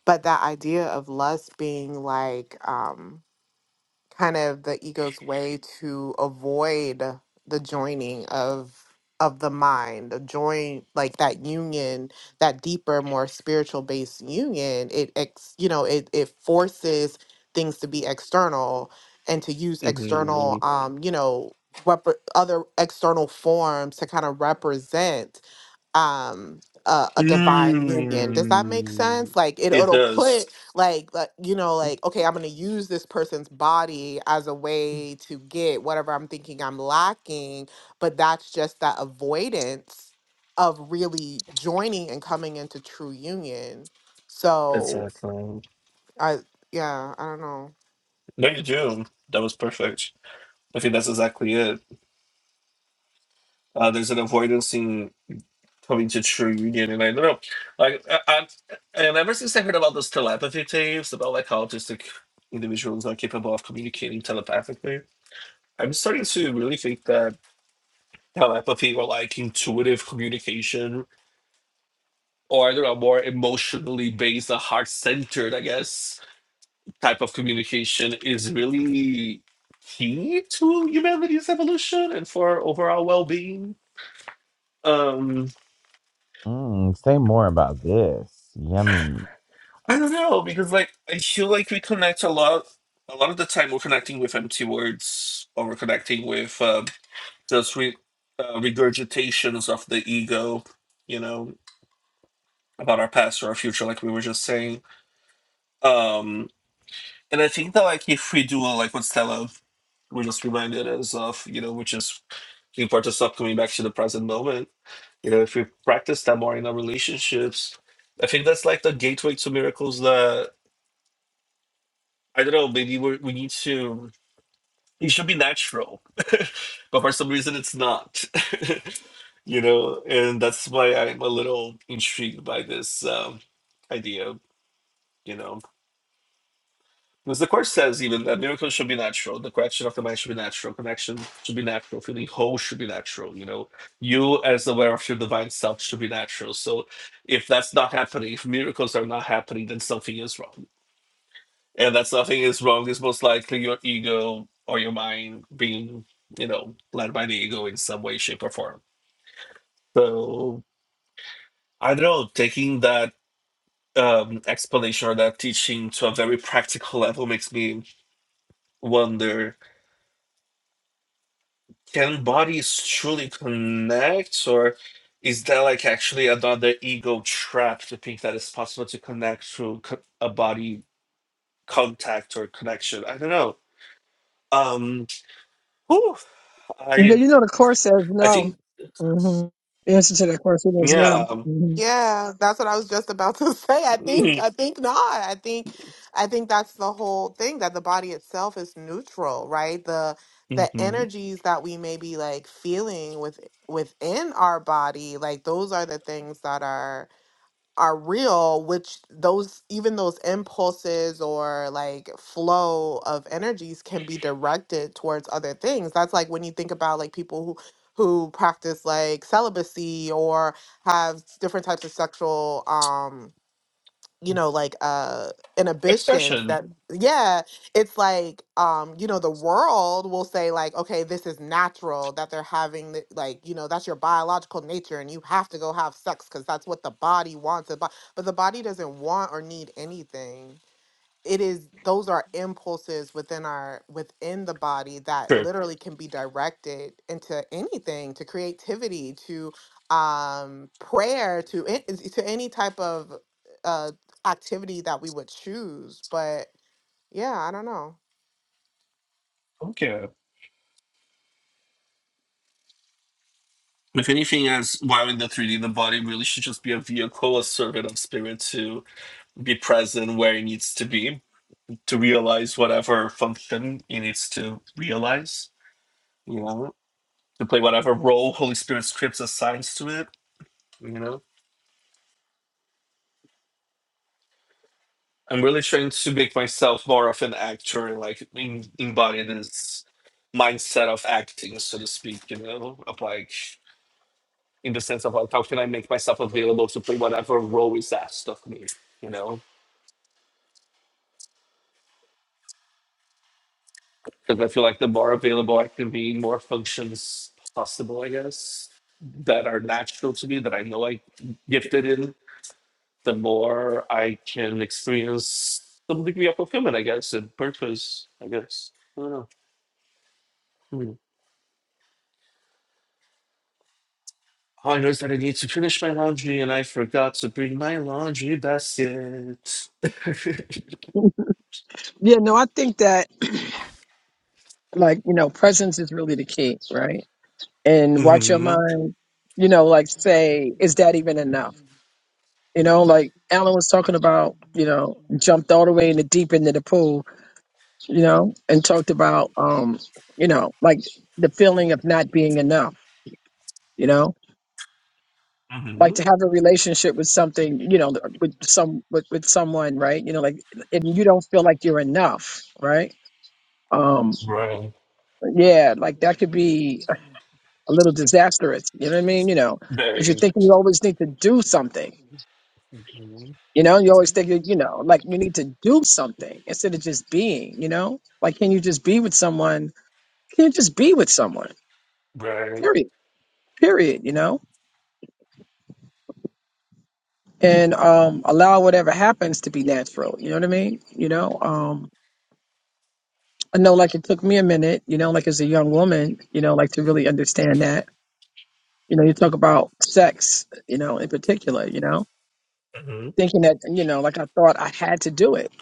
S5: but that idea of lust being like, um, kind of the ego's way to avoid the joining of of the mind the join like that union that deeper more spiritual based union it ex you know it it forces things to be external and to use external
S4: hmm
S5: Mhm. um you know rep- other external forms to kind of represent um a, a divine union does that make
S4: mm
S5: sense like it,
S4: It
S5: it'll
S4: does.
S5: put like, like you know like okay i'm going to use this person's body as a way to get whatever i'm thinking i'm lacking but that's just that avoidance of really joining and coming into true union so
S4: Exactly.
S5: i yeah i don't know
S4: No, you do. That was perfect. I think that's exactly it. Uh, there's an avoidance in coming to true union and I don't know like I, I, and ever since I heard about those telepathy tapes about like how autistic individuals are capable of communicating telepathically I'm starting to really think that telepathy or like intuitive communication or I don't know more emotionally based a heart centered I guess type of communication is really key to humanity's evolution and for our overall well-being Um,
S1: Mm, say more about this. Yummy.
S4: I don't know because like I feel like we connect a lot. A lot of the time, we're connecting with empty words, or we're connecting with uh, just re- uh, regurgitations of the ego, you know, about our past or our future, like we were just saying. Um, and I think that like if we do uh, like what Stella, we just reminded us of, you know, which is the importance of coming back to the present moment. You know, if we practice that more in our relationships, I think that's like the gateway to miracles that I don't know. Maybe we we need to. it should be natural but for some reason it's not you know and that's why i'm a little intrigued by this um, idea you know because the course says even that miracles should be natural the correction of the mind should be natural connection should be natural feeling whole should be natural you know you as aware of your divine self should be natural so if that's not happening if miracles are not happening then something is wrong and that's nothing is wrong. It's most likely your ego or your mind being, you know, led by the ego in some way, shape, or form. So I don't know. Taking that um, explanation or that teaching to a very practical level makes me wonder: Can bodies truly connect, or is that like actually another ego trap to think that it's possible to connect through co- a body contact or connection? I don't know. Um, whew,
S2: Yeah,
S4: I
S2: you know, the course says
S4: I
S2: no.
S4: think
S2: hmm The answer to that question is no.
S4: yeah.
S2: hmm
S5: Yeah, that's what I was just about to say. I think I think not. I think I think that's the whole thing that the body itself is neutral, right? The the
S4: Mm-hmm.
S5: energies that we may be like feeling with within our body, like those are the things that are are real which those even those impulses or like flow of energies can be directed towards other things that's like when you think about like people who who practice like celibacy or have different types of sexual um you know like uh inhibitions that
S4: Expression.
S5: yeah it's like um you know the world will say like okay this is natural that they're having the, like you know that's your biological nature and you have to go have sex because that's what the body wants the bo- but the body doesn't want or need anything it is those are impulses within our within the body that
S4: Sure.
S5: literally can be directed into anything to creativity to um prayer to an- to any type of uh activity that we would choose but yeah i don't know
S4: Okay. If anything, as while in the 3D, the body really should just be a vehicle, a servant of spirit to be present where it needs to be, to realize whatever function it needs to realize, you know, to play whatever role Holy Spirit scripts assigns to it, you know. I'm really trying to make myself more of an actor and like em- embody this mindset of acting, so to speak, you know, of like in the sense of like how can I make myself available to play whatever role is asked of me, you know? Because I feel like the more available I can be, more functions possible, I guess, that are natural to me, that I know I gifted in, the more I can experience some degree of fulfillment, I guess, and purpose, I guess. I don't know. Hmm. All I know that I need to finish my laundry and I forgot to bring my laundry basket.
S2: Yeah, no, I think that like you know, presence is really the key, right? and watch your
S4: hmm
S2: mind, you know, like say, is that even enough? You know, like Alan was talking about, you know, jumped all the way in the deep end of the pool, you know, and talked about, um, you know, like the feeling of not being enough, you know,
S4: hmm
S2: like to have a relationship with something, you know, with some, with, with someone, right. You know, like, and you don't feel like you're enough, right. Um,
S4: Right.
S2: yeah, like that could be a little disastrous. You know what I mean? You know, cause you
S4: Very.
S2: think you always need to do something
S4: Mhm.
S2: You know, you always think, that, you know, like you need to do something instead of just being, you know? Like, can you just be with someone? Can you just be with someone?
S4: Right.
S2: Period. Period, you know? And um, allow whatever happens to be natural. You know what I mean? You know, um, I know like it took me a minute, you know, like as a young woman, you know, like to really understand that. You know, you talk about sex, you know, in particular, you know,
S4: Mhm.
S2: thinking that, you know, like I thought I had to do it.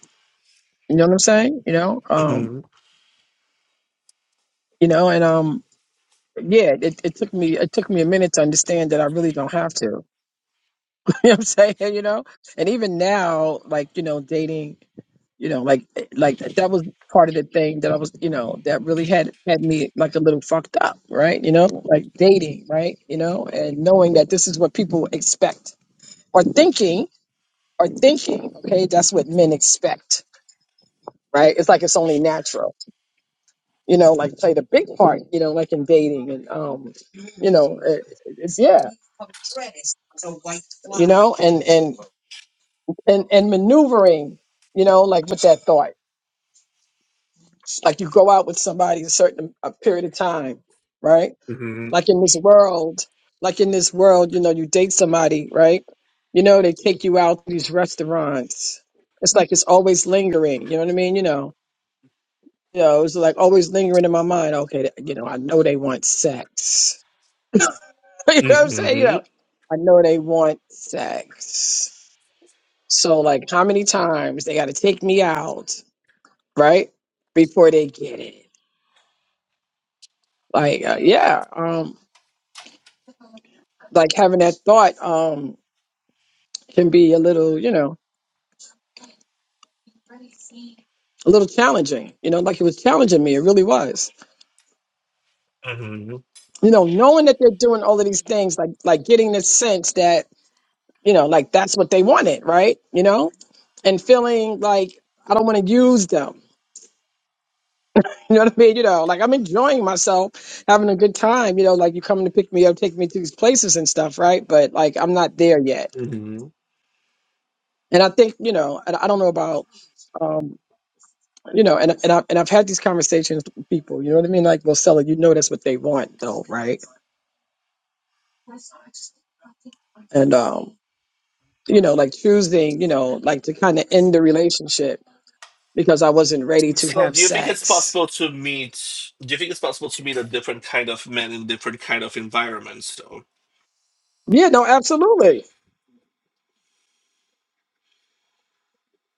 S2: You know what I'm saying? You know, um,
S4: Mhm.
S2: you know, and um, yeah, it, it took me it took me a minute to understand that I really don't have to. you know what I'm saying? You know? And even now, like, you know, dating, you know, like eh, like that, that was part of the thing that I was, you know, that really had had me like a little fucked up, right? You know, like dating, right? You know, and knowing that this is what people expect or thinking or thinking, okay, that's what men expect, right? It's like it's only natural. You know, like played a big part, you know, like in dating and um, you know, it, it's yeah. you know and and and and maneuvering you know like with that thought like you go out with somebody a certain a period of time right
S4: Mhm.
S2: like in this world like in this world you know you date somebody right you know they take you out to these restaurants it's like it's always lingering you know what i mean you know you know it's like always lingering in my mind okay you know i know they want sex you know what i'm saying you know
S4: Mhm.
S2: i know they want sex So, like, how many times they got to take me out, right, before they get it? Like, uh, yeah, um, like having that thought um, can be a little, you know, a little challenging. You know, like it was challenging me. It really was.
S4: Mhm.
S2: You know, knowing that they're doing all of these things, like, like getting the sense that, you know, like that's what they wanted, right? You know, and feeling like I don't want to use them You know what I mean? You know, like I'm enjoying myself, having a good time. You know, like you coming to pick me up, take me to these places and stuff, right? But like I'm not there yet.
S4: Mhm.
S2: And I think you know, and I don't know about, um, you know, and and I and I've had these conversations with people. You know what I mean? Like, well, Stella, you know that's what they want, though, right? And um, you know, like choosing, you know, like to kind of end the relationship because I wasn't ready to
S4: So,
S2: have
S4: do you think it's
S2: sex.
S4: possible to meet? Do you think it's possible to meet a different kind of men in different kind of environments, though?
S2: Yeah, no, absolutely.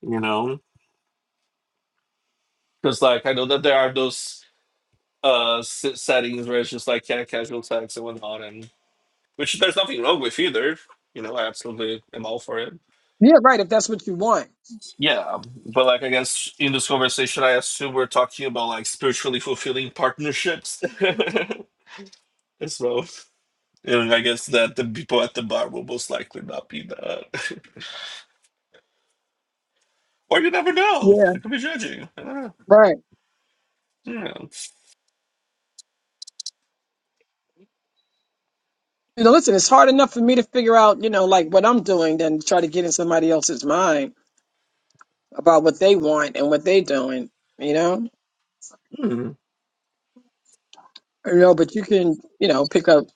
S4: You know, because like I know that there are those uh s- settings where it's just like yeah, casual sex and whatnot, and which there's nothing wrong with either. You know, I absolutely am all for it.
S2: Yeah, right. If that's what you want.
S4: Yeah, but like I guess in this conversation, I assume we're talking about like spiritually fulfilling partnerships. as well. And I guess that the people at the bar will most likely not be that. or you never know.
S2: Yeah,
S4: I could be judging. I don't
S2: right.
S4: know. Yeah.
S2: You know, listen, it's hard enough for me to figure out, you know, like what I'm doing than try to get in somebody else's mind about what they want and what they're doing, you know?
S4: Hmm.
S2: You know, but you can, you know, pick up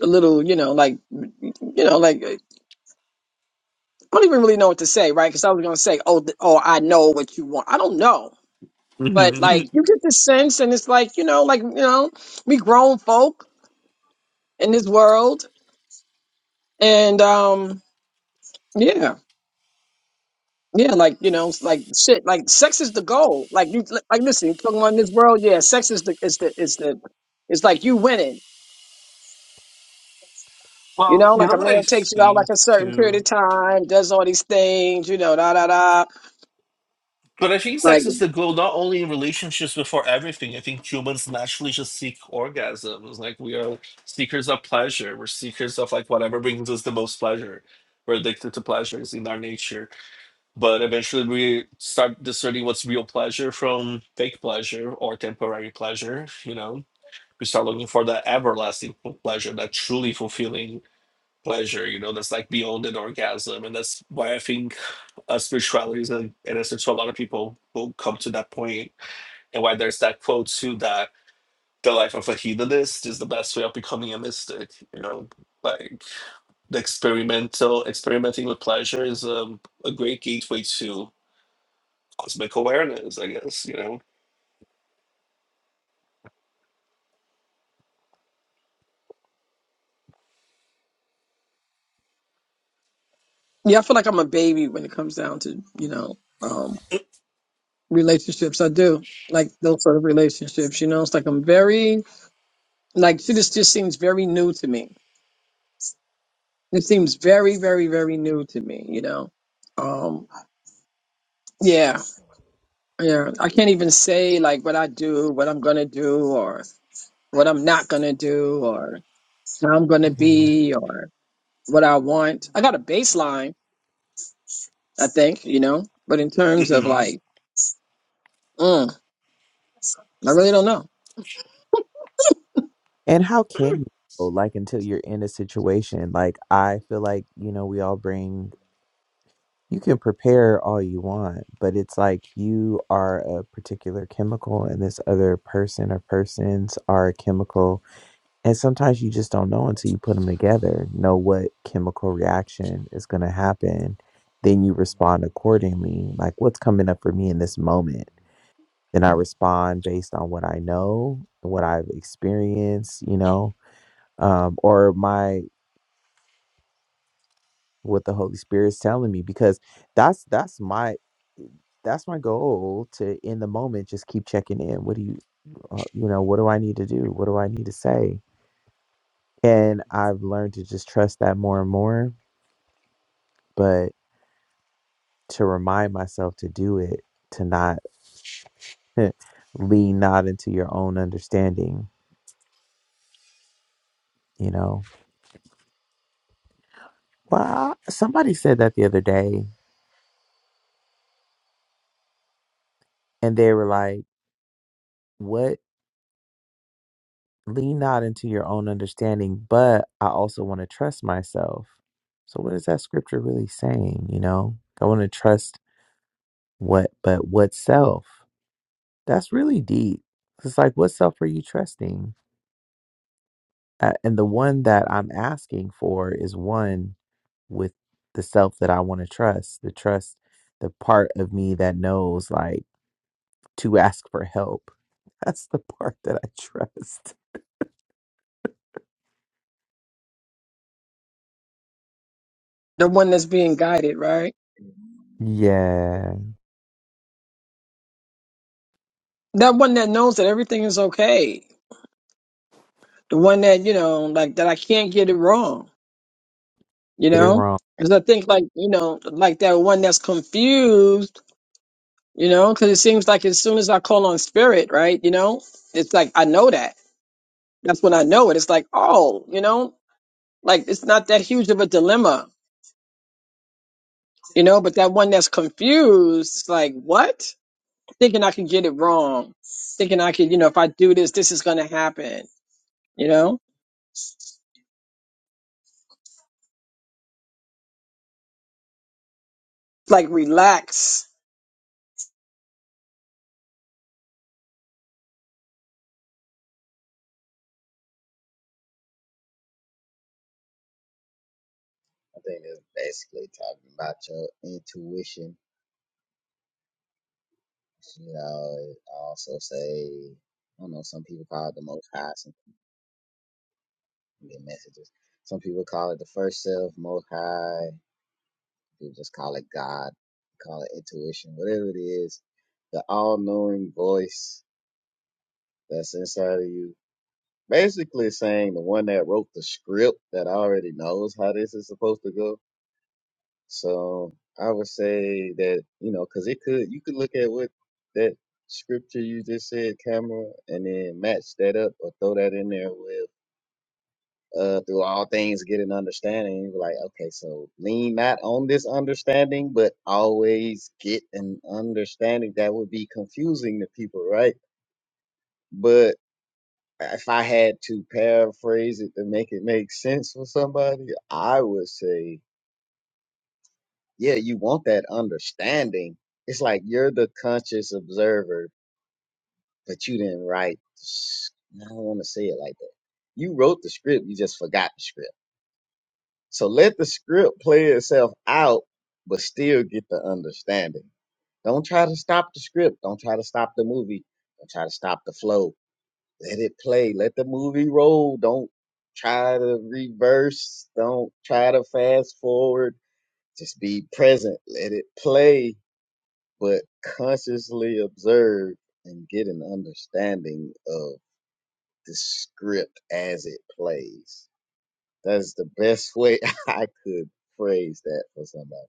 S2: a little, you know, like, you know, like, I don't even really know what to say, right? Because I was going to say, oh, th- oh, I know what you want. I don't know. But like,
S4: Mhm.
S2: you get the sense and it's like, you know, like, you know, we grown folk in this world. And, um, yeah. Yeah, like you know, like shit. Like sex is the goal. Like you, like listen, you talking about in this world. Yeah, sex is the is the is the it's like you winning. You
S4: well,
S2: know,
S4: you
S2: like
S4: know
S2: a
S4: what I
S2: man takes you out like
S4: think
S2: a certain period of
S4: too?
S2: time, does all these things. You know, da da da.
S4: But I think
S2: Like
S4: sex is the goal, not only in relationships, but for everything. I think humans naturally just seek orgasms. Like we are seekers of pleasure. We're seekers of like whatever brings us the most pleasure. We're addicted to pleasures in our nature. But eventually, we start discerning what's real pleasure from fake pleasure or temporary pleasure. You know, we start looking for that everlasting fu- pleasure, that truly fulfilling pleasure, you know, that's like beyond an orgasm. And that's why I think uh, spirituality is an an answer to a lot of people who come to that point, and why there's that quote too that the life of a hedonist is the best way of becoming a mystic, you know, like the experimental experimenting with pleasure is um, a great gateway to cosmic awareness, I guess, you know.
S2: yeah, I feel like I'm a baby when it comes down to you know um relationships. I do like those sort of relationships. You know, it's like I'm very like shit. This just seems very new to me. It seems very very very new to me. You know, um yeah Yeah, I can't even say like what I do, what I'm gonna do, or what I'm not gonna do, or how I'm gonna
S4: Mhm.
S2: be, or what I want. I got a baseline, I think, you know, but in terms of
S4: Mhm.
S2: like, mm, I really don't know.
S1: And how can you know, like until you're in a situation? Like I feel like, you know, we all bring you can prepare all you want, but it's like you are a particular chemical and this other person or persons are a chemical And sometimes you just don't know until you put them together, know what chemical reaction is going to happen. Then you respond accordingly, like what's coming up for me in this moment. Then I respond based on what I know, what I've experienced, you know, um, or my what the Holy Spirit's telling me, because that's that's my that's my goal to in the moment just keep checking in. What do you, uh, you know, what do I need to do? What do I need to say? And I've learned to just trust that more and more but to remind myself to do it, to not lean not into your own understanding, you know. Well, I- somebody said that the other day, and they were like, "What? Lean not into your own understanding, but I also want to trust myself." So, what is that scripture really saying? You know, I want to trust what, but what self? That's really deep. It's like, what self are you trusting? Uh, and the one that I'm asking for is one with the self that I want to trust, the trust, the part of me that knows like to ask for help. That's the part that I trust.
S2: The one that's being guided, right?
S1: Yeah,
S2: That one that knows that everything is okay. The one that you know, like that I can't get it wrong, you
S1: get it
S2: know.
S1: wrong.
S2: Because I think like you know, like that one that's confused You know, because it seems like as soon as I call on spirit, right? You know, it's like I know that. That's when I know it. It's like, oh, you know, like it's not that huge of a dilemma, you know. But that one that's confused, it's like what? Thinking I can get it wrong, thinking I can, you know, if I do this, this is gonna happen. You know, like relax.
S6: think it's basically talking about your intuition. You know, it also say, I don't know, some people call it the most high. some Get messages. Some people call it the first self, most high. People just call it God, call it intuition, whatever it is. The all knowing voice that's inside of you. Basically saying the one that wrote the script that already knows how this is supposed to go. So I would say that, you know, cause it could, you could look at what that scripture you just said, camera, and then match that up or throw that in there with uh, through all things get an understanding. You're like, okay, so lean not on this understanding, but always get an understanding. That would be confusing to people, right? But if I had to paraphrase it to make it make sense for somebody, I would say, yeah, you want that understanding. It's like you're the conscious observer, but you didn't write. the s- I don't want to say it like that. You wrote the script, you just forgot the script So let the script play itself out, but still get the understanding. Don't try to stop the script. Don't try to stop the movie. Don't try to stop the flow. Let it play. Let the movie roll. Don't try to reverse. Don't try to fast forward. Just be present. Let it play, but consciously observe and get an understanding of the script as it plays. That's the best way I could phrase that for somebody.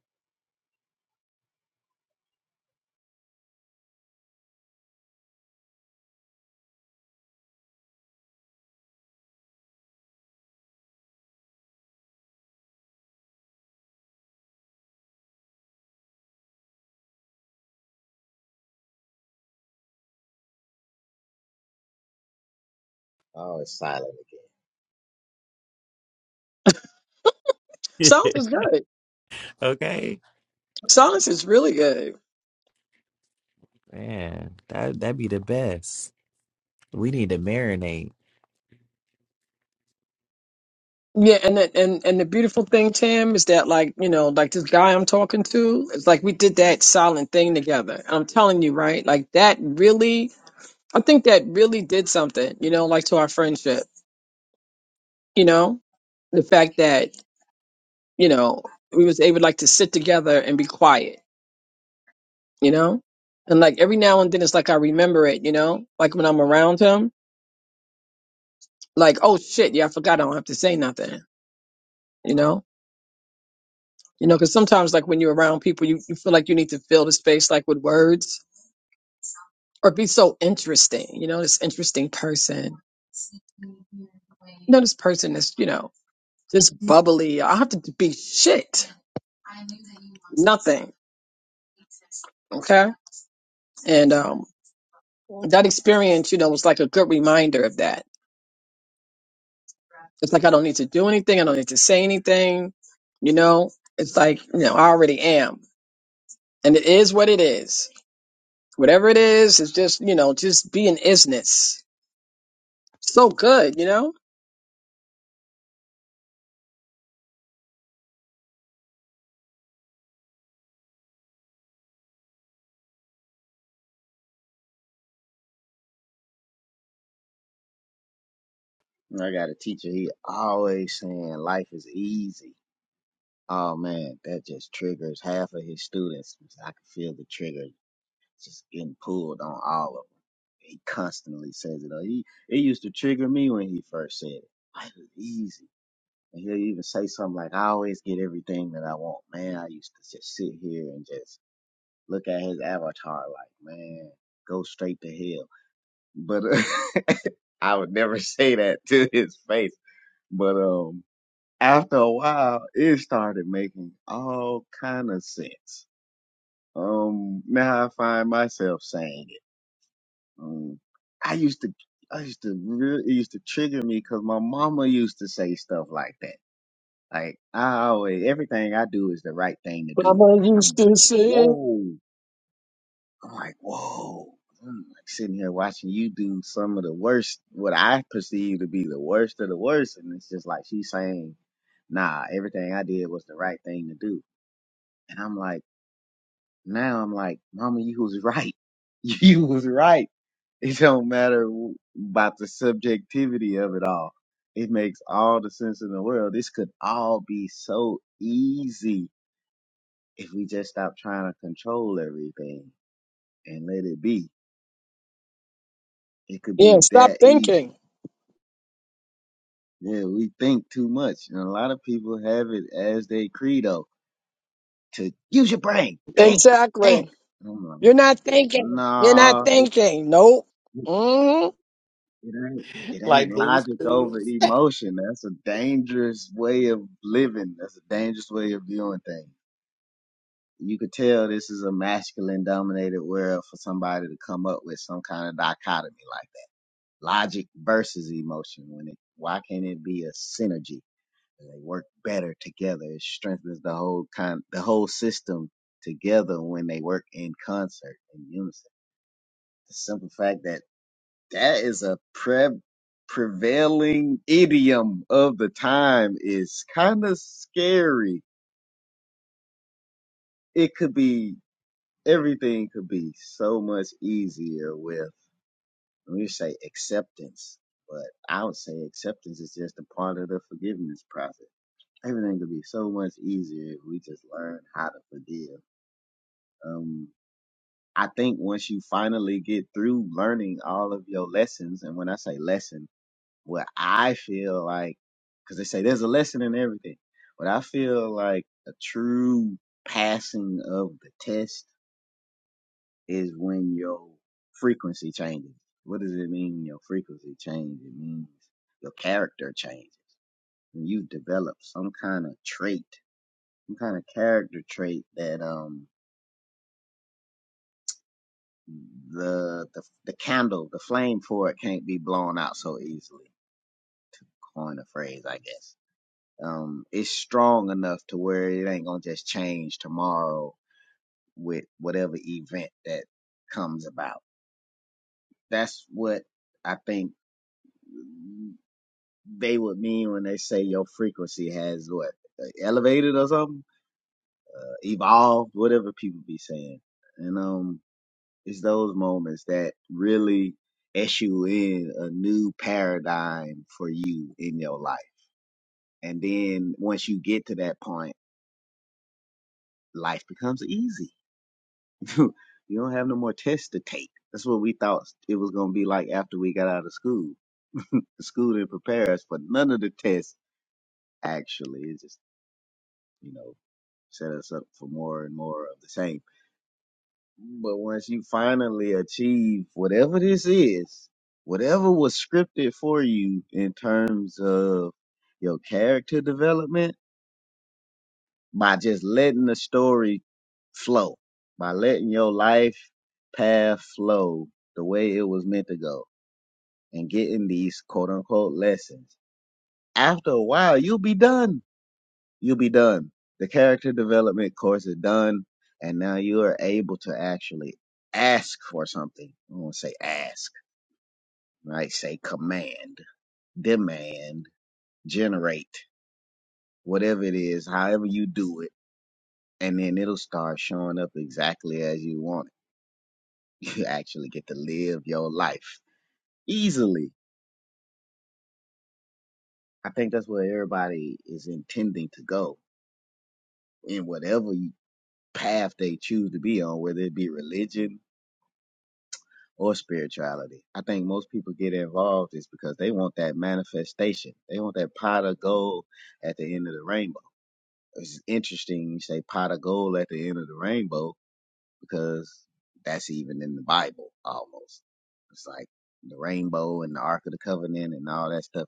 S6: Oh, it's silent.
S2: Silence is good.
S1: okay.
S2: Silence is really good.
S1: Man, that that'd be the best. We need to marinate.
S2: Yeah, and that, and and the beautiful thing, Tim, is that like you know, like this guy I'm talking to, it's like we did that silent thing together. I'm telling you, right? Like that really, I think that really did something, you know, like to our friendship. You know, the fact that you know we was able like to sit together and be quiet, you know, and like every now and then it's like I remember it, you know, like when I'm around him, like oh shit, yeah, I forgot I don't have to say nothing, you know You know, because sometimes, like when you're around people, you, you feel like you need to fill the space, like with words, or be so interesting. You know, this interesting person. You know, this person is, you know, just bubbly. I have to be shit. Nothing. Okay. And um, that experience, you know, was like a good reminder of that. It's like I don't need to do anything. I don't need to say anything. You know, it's like you know I already am, and it is what it is. Whatever it is, it's just, you know, just being isness. So good, you know?
S6: I got a teacher. He always saying life is easy. Oh man, that just triggers half of his students. I can feel the trigger just getting pulled on all of them. He constantly says it. uh, He it used to trigger me when he first said it. Life is easy. And he'll even say something like, "I always get everything that I want." Man, I used to just sit here and just look at his avatar like, "Man, go straight to hell." But uh, I would never say that to his face But um, after a while, it started making all kind of sense. Um, now I find myself saying it. Um, I used to, I used to really, it used to trigger me because my mama used to say stuff like that. Like I always, everything I do is the right thing to do.
S2: Mama
S6: I'm
S2: used
S6: like,
S2: to say.
S6: whoa. I'm like, whoa. I'm like sitting here watching you do some of the worst, what I perceive to be the worst of the worst, and it's just like she's saying nah, everything I did was the right thing to do. And I'm like, now I'm like, mama, you was right. You was right. It don't matter w- about the subjectivity of it all. It makes all the sense in the world. This could all be so easy if we just stop trying to control everything and let it be. It could
S2: Yeah,
S6: be
S2: stop
S6: that easy.
S2: thinking.
S6: Yeah, we think too much. And a lot of people have it as their credo to use your brain, think, think.
S2: Exactly. You're not thinking. You're not
S6: No,
S2: thinking. Nope.
S6: it,
S2: hmm
S6: it ain't. It ain't
S1: Like Blue's
S6: logic
S1: Clues.
S6: over emotion. That's a dangerous way of living. That's a dangerous way of viewing things. You could tell this is a masculine dominated world for somebody to come up with some kind of dichotomy like that. Logic versus emotion. When it, why can't it be a synergy? They work better together. It strengthens the whole kind, the whole system together when they work in concert in unison. The simple fact that That is a pre- prevailing idiom of the time. Is kind of scary. It could be, everything could be so much easier with, let me say acceptance, but I would say acceptance is just a part of the forgiveness process. Everything could be so much easier if we just learn how to forgive. Um, I think once you finally get through learning all of your lessons, and when I say lessons, what I feel like, because they say there's a lesson in everything, but I feel like a true passing of the test is when your frequency changes. What does it mean? Your frequency changes. It means your character changes. When you develop some kind of trait, some kind of character trait that um the the the candle, the flame for it can't be blown out so easily. To coin a phrase, I guess um, it's strong enough to where it ain't gonna just change tomorrow with whatever event that comes about. That's what I think they would mean when they say your frequency has what elevated or something, uh, evolved, whatever people be saying. And um, it's those moments that really issue in a new paradigm for you in your life. And then once you get to that point, life becomes easy you don't have no more tests to take. That's what we thought it was going to be like after we got out of school. the school didn't prepare us for none of the tests, actually. It just, you know, set us up for more and more of the same. But once you finally achieve whatever this is, whatever was scripted for you in terms of your character development, by just letting the story flow, by letting your life path flow the way it was meant to go and getting these quote unquote lessons. After a while, you'll be done. You'll be done. The character development course is done. And now you are able to actually ask for something. I won't say ask, I say command, demand, generate, whatever it is, however you do it. And then it'll start showing up exactly as you want it you actually get to live your life easily. I think that's where everybody is intending to go in whatever path they choose to be on, whether it be religion or spirituality. I think most people get involved is because they want that manifestation. They want that pot of gold at the end of the rainbow. It's interesting you say pot of gold at the end of the rainbow because that's even in the Bible almost. It's like the rainbow and the Ark of the Covenant and all that stuff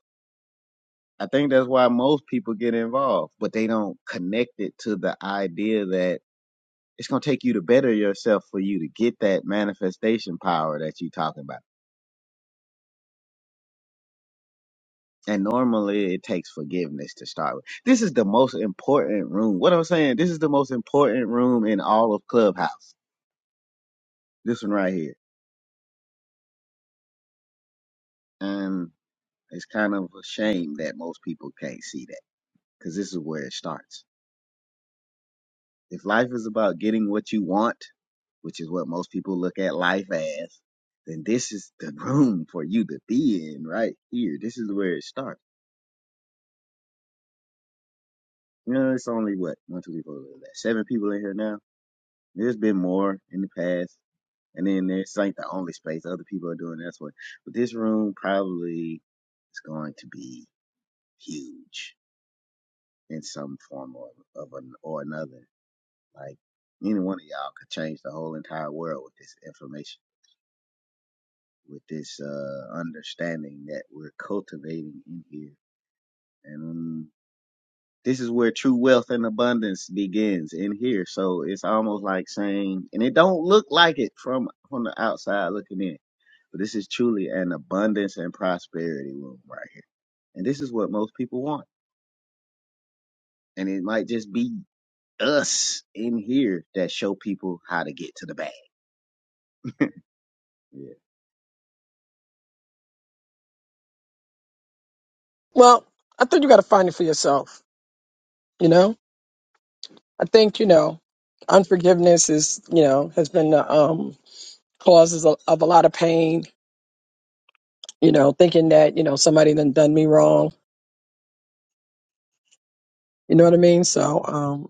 S6: I think that's why most people get involved, but they don't connect it to the idea that it's going to take you to better yourself for you to get that manifestation power that you're talking about. And normally it takes forgiveness to start with. This is the most important room. What I'm saying, this is the most important room in all of Clubhouse. This one right here. And it's kind of a shame that most people can't see that because this is where it starts. If life is about getting what you want, which is what most people look at life as, then this is the room for you to be in right here. This is where it starts. You know, it's only what one, two, three, four, five, six, seven people in here now. There's been more in the past, and then this ain't the only space other people are doing that's what. But this room probably is going to be huge in some form or of an or another. Like any one of y'all could change the whole entire world with this information. with this uh, understanding that we're cultivating in here. And um, this is where true wealth and abundance begins in here. So it's almost like saying, and it don't look like it from from the outside looking in, but this is truly an abundance and prosperity room right here. And this is what most people want. And it might just be us in here that show people how to get to the bag. Yeah.
S2: Well, I think you got to find it for yourself, you know? I think, you know, unforgiveness is, you know, has been the um, causes of, of a lot of pain, you know, thinking that, you know, somebody done done me wrong. You know what I mean? So, um,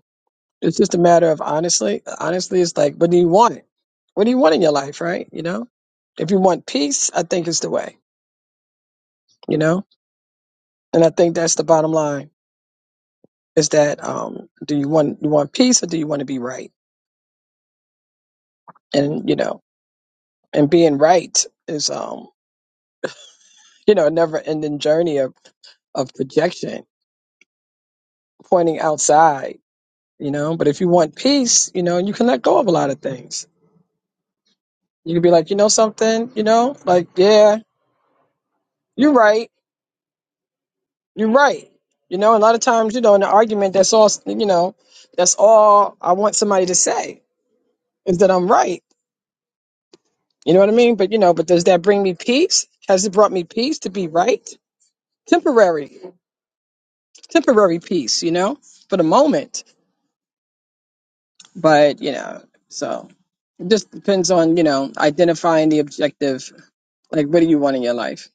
S2: It's just a matter of honestly, honestly, it's like, what do you want? What do you want in your life, right? You know, if you want peace, I think it's the way. You know, and I think that's the bottom line is that um, do you want you want peace or do you want to be right? And you know, and being right is um, you know, a never ending journey of of projection, pointing outside. You know, but if you want peace, you know, you can let go of a lot of things. You can be like, you know, something, you know, like yeah, you're right You're right. You know, a lot of times, you know, in an argument, that's all, you know, that's all I want somebody to say is that I'm right. You know what I mean? But, you know, but does that bring me peace? Has it brought me peace to be right? Temporary, temporary peace, you know, for the moment. But, you know, so it just depends on, you know, identifying the objective. Like, what do you want in your life?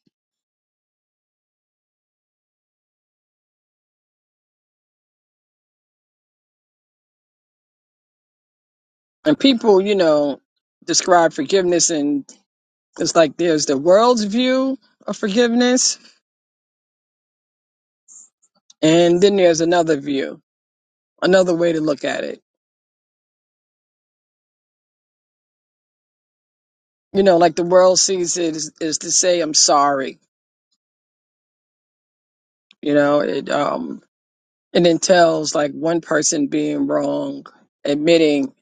S2: And people, you know, describe forgiveness and it's like there's the world's view of forgiveness And then there's another view, another way to look at it. You know, like the world sees it is, is to say I'm sorry. You know, it um it entails like one person being wrong, admitting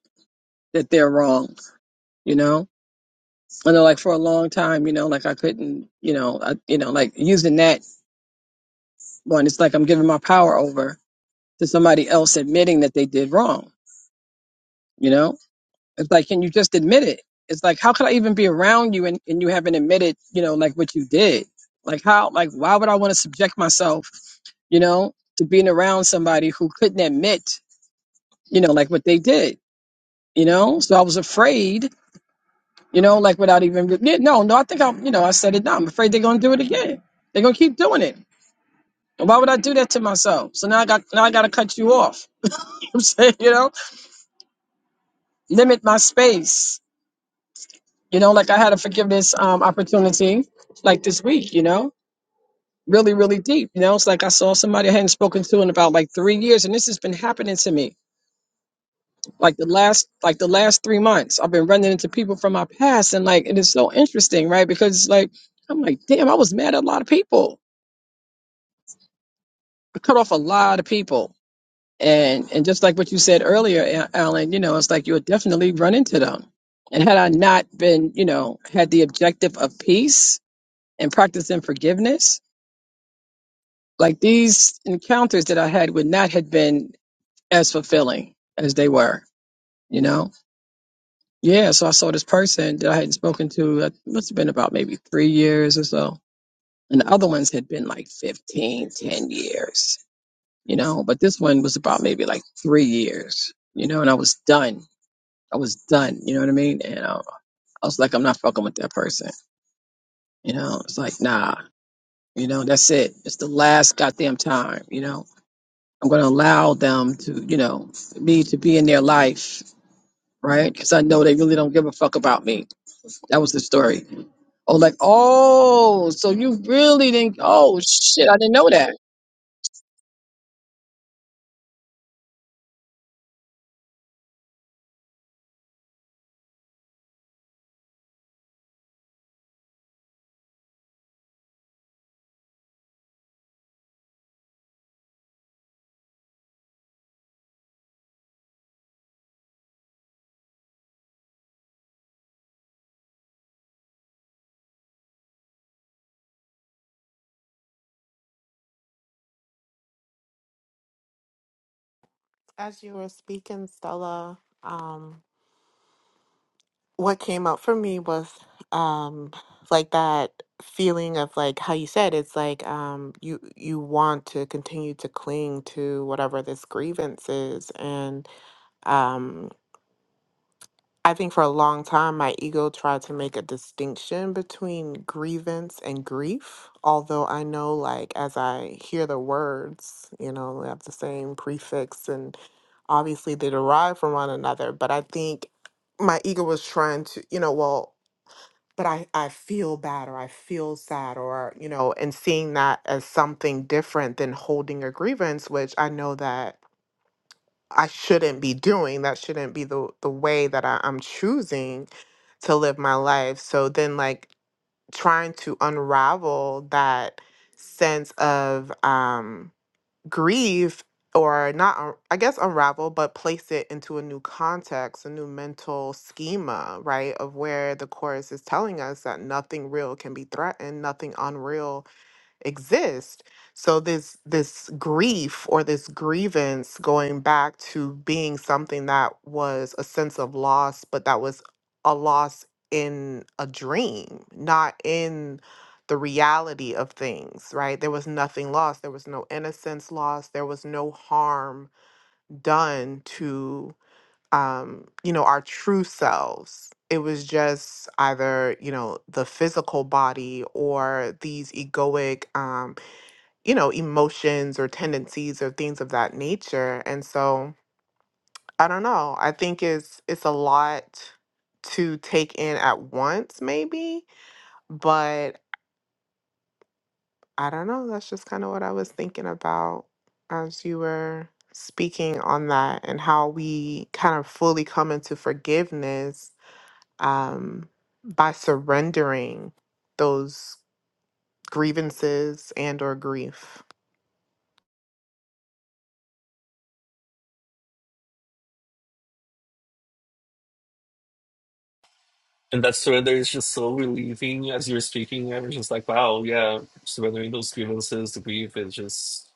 S2: that they're wrong. You know, I know like for a long time, you know, like I couldn't, you know, I, you know, like using that one, it's like I'm giving my power over to somebody else admitting that they did wrong. You know, It's like, can you just admit it? It's like, how could I even be around you and, and you haven't admitted, you know, like what you did? Like, how, like, why would I want to subject myself, you know, to being around somebody who couldn't admit, you know, like what they did, you know? So I was afraid, you know, like without even, yeah, no, no, I think I'm, you know, I said it now. I'm afraid they're going to do it again. They're going to keep doing it. And why would I do that to myself? So now I got, now I got to cut you off. You know what I'm saying, you know, limit my space You know, like I had a forgiveness um, opportunity like this week, you know, really, really deep. You know, it's like I saw somebody I hadn't spoken to in about like three years, and this has been happening to me like the last like the last three months. I've been running into people from my past, and like it is so interesting, right? Because it's like I'm like, damn, I was mad at a lot of people. I cut off a lot of people, and and just like what you said earlier, A- Alan, you know, it's like you'll definitely run into them. And had I not been, you know, had the objective of peace and practicing forgiveness Like these encounters that I had would not have been as fulfilling as they were, you know? Yeah, so I saw this person that I hadn't spoken to, it must have been about maybe three years or so. And the other ones had been like 15, 10 years, you know? But this one was about maybe like three years, you know? And I was done. I was done, you know what I mean? And I, I was like, I'm not fucking with that person, you know? It's like, nah, you know, that's it. It's the last goddamn time, you know? I'm going to allow them to, you know, me to be in their life, right? Because I know they really don't give a fuck about me. That was the story. Oh, like, oh, so you really didn't? Oh shit, I didn't know that.
S5: as you were speaking stella um what came up for me was um like that feeling of like how you said it's like um you you want to continue to cling to whatever this grievance is and um I think for a long time my ego tried to make a distinction between grievance and grief although I know like as I hear the words you know they have the same prefix and obviously they derive from one another but I think my ego was trying to you know well but I, I feel bad or I feel sad or, you know, and seeing that as something different than holding a grievance, which I know that I shouldn't be doing. That shouldn't be the, the way that I, I'm choosing to live my life. So then like trying to unravel that sense of um grieve or not un- i guess unravel but place it into a new context a new mental schema right of where the chorus is telling us that nothing real can be threatened nothing unreal exist so this this grief or this grievance going back to being something that was a sense of loss but that was a loss in a dream not in the reality of things right there was nothing lost there was no innocence lost there was no harm done to um you know our true selves it was just either you know the physical body or these egoic um you know, emotions or tendencies or things of that nature. And so I don't know. I think it's it's a lot to take in at once, maybe, but I don't know. That's just kind of what I was thinking about as you were speaking on that and how we kind of fully come into forgiveness um, by surrendering those grievances and or grief.
S4: And that surrender is just so relieving as you were speaking. I was just like, wow, yeah, surrendering those grievances, the grief is just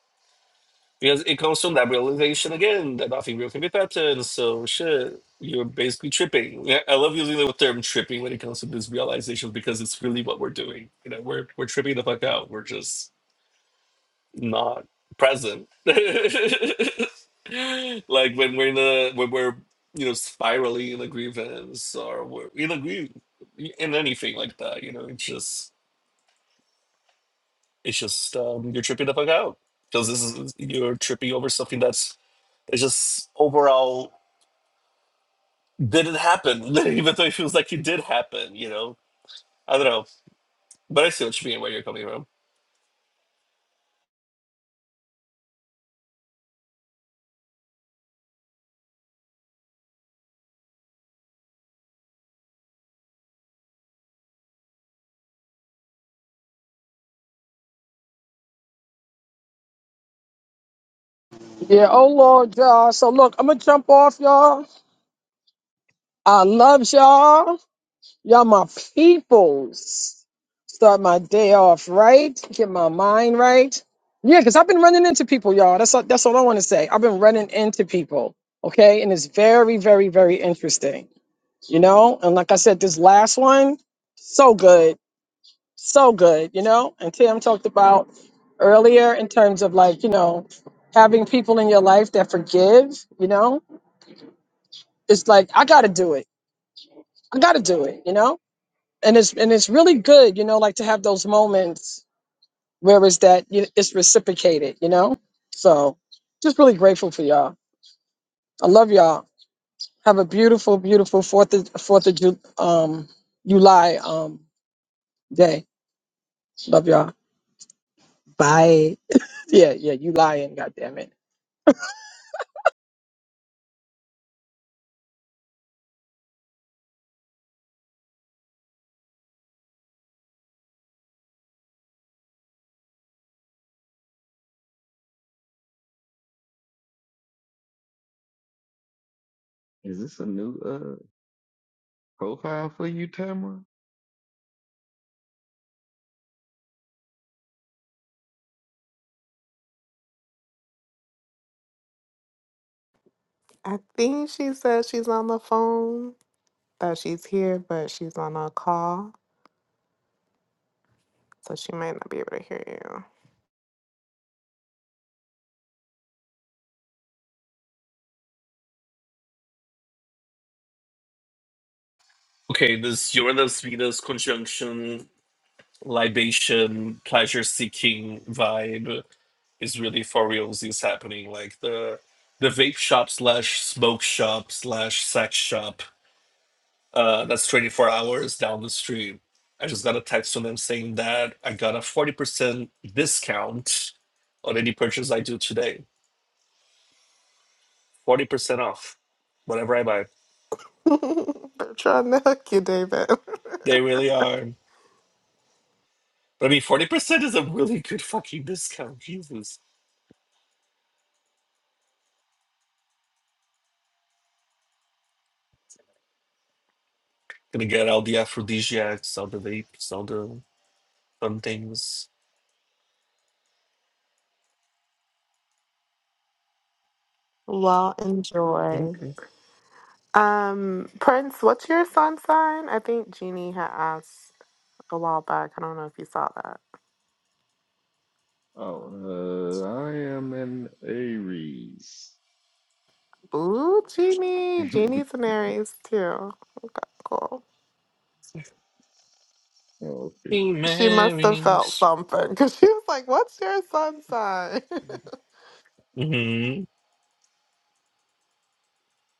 S4: because it comes from that realization again that nothing real can be threatened. So shit, you're basically tripping. Yeah, I love using the term tripping when it comes to this realization because it's really what we're doing. You know, we're we're tripping the fuck out. We're just not present. like when we're in a when we're you know spiraling in a grievance or we're in a grief in anything like that, you know, it's just it's just um you're tripping the fuck out. Because this is you're tripping over something that's it's just overall didn't happen. Even though it feels like it did happen, you know. I don't know. But I see what you mean where you're coming from.
S2: Yeah. Oh Lord, y'all. So look, I'm gonna jump off, y'all. I love y'all. Y'all my peoples. Start my day off right. Get my mind right. Yeah, because I've been running into people, y'all. That's all, that's all I want to say. I've been running into people, okay? And it's very, very, very interesting you know. And like I said, this last one, so good, so good, you know. And Tim talked about earlier in terms of like, you know, having people in your life that forgive, you know. It's like I got to do it. I got to do it, you know. And it's and it's really good, you know, like to have those moments where it's that you it's reciprocated, you know. So just really grateful for y'all. I love y'all. Have a beautiful, beautiful Fourth of Fourth of Ju- um, July um, day. Love y'all. Bye. Yeah, yeah, you lying, goddammit.
S6: Is this a new uh profile for you, Tamara?
S5: I think she said she's on the phone. Oh, she's here, but she's on a call, so she might not be able to hear
S4: Okay, this Uranus Venus conjunction libation pleasure seeking vibe is really for reals is happening. Like the the vape shop slash smoke shop slash sex shop uh, that's 24 hours down the street. I just got a text from them saying that I got a 40% discount on any purchase I do today. 40% off whatever I buy.
S5: you. They're trying to hook you, David.
S4: They really are. But I mean, 40% is a really good fucking discount. Jesus. Gonna get all the aphrodisiacs, all the vapes, all the fun things.
S5: well, enjoy.
S4: Mm-mm.
S5: Um, Prince, what's your sun sign? I think Jeannie had asked a while back. I don't know if you saw that.
S6: Oh, uh, I am an Aries.
S5: Ooh, Jeannie.
S6: oh,
S5: Jeannie's an Aries too. Okay, cool.
S6: okay.
S4: Be
S5: She must have
S4: merry.
S5: felt something because she was like, What's your sun sign?
S4: hmm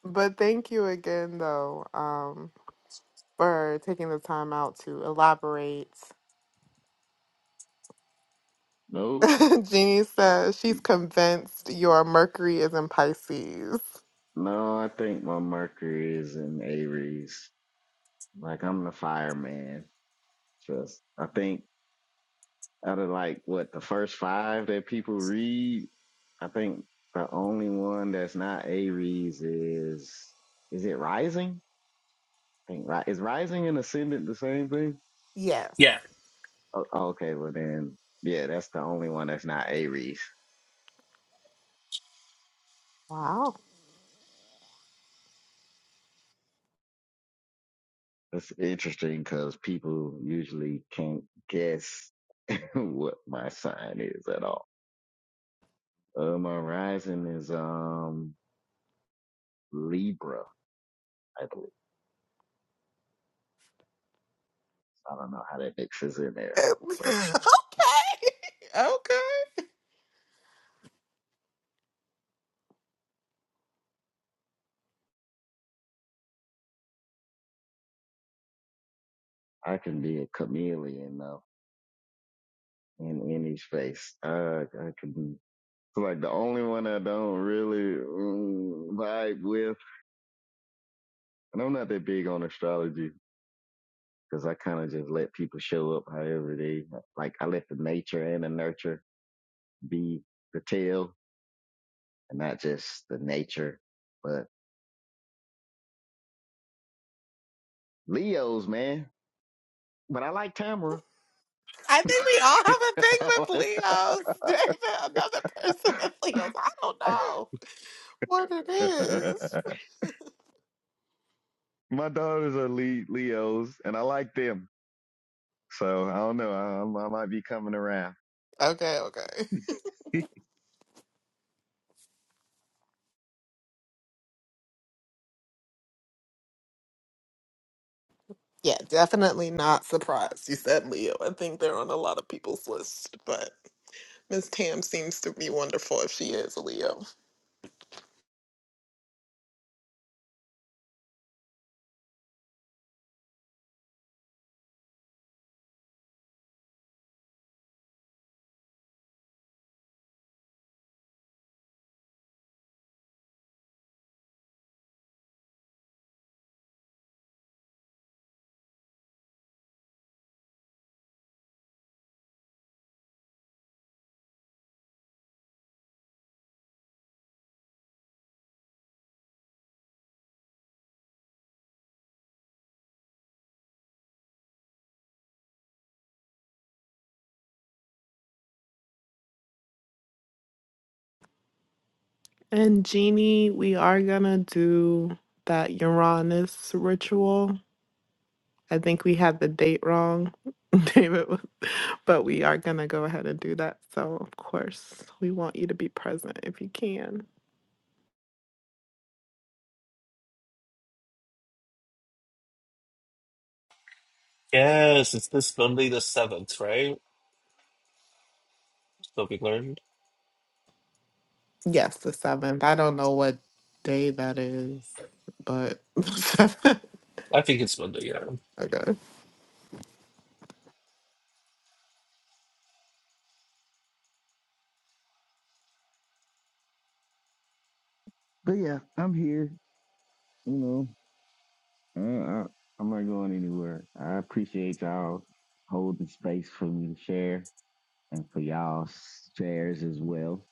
S5: but thank you again, though. Um, for taking the time out to elaborate.
S6: Nope.
S5: Jeannie says she's convinced your Mercury is in Pisces.
S6: No, I think my Mercury is in Aries. Like I'm the fireman. Just I think out of like what the first five that people read, I think the only one that's not Aries is is it Rising? I think Ri- is Rising and Ascendant the same thing?
S5: Yes.
S4: Yeah.
S6: Oh, okay, well then, yeah, that's the only one that's not Aries.
S5: Wow.
S6: That's interesting because people usually can't guess what my sign is at all. Uh, my rising is um Libra, I believe. I don't know how that mixes in there,
S5: okay.
S6: but
S5: Okay.
S6: I can be a chameleon though in any space. I I can. It's like the only one I don't really mm, vibe with, and I'm not that big on astrology because I kind of just let people show up however they like. I let the nature and the nurture be the tail and not just the nature. But Leo's, man. But I like Tamara.
S5: I think we all have a thing with Leos. There's another person with Leos. I don't know what it is.
S6: My daughters are Le- Leos and I like them. So I don't know. I, I might be coming around.
S5: Okay, okay. Yeah, definitely not surprised you said Leo. I think they're on a lot of people's list, but Miss Tam seems to be wonderful if she is a Leo. And Jeannie, we are gonna do that Uranus ritual. I think we had the date wrong, David, but we are gonna go ahead and do that. So, of course, we want you to be present if you can.
S4: Yes, it's this Monday the seventh, right? So we learned.
S5: Yes, the seventh. I don't know what day that is, but the seventh.
S4: I think it's Monday, yeah.
S5: okay.
S6: But yeah, I'm here. You know, Uh, I, I'm not going anywhere. I appreciate y'all holding space for me to share and for y'all's shares as well.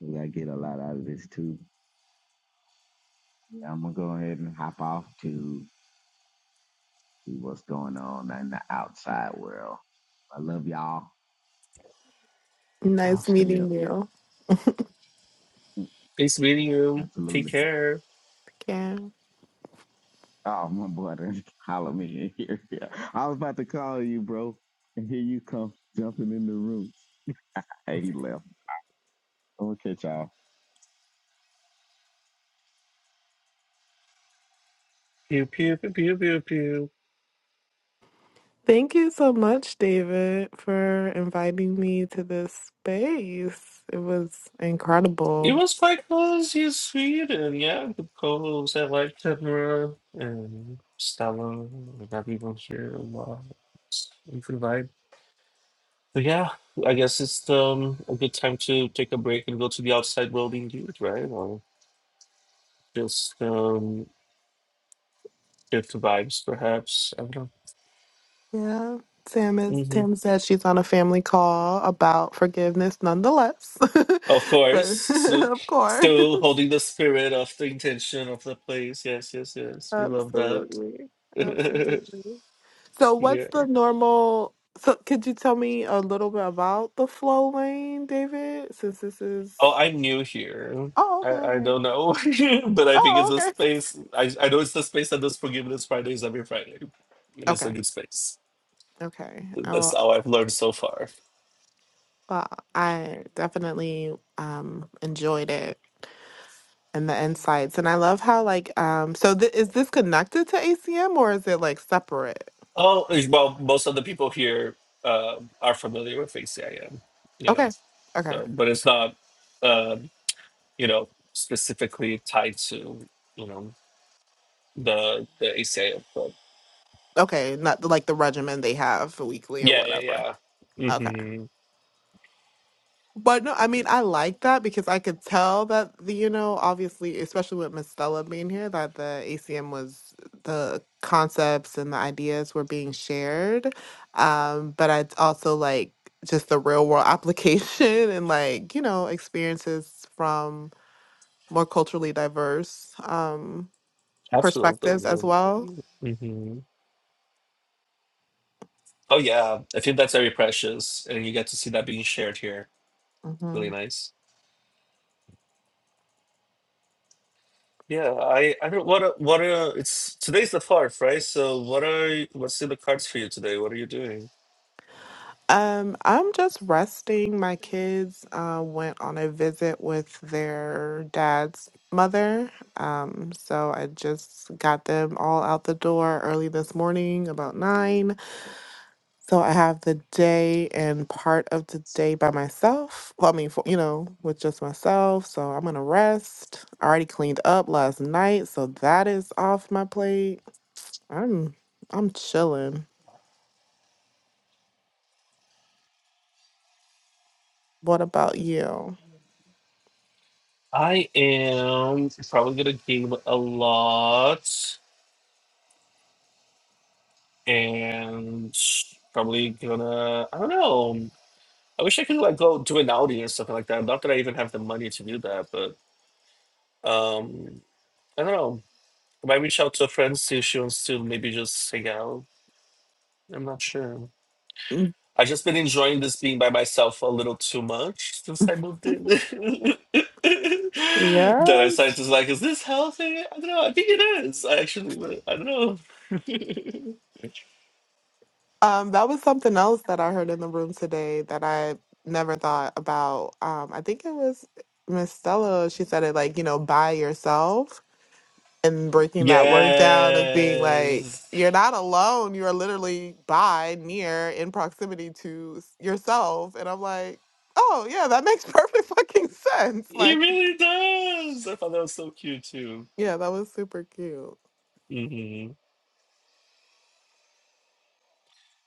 S6: We got to get a lot out of this too. Yeah, I'm going to go ahead and hop off to. see what's going on in the outside world. I love y'all. I'll
S5: Nice
S6: stay up.
S5: meeting you.
S4: Nice meeting you. Take
S6: Absolutely.
S4: care.
S5: Yeah.
S6: Oh, my boy done holler me in here. Yeah. I was about to call you, bro. And here you come, jumping in the roots. Hey, he left. Okay, y'all.
S4: Pew pew pew pew pew pew.
S5: Thank you so much, David, for inviting me to this space. It was incredible.
S4: It was quite cozy in Sweden, yeah. The co-hosts I like Tamara and Stella and everyone here a lot. It's a Good vibe. But yeah, I guess it's um a good time to take a break and go to the outside world indeed, right? Or just um get the vibes perhaps. I don't know.
S5: Yeah. Sam is
S4: Mm-hmm.
S5: Tim said she's on a family call about forgiveness nonetheless.
S4: Of course.
S5: but
S4: So,
S5: of course.
S4: still holding the spirit of the intention of the place. Yes, yes, yes. We love that.
S5: Absolutely. Absolutely. So what's
S4: yeah.
S5: the normal so could you tell me a little bit about the flow lane, David? Since this is
S4: Oh, I'm new here.
S5: Oh, okay,
S4: I, I
S5: okay.
S4: don't know, but I think it's
S5: Oh,
S4: a
S5: okay.
S4: space. I, I know it's the space that does Forgiveness Fridays every Friday. It is
S5: Okay.
S4: a good space.
S5: Okay. I
S4: That's
S5: will
S4: how I've learned so far.
S5: uh, I definitely um enjoyed it and the insights. And I love how like um so th- is this connected to ACM or is it like separate?
S4: Oh, eh, well, most of the people here uh, are familiar with ACIM, you know,
S5: Okay. Okay.
S4: so, but it's not, um, you know, specifically tied to, you know. the the ACIF club.
S5: Okay, not the, like the regimen they have weekly or
S4: Yeah,
S5: whatever.
S4: yeah, yeah.
S5: Okay.
S4: hmm
S5: But no, I mean I like that because I could tell that the, you know, obviously, especially with Miss Stella being here, that the ACM was the concepts and the ideas were being shared. Um, but I also like just the real world application and like, you know, experiences from more culturally diverse um, perspectives as
S4: Absolutely.
S5: well.
S4: hmm Oh yeah, I think that's very precious, and you get to see that being shared here.
S5: hmm
S4: Really nice. Yeah, I I don't what are, what are it's today's the fourth, right? So what are y- what's in the cards for you today? What are you doing?
S5: Um, I'm just resting. My kids uh, went on a visit with their dad's mother. Um, so I just got them all out the door early this morning, about nine. So I have the day and part of the day by myself. Well, I mean, for, you know, with just myself. So I'm gonna rest. I already cleaned up last night, so that is off my plate. I'm I'm chilling. What about you?
S4: I am probably gonna game a lot, and probably gonna I don't know. I wish I could like go do an outing or something like that. Not that I even have the money to do that, Um, I don't know. I might reach out to a friend, see if she wants to maybe just hang out. I'm not sure.
S5: Mm,
S4: I've just been enjoying this being by myself a little too much since I moved in. Then I started
S5: Yes.
S4: to like, is this healthy? I don't know. I think it is. I actually, but I don't know.
S5: Um, that was something else that I heard in the room today that I never thought about. Um, I think it was Miss Stella. She said it like, you know, by yourself and breaking that word down of being like,
S4: yes,
S5: you're not alone. You are literally by, near, in proximity to s- yourself. And I'm like, oh, yeah, that makes perfect fucking sense.
S4: it
S5: Like,
S4: really does. I thought that was so cute too.
S5: yeah, that was super cute.
S4: hmm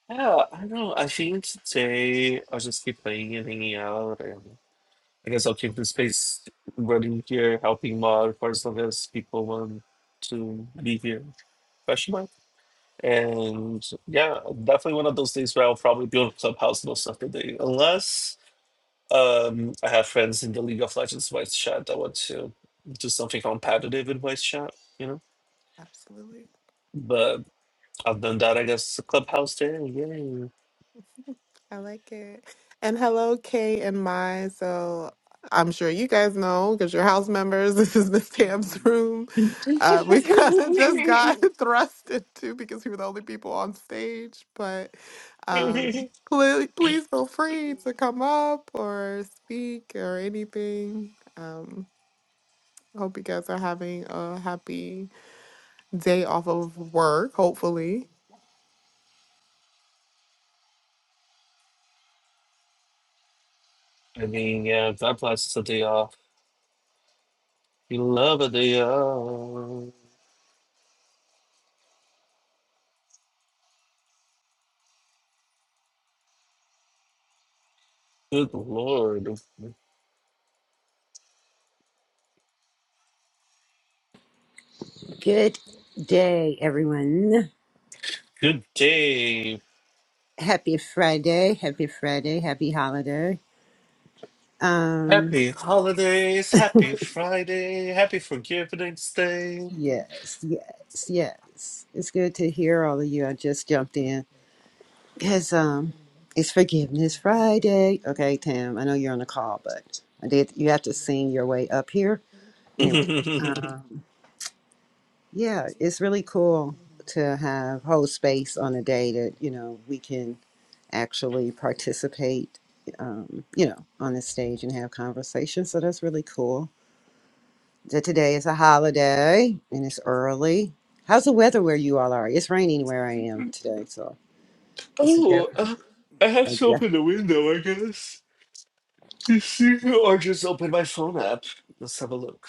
S4: Yeah, I know. I think today I'll just keep playing and hanging out, and I guess I'll keep the space running here, helping mod for as long as people want to be here. Question mark. And yeah, definitely one of those days where I'll probably be on Clubhouse most of the day, unless um I have friends in the League of Legends voice chat that want to do something competitive in voice chat, you know.
S5: Absolutely.
S4: But other than that, I guess it's a Clubhouse day.
S5: I like it. And hello, Kay and Mai. So I'm sure you guys know because you're house members. This is Miss Tam's room. Uh, we kind of just got thrust into because we were the only people on stage. But
S4: Yay.
S5: um, please, please feel free to come up or speak or anything. Um, hope you guys are having a happy day off of work, hopefully.
S4: I mean, yeah, God blesses a day off. We love a day off. Good Lord.
S7: Good day, everyone.
S4: Good day.
S7: Happy Friday. Happy Friday. Happy holiday. Um,
S4: Happy holidays. Happy Friday. Happy Forgiveness Day.
S7: yes, yes, yes. It's good to hear all of you. I just jumped in because um, it's Forgiveness Friday. Okay, Tam, I know you're on the call, but I did. You have to sing your way up here. Anyway, uh, yeah, it's really cool to have whole space on a day that you know we can actually participate, um, you know, on the stage and have conversations. So that's really cool. So today is a holiday and it's early. How's the weather where you all are? It's raining where I am today, so it's a
S4: oh,
S7: different.
S4: uh, I have to
S7: Yeah,
S4: open the window, I guess. You see, or just open my phone app. Let's have a look.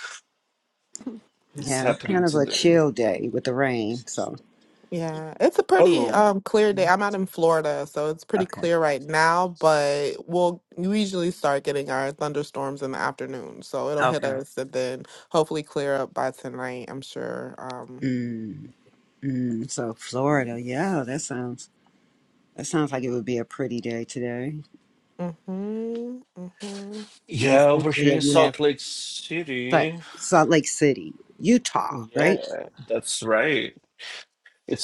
S4: What's
S7: yeah, it's kind
S4: happening
S7: of a
S4: today?
S7: chill day with the rain. So
S5: Yeah, it's a pretty
S4: Oh,
S5: um clear day. I'm out in Florida, so it's pretty
S7: okay,
S5: clear right now, but we'll we usually start getting our thunderstorms in the afternoon. So it'll hit
S7: okay.
S5: us and then hopefully clear up by tonight, I'm sure. Um
S7: Mm, mm, so Florida, yeah, that sounds that sounds like it would be a pretty day today,
S5: mhm, mhm.
S7: and
S4: yeah, over
S7: especially
S4: here in
S7: if you have
S4: Salt Lake
S7: Salt
S4: City.
S7: Salt Lake City, Utah, right?
S4: Yeah, that's right.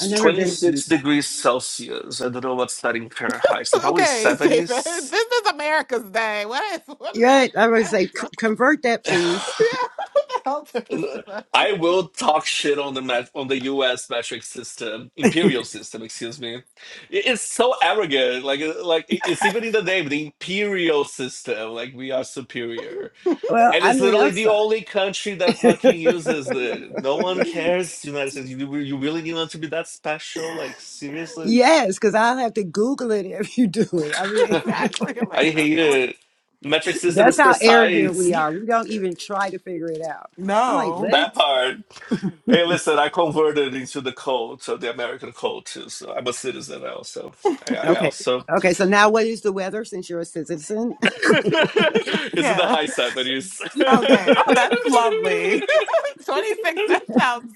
S7: I've never been.
S4: 26 degrees Celsius. I don't know what's that in Fahrenheit. So probably
S5: Okay, David.
S4: 70s.
S5: This is America's day. What is what is
S7: Right. I would
S5: that?
S7: say "C- convert that, please.
S5: Yeah, what the hell difference does that make?
S4: I will talk shit on the met- on the U.S. metric system, imperial system. Excuse me. I- It's so arrogant. Like uh, like i- it's even in the name, the imperial system. Like we are superior,
S7: Well,
S4: and
S7: I
S4: it's
S7: mean, I'm
S4: literally the
S7: sorry.
S4: only country that fucking uses it. No one cares. United States. You, you really need us to be that special? Like seriously?
S7: yes, because I'll have to Google it if you do it. I mean,
S5: exactly. I'm like,
S4: I
S5: I don't
S4: hate
S5: know what.
S4: it. Metric system
S7: that's
S4: is
S7: how arrogant
S4: precise.
S7: we are. We don't even try to figure it out. I'm like,
S5: No.
S7: what?
S4: That part. Hey, listen, I converted into the cult of the American code too. So I'm a citizen also. I, I
S7: Okay.
S4: also.
S7: Okay. So now what is the weather since you're a citizen?
S4: it's in the
S5: Yeah.
S4: high side, but it's.
S5: Okay. Oh, that's lovely. 26, that sounds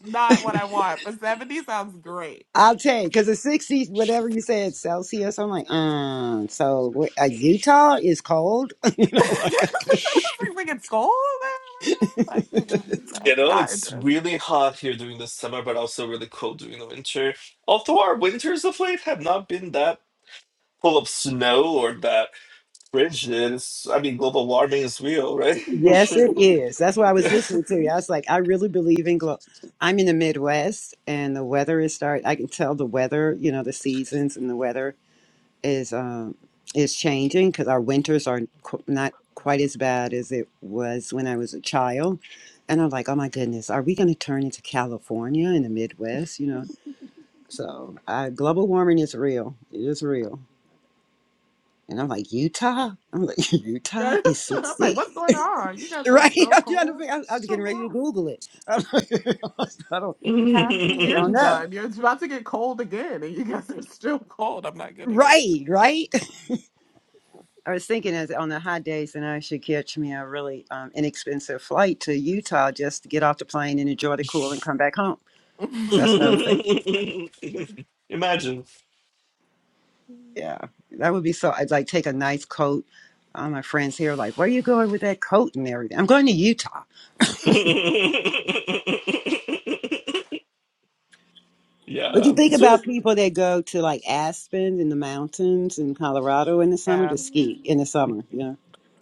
S5: not what I want, but 70 sounds great.
S7: I'll tell you, because it's 60, whatever you said, Celsius. I'm like, um, so wait, uh, Utah is cold. you know,
S5: I
S7: like,
S5: was like, it's gold there right now. Like, mm-mm, no,
S4: You know,
S5: not
S4: it's
S5: interested.
S4: really hot here during the summer, but also really cold during the winter. Although our winters of late have not been that full of snow or that frigid. It's, I mean, global warming is real, right?
S7: Yes,
S4: Sure.
S7: it is. That's why I was
S5: Yeah.
S7: listening to you. I was like, I really believe in glow. I'm in the Midwest, and the weather is start. I can tell the weather. You know, the seasons and the weather is um is changing because our winters are qu- not quite as bad as it was when I was a child. And I'm like, oh my goodness, are we going to turn into California in the Midwest? You know, so uh, global warming is real. It is real. And I'm like, Utah. I'm like, Utah is
S5: I'm like,
S7: 60.
S5: what's going on? You guys are
S7: Right?
S5: still
S7: I'm trying to
S5: cold?
S7: figure. I, I was
S5: It's
S7: getting ready to
S5: July.
S7: Google it. I don't.
S5: Like half the
S7: I
S5: year's
S7: don't know.
S5: done. You're it's about to get cold again, and you guys are still cold. I'm not getting
S7: Right. Right. I was thinking as on the hot days, and I should catch me a really um, inexpensive flight to Utah just to get off the plane and enjoy the cool and come back home. That's what I was thinking.
S4: Imagine.
S7: Yeah, that would be so. I'd like take a nice coat. All my friends here are like, "Where are you going with that coat and everything?" I'm going to Utah.
S4: yeah,
S7: What
S5: it.
S7: do you think
S4: it's really
S7: about people that go to like Aspen in the mountains in Colorado in the summer
S5: Yeah.
S7: to ski in the summer?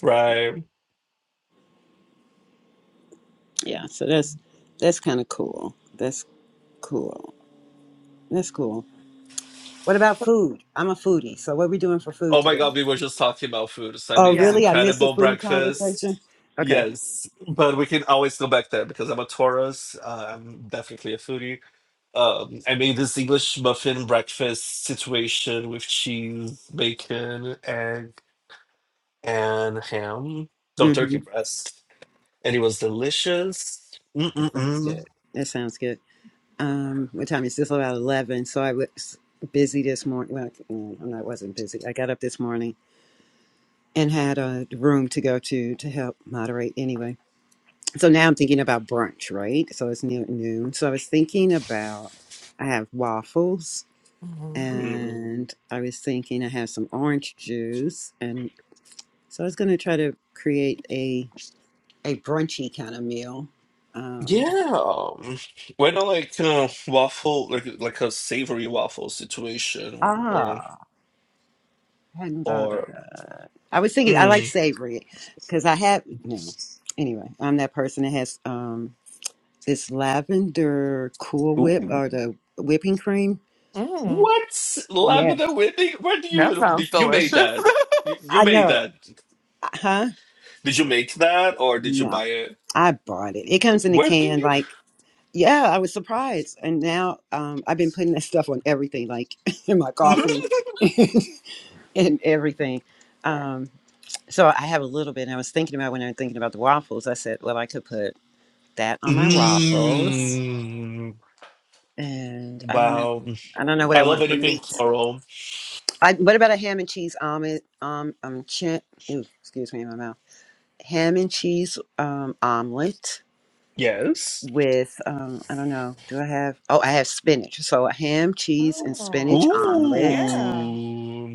S4: prime.
S7: Yeah, so that's that's kind of cool. That's cool. That's cool. What about food? I'm a foodie, so what are we doing for food
S4: Oh my
S7: today?
S4: god, we were just talking about food. So I
S7: Oh,
S4: made this
S5: Yeah.
S7: really? I miss a
S4: incredible
S7: food
S4: breakfast.
S7: conversation. Okay.
S4: Yes, but we can always go back there because I'm a Taurus. Uh, I'm definitely a foodie. Um, I made this English muffin breakfast situation with cheese, bacon, egg, and ham. No
S7: Mm-hmm.
S4: turkey breast, and it was delicious.
S7: That sounds
S4: Mm-mm-mm.
S7: good. That sounds good. Um, what time is this? About eleven. So I was busy this morning. Well, mm, no, I wasn't busy. I got up this morning and had a room to go to to help moderate. Anyway, so now I'm thinking about brunch, right? So it's near noon. So I was thinking about I have waffles
S5: hmm
S4: Mm,
S7: and I was thinking I have some orange juice, and so I was going to try to create a a brunchy kind of meal. Um,
S4: Yeah. Why not like uh, waffle, like like a savory waffle situation, or
S7: ah, I hadn't thought about
S4: or
S7: that. I was thinking I like
S4: mm.
S7: savory because I have no. Anyway, I'm that person that has um this lavender Cool Whip
S4: Ooh,
S7: or the whipping cream.
S5: Mm,
S4: what
S7: Yes,
S4: lavender whipping? Where do
S5: that
S4: you
S5: sounds
S4: did- you made
S5: delicious.
S4: that? You, you
S7: I
S4: made
S7: know.
S4: that.
S7: uh, Huh?
S4: Did you make that, or did you
S7: No,
S4: buy it?
S7: I bought it. It comes in a
S4: Where do
S7: can
S4: you?
S7: like. Yeah, I was surprised. And now um, I've been putting that stuff on everything, like in my
S4: Mhm.
S7: coffee and everything. Um, so I have a little bit. And I was thinking about when I was thinking about the waffles, I said, well, I could put that on my waffles.
S4: Mm.
S7: And I don't know.
S4: Wow,
S7: I don't know what
S4: I
S7: I
S4: love
S7: want for
S4: anything
S7: meat.
S4: floral.
S7: I, what about a ham and cheese omelet? Um, um, ch- ooh, excuse me, my mouth. Ham and cheese um, omelet.
S4: Yes.
S7: with um I don't know. Do I have? Oh, I have spinach. So a ham, cheese, and
S5: oh,
S7: spinach omelet,
S5: yeah.
S4: Ooh.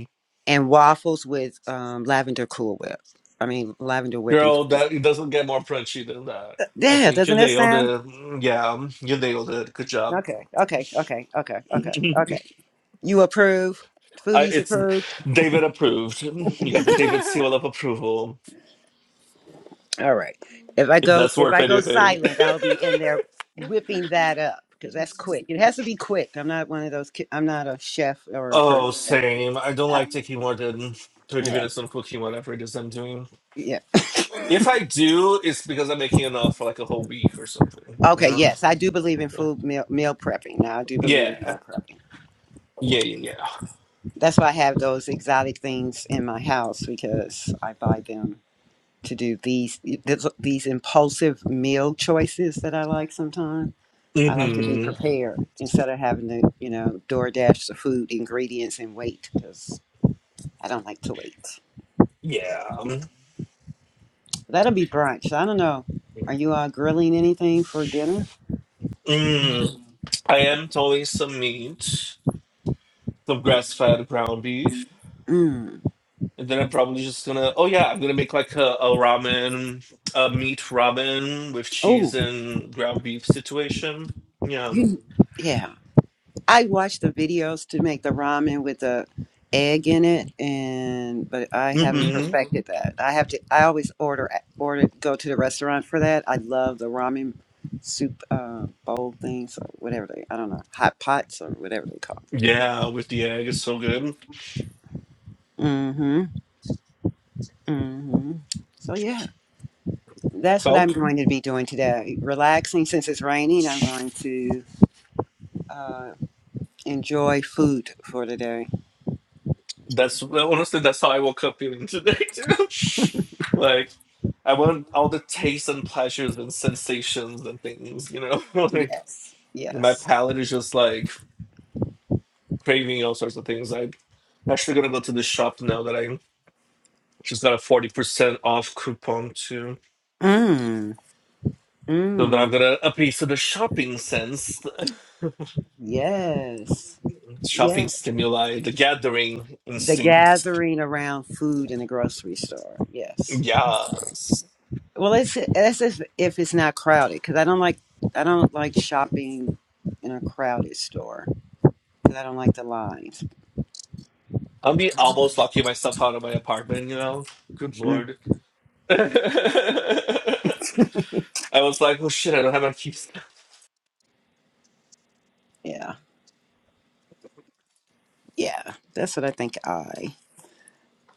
S7: and waffles with um lavender Cool Whip. I mean lavender whipping.
S4: Girl,
S7: cream.
S4: that it doesn't get more punchy than that. I
S7: Yeah,
S4: think
S7: doesn't
S4: you
S7: that
S4: nailed
S7: sound?
S4: it. Mm, Yeah, you nailed it. Good job.
S7: Okay, okay, okay, okay, okay,
S4: I,
S7: okay. You approve? Foodies
S4: it's
S7: approved.
S4: David approved. You got the David seal of approval,
S7: All right. If I
S4: if
S7: go,
S4: that's
S7: if
S4: worth
S7: I go
S4: anything.
S7: silent, I'll be in there whipping that up because that's quick. It has to be quick. I'm not one of those. Ki- I'm not a chef or a person.
S4: oh,
S7: that-
S4: same. I don't
S7: I-
S4: like taking more than 30
S7: yeah,
S4: minutes on cooking whatever it is I'm doing.
S7: yeah.
S4: If I do, it's because I'm making enough for like a whole week or something. You
S7: Okay,
S4: know?
S7: yes, I do believe in
S4: Yeah.
S7: food meal, meal prepping. Now, I do believe in
S4: Yeah,
S7: meal prepping.
S4: yeah, yeah.
S7: That's why I have those exotic things in my house because I buy them to do these this- these impulsive meal choices that I like sometimes. I like to be
S4: Mm-hmm.
S7: prepared instead of having to, you know, DoorDash the food ingredients and wait because I don't like to wait.
S4: Yeah.
S7: That'll be brunch. I don't know. Are you uh, grilling anything for dinner?
S4: Mm. I am throwing some meat, some grass fed ground beef,
S7: Mm.
S4: and then I'm probably just gonna. Oh yeah, I'm gonna make like a, a ramen, a meat ramen with cheese
S7: Oh,
S4: and ground beef situation. Yeah.
S7: you. Yeah. I watched the videos to make the ramen with the egg in it, and but I haven't Mhm.
S4: Mm-hmm.
S7: perfected that. I have to. I always order order go to the restaurant for that. I love the ramen soup uh, bowl things or whatever they. I don't know hot pots or whatever they call. It.
S4: Yeah, with the egg, it's so good.
S7: Mm-hmm. Mm-hmm. So yeah, that's what I'm
S4: Well,
S7: going to be doing today. Relaxing since it's raining. I'm going to uh, enjoy food for today.
S4: that's well, honestly that's how I woke up feeling today too. like, I want all the tastes and pleasures and sensations and things, you know. like
S7: Yes.
S4: my
S7: Yes.
S4: palate is just like craving all sorts of things. I Actually, gonna go to the shop now that I just got a forty percent off coupon too.
S7: Mm.
S4: So now
S7: Mm.
S4: I'm gonna appease to the shopping sense,
S7: Yes.
S4: shopping
S7: Yeah.
S4: stimuli, the gathering
S7: The
S4: instinct.
S7: gathering around food in the grocery store. Yes.
S4: Yes,
S7: Well, it's that's if if it's not crowded because I don't like I don't like shopping in a crowded store because I don't like the lines.
S4: I'll be almost locking myself out of my apartment. You know, good
S7: Mm.
S4: lord. I was like, oh shit, I don't have my keys.
S7: Yeah. Yeah. That's what I think. I.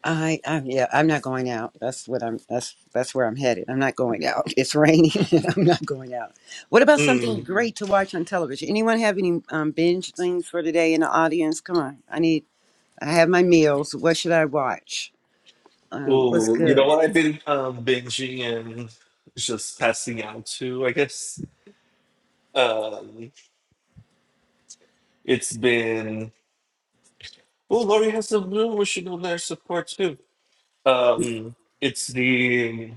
S7: I, I, yeah, I'm not going out. That's what I'm. That's that's where I'm headed. I'm not going out. It's raining. I'm not going out. What about something
S4: Mm.
S7: great to watch on television? Anyone have any um, binge things for today in the audience? Come on, I need I have my meals. What should I watch? Uh, what's
S4: Oh, you know
S7: good?
S4: what I've been um, binging and just passing out to. I guess um, it's been. Well, Lori has a new machine on their support too. Um, it's the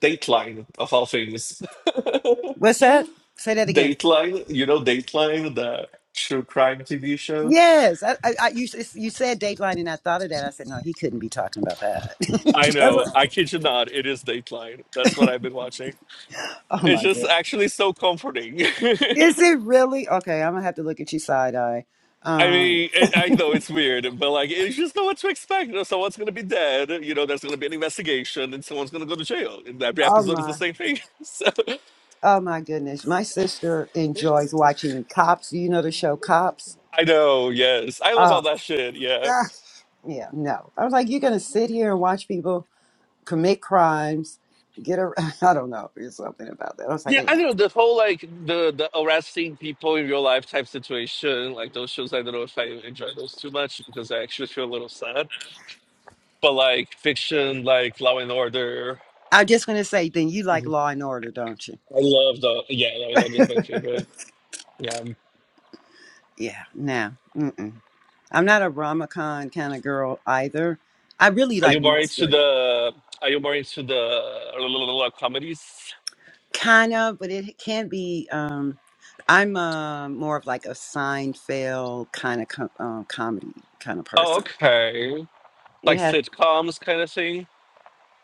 S4: Dateline of all things.
S7: What's that? Say that again.
S4: Dateline, you know Dateline, the true crime TV show.
S7: Yes, I, I, I you, s- you said Dateline, and I thought of that. I said, no, he couldn't be talking about that.
S4: I
S7: That's
S4: know.
S7: what-
S4: I kid you not. It is Dateline. That's what I've been watching.
S7: oh
S4: It's
S7: my
S4: just
S7: god,
S4: actually so comforting.
S7: is it really okay? I'm gonna have to look at you side eye.
S4: I
S7: Um,
S4: mean, it, I know it's weird, but like, you just know what to expect. You know, someone's gonna be dead. You know, there's gonna be an investigation, and someone's gonna go to jail. And every
S7: oh
S4: episode is the
S7: my,
S4: same thing. so
S7: oh my goodness, my sister enjoys watching Cops. You know the show Cops?
S4: I know. Yes, I love
S7: Oh,
S4: all that shit. Yeah.
S7: yeah, no. I was like, you're gonna sit here and watch people. commit crimes, get a I don't know, there's something about that. I was like,
S4: Yeah, I
S7: yeah.
S4: don't know the whole like the the arresting people in real life type situation. Like those shows, I don't know if I enjoy those too much because I actually feel a little sad. But like fiction, like Law and Order,
S7: I'm just gonna say, then you like
S4: Mhm.
S7: Law and Order, don't you?
S4: I love the yeah, Law and Order is my favorite. Yeah,
S7: Yeah. No. Mm-mm. I'm not a romacon kind of girl either. I really
S4: are you
S7: like
S4: more into
S7: mystery,
S4: the are you more into the uh, comedies?
S7: kind of, but it can be. um I'm uh, more of like a Seinfeld kind of com- um, comedy kind of
S4: Oh,
S7: person.
S4: okay,
S7: It
S4: like
S7: has
S4: sitcoms kind of thing.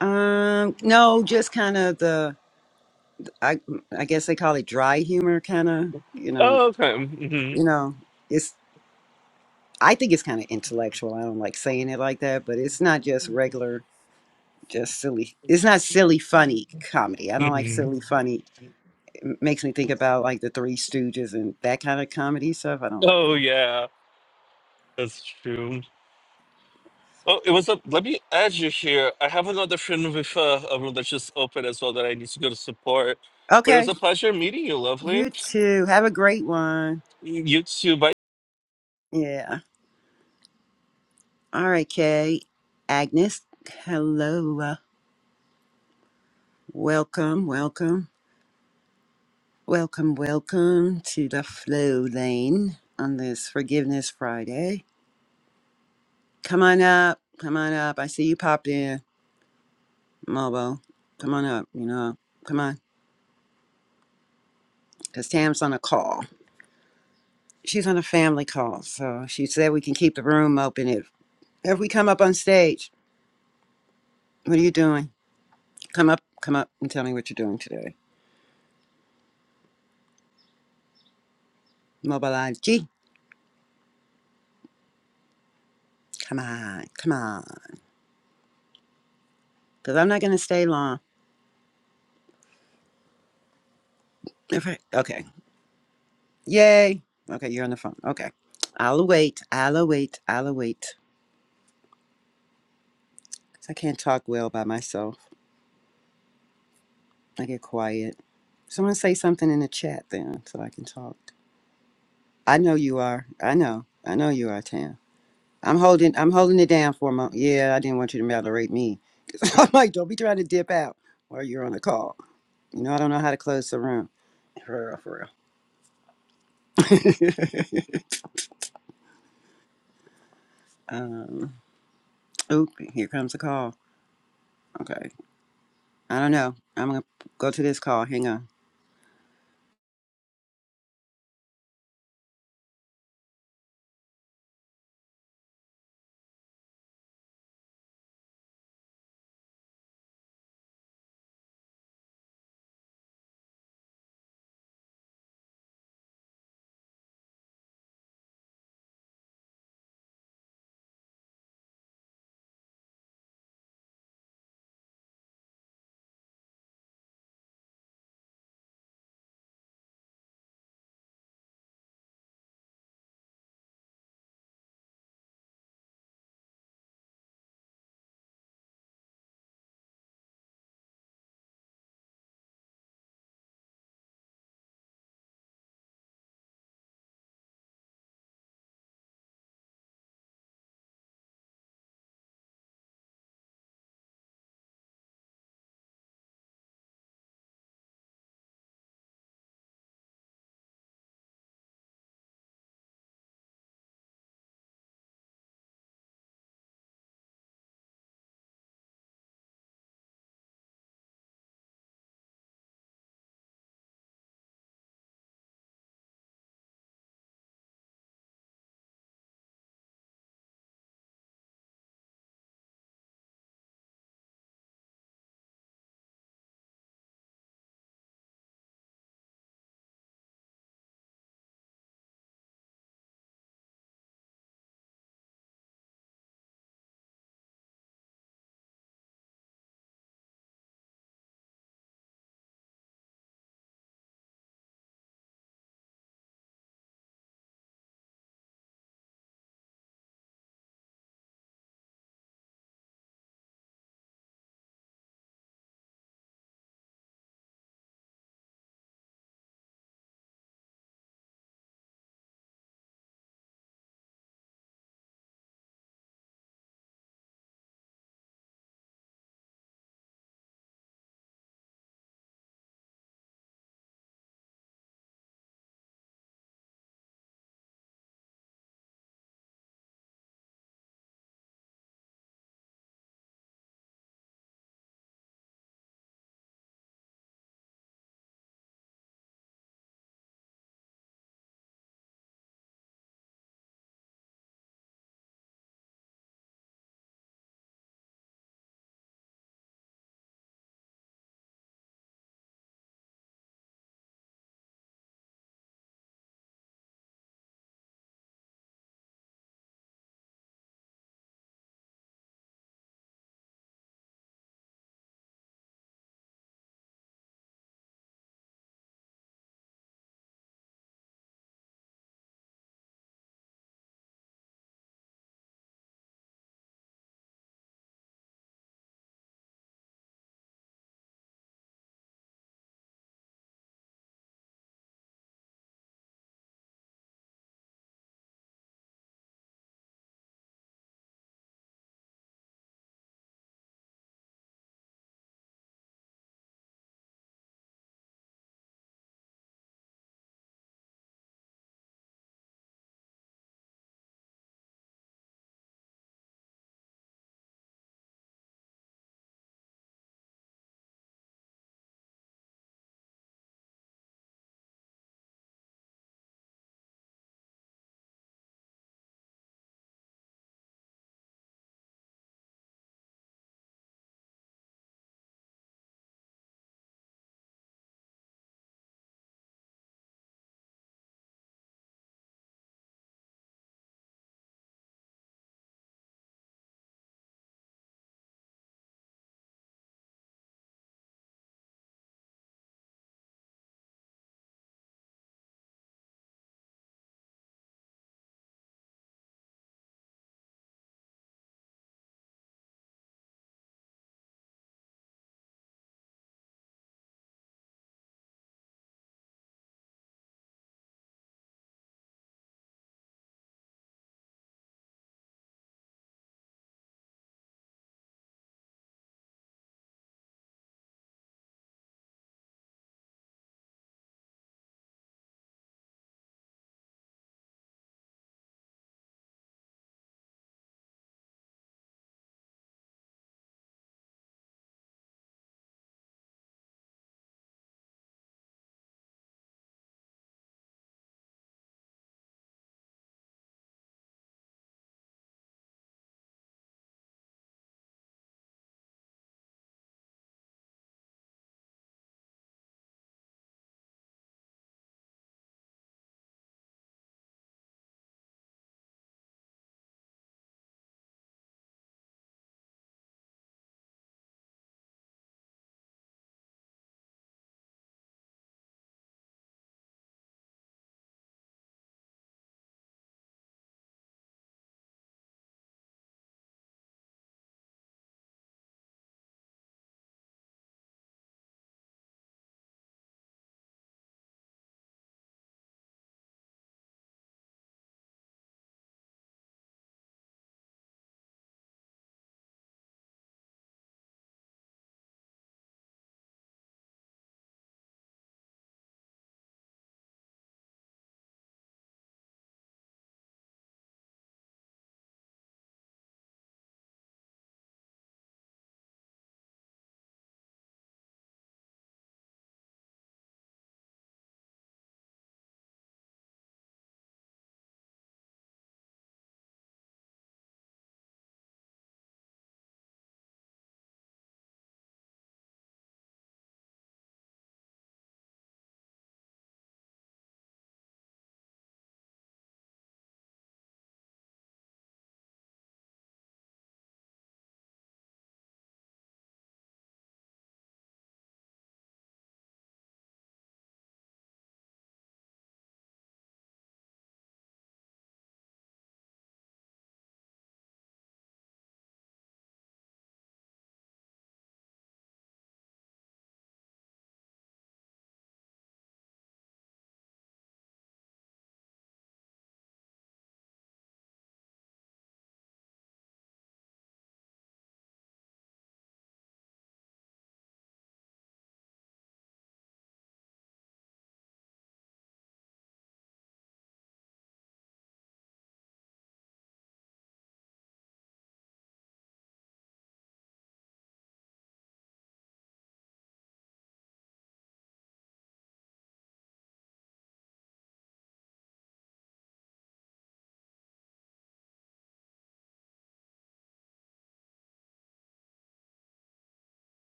S7: um no, just kind of the I I guess they call it dry humor, kind of you know
S4: Oh, okay. hmm
S7: you know. it's. I think it's kind of intellectual. I don't like saying it like that, but it's not just regular, just silly. It's not silly, funny comedy. I don't like
S4: hmm
S7: silly, funny. It makes me think about like the Three Stooges and that kind of comedy stuff. I don't like
S4: Oh yeah, that's true. Oh, it was a. Let me add you here. I have another friend with uh, a room that just opened as well that I need to go to support.
S7: that.
S4: But it was
S7: Okay.
S4: a pleasure meeting you, lovely.
S7: You too. Have a great one.
S4: You too. Bye.
S7: Yeah. All right, Kay. Agnes, hello. Uh, Welcome, welcome, welcome, welcome to the flow lane on this Forgiveness Friday. Come on up. Come on up. I see you popped in. Mobo, come on up, you know, come on. Because Tam's on a call. She's on a family call. So she said we can keep the room open if, if we come up on stage. What are you doing? Come up, come up and tell me what you're doing today. Mobilize G. Come on, come on. Because I'm not going to stay long. If I- Okay. Yay. Okay, you're on the phone. Okay. I'll wait. I'll wait. I'll wait. 'Cause I can't talk well by myself. I get quiet. Someone say something in the chat then so I can talk. I know you are. I know. I know you are, Tam. I'm holding. I'm holding it down for a moment. Yeah, I didn't want you to moderate me. 'Cause I'm like, don't be trying to dip out while you're on a call. You know, I don't know how to close the room. For real, for real. um, oop, here comes a call. Okay, I don't know. I'm gonna go to this call. Hang on.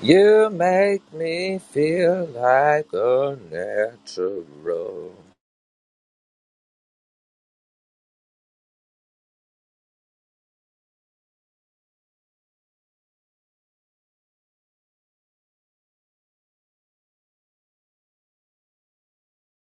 S8: You make me feel like a natural.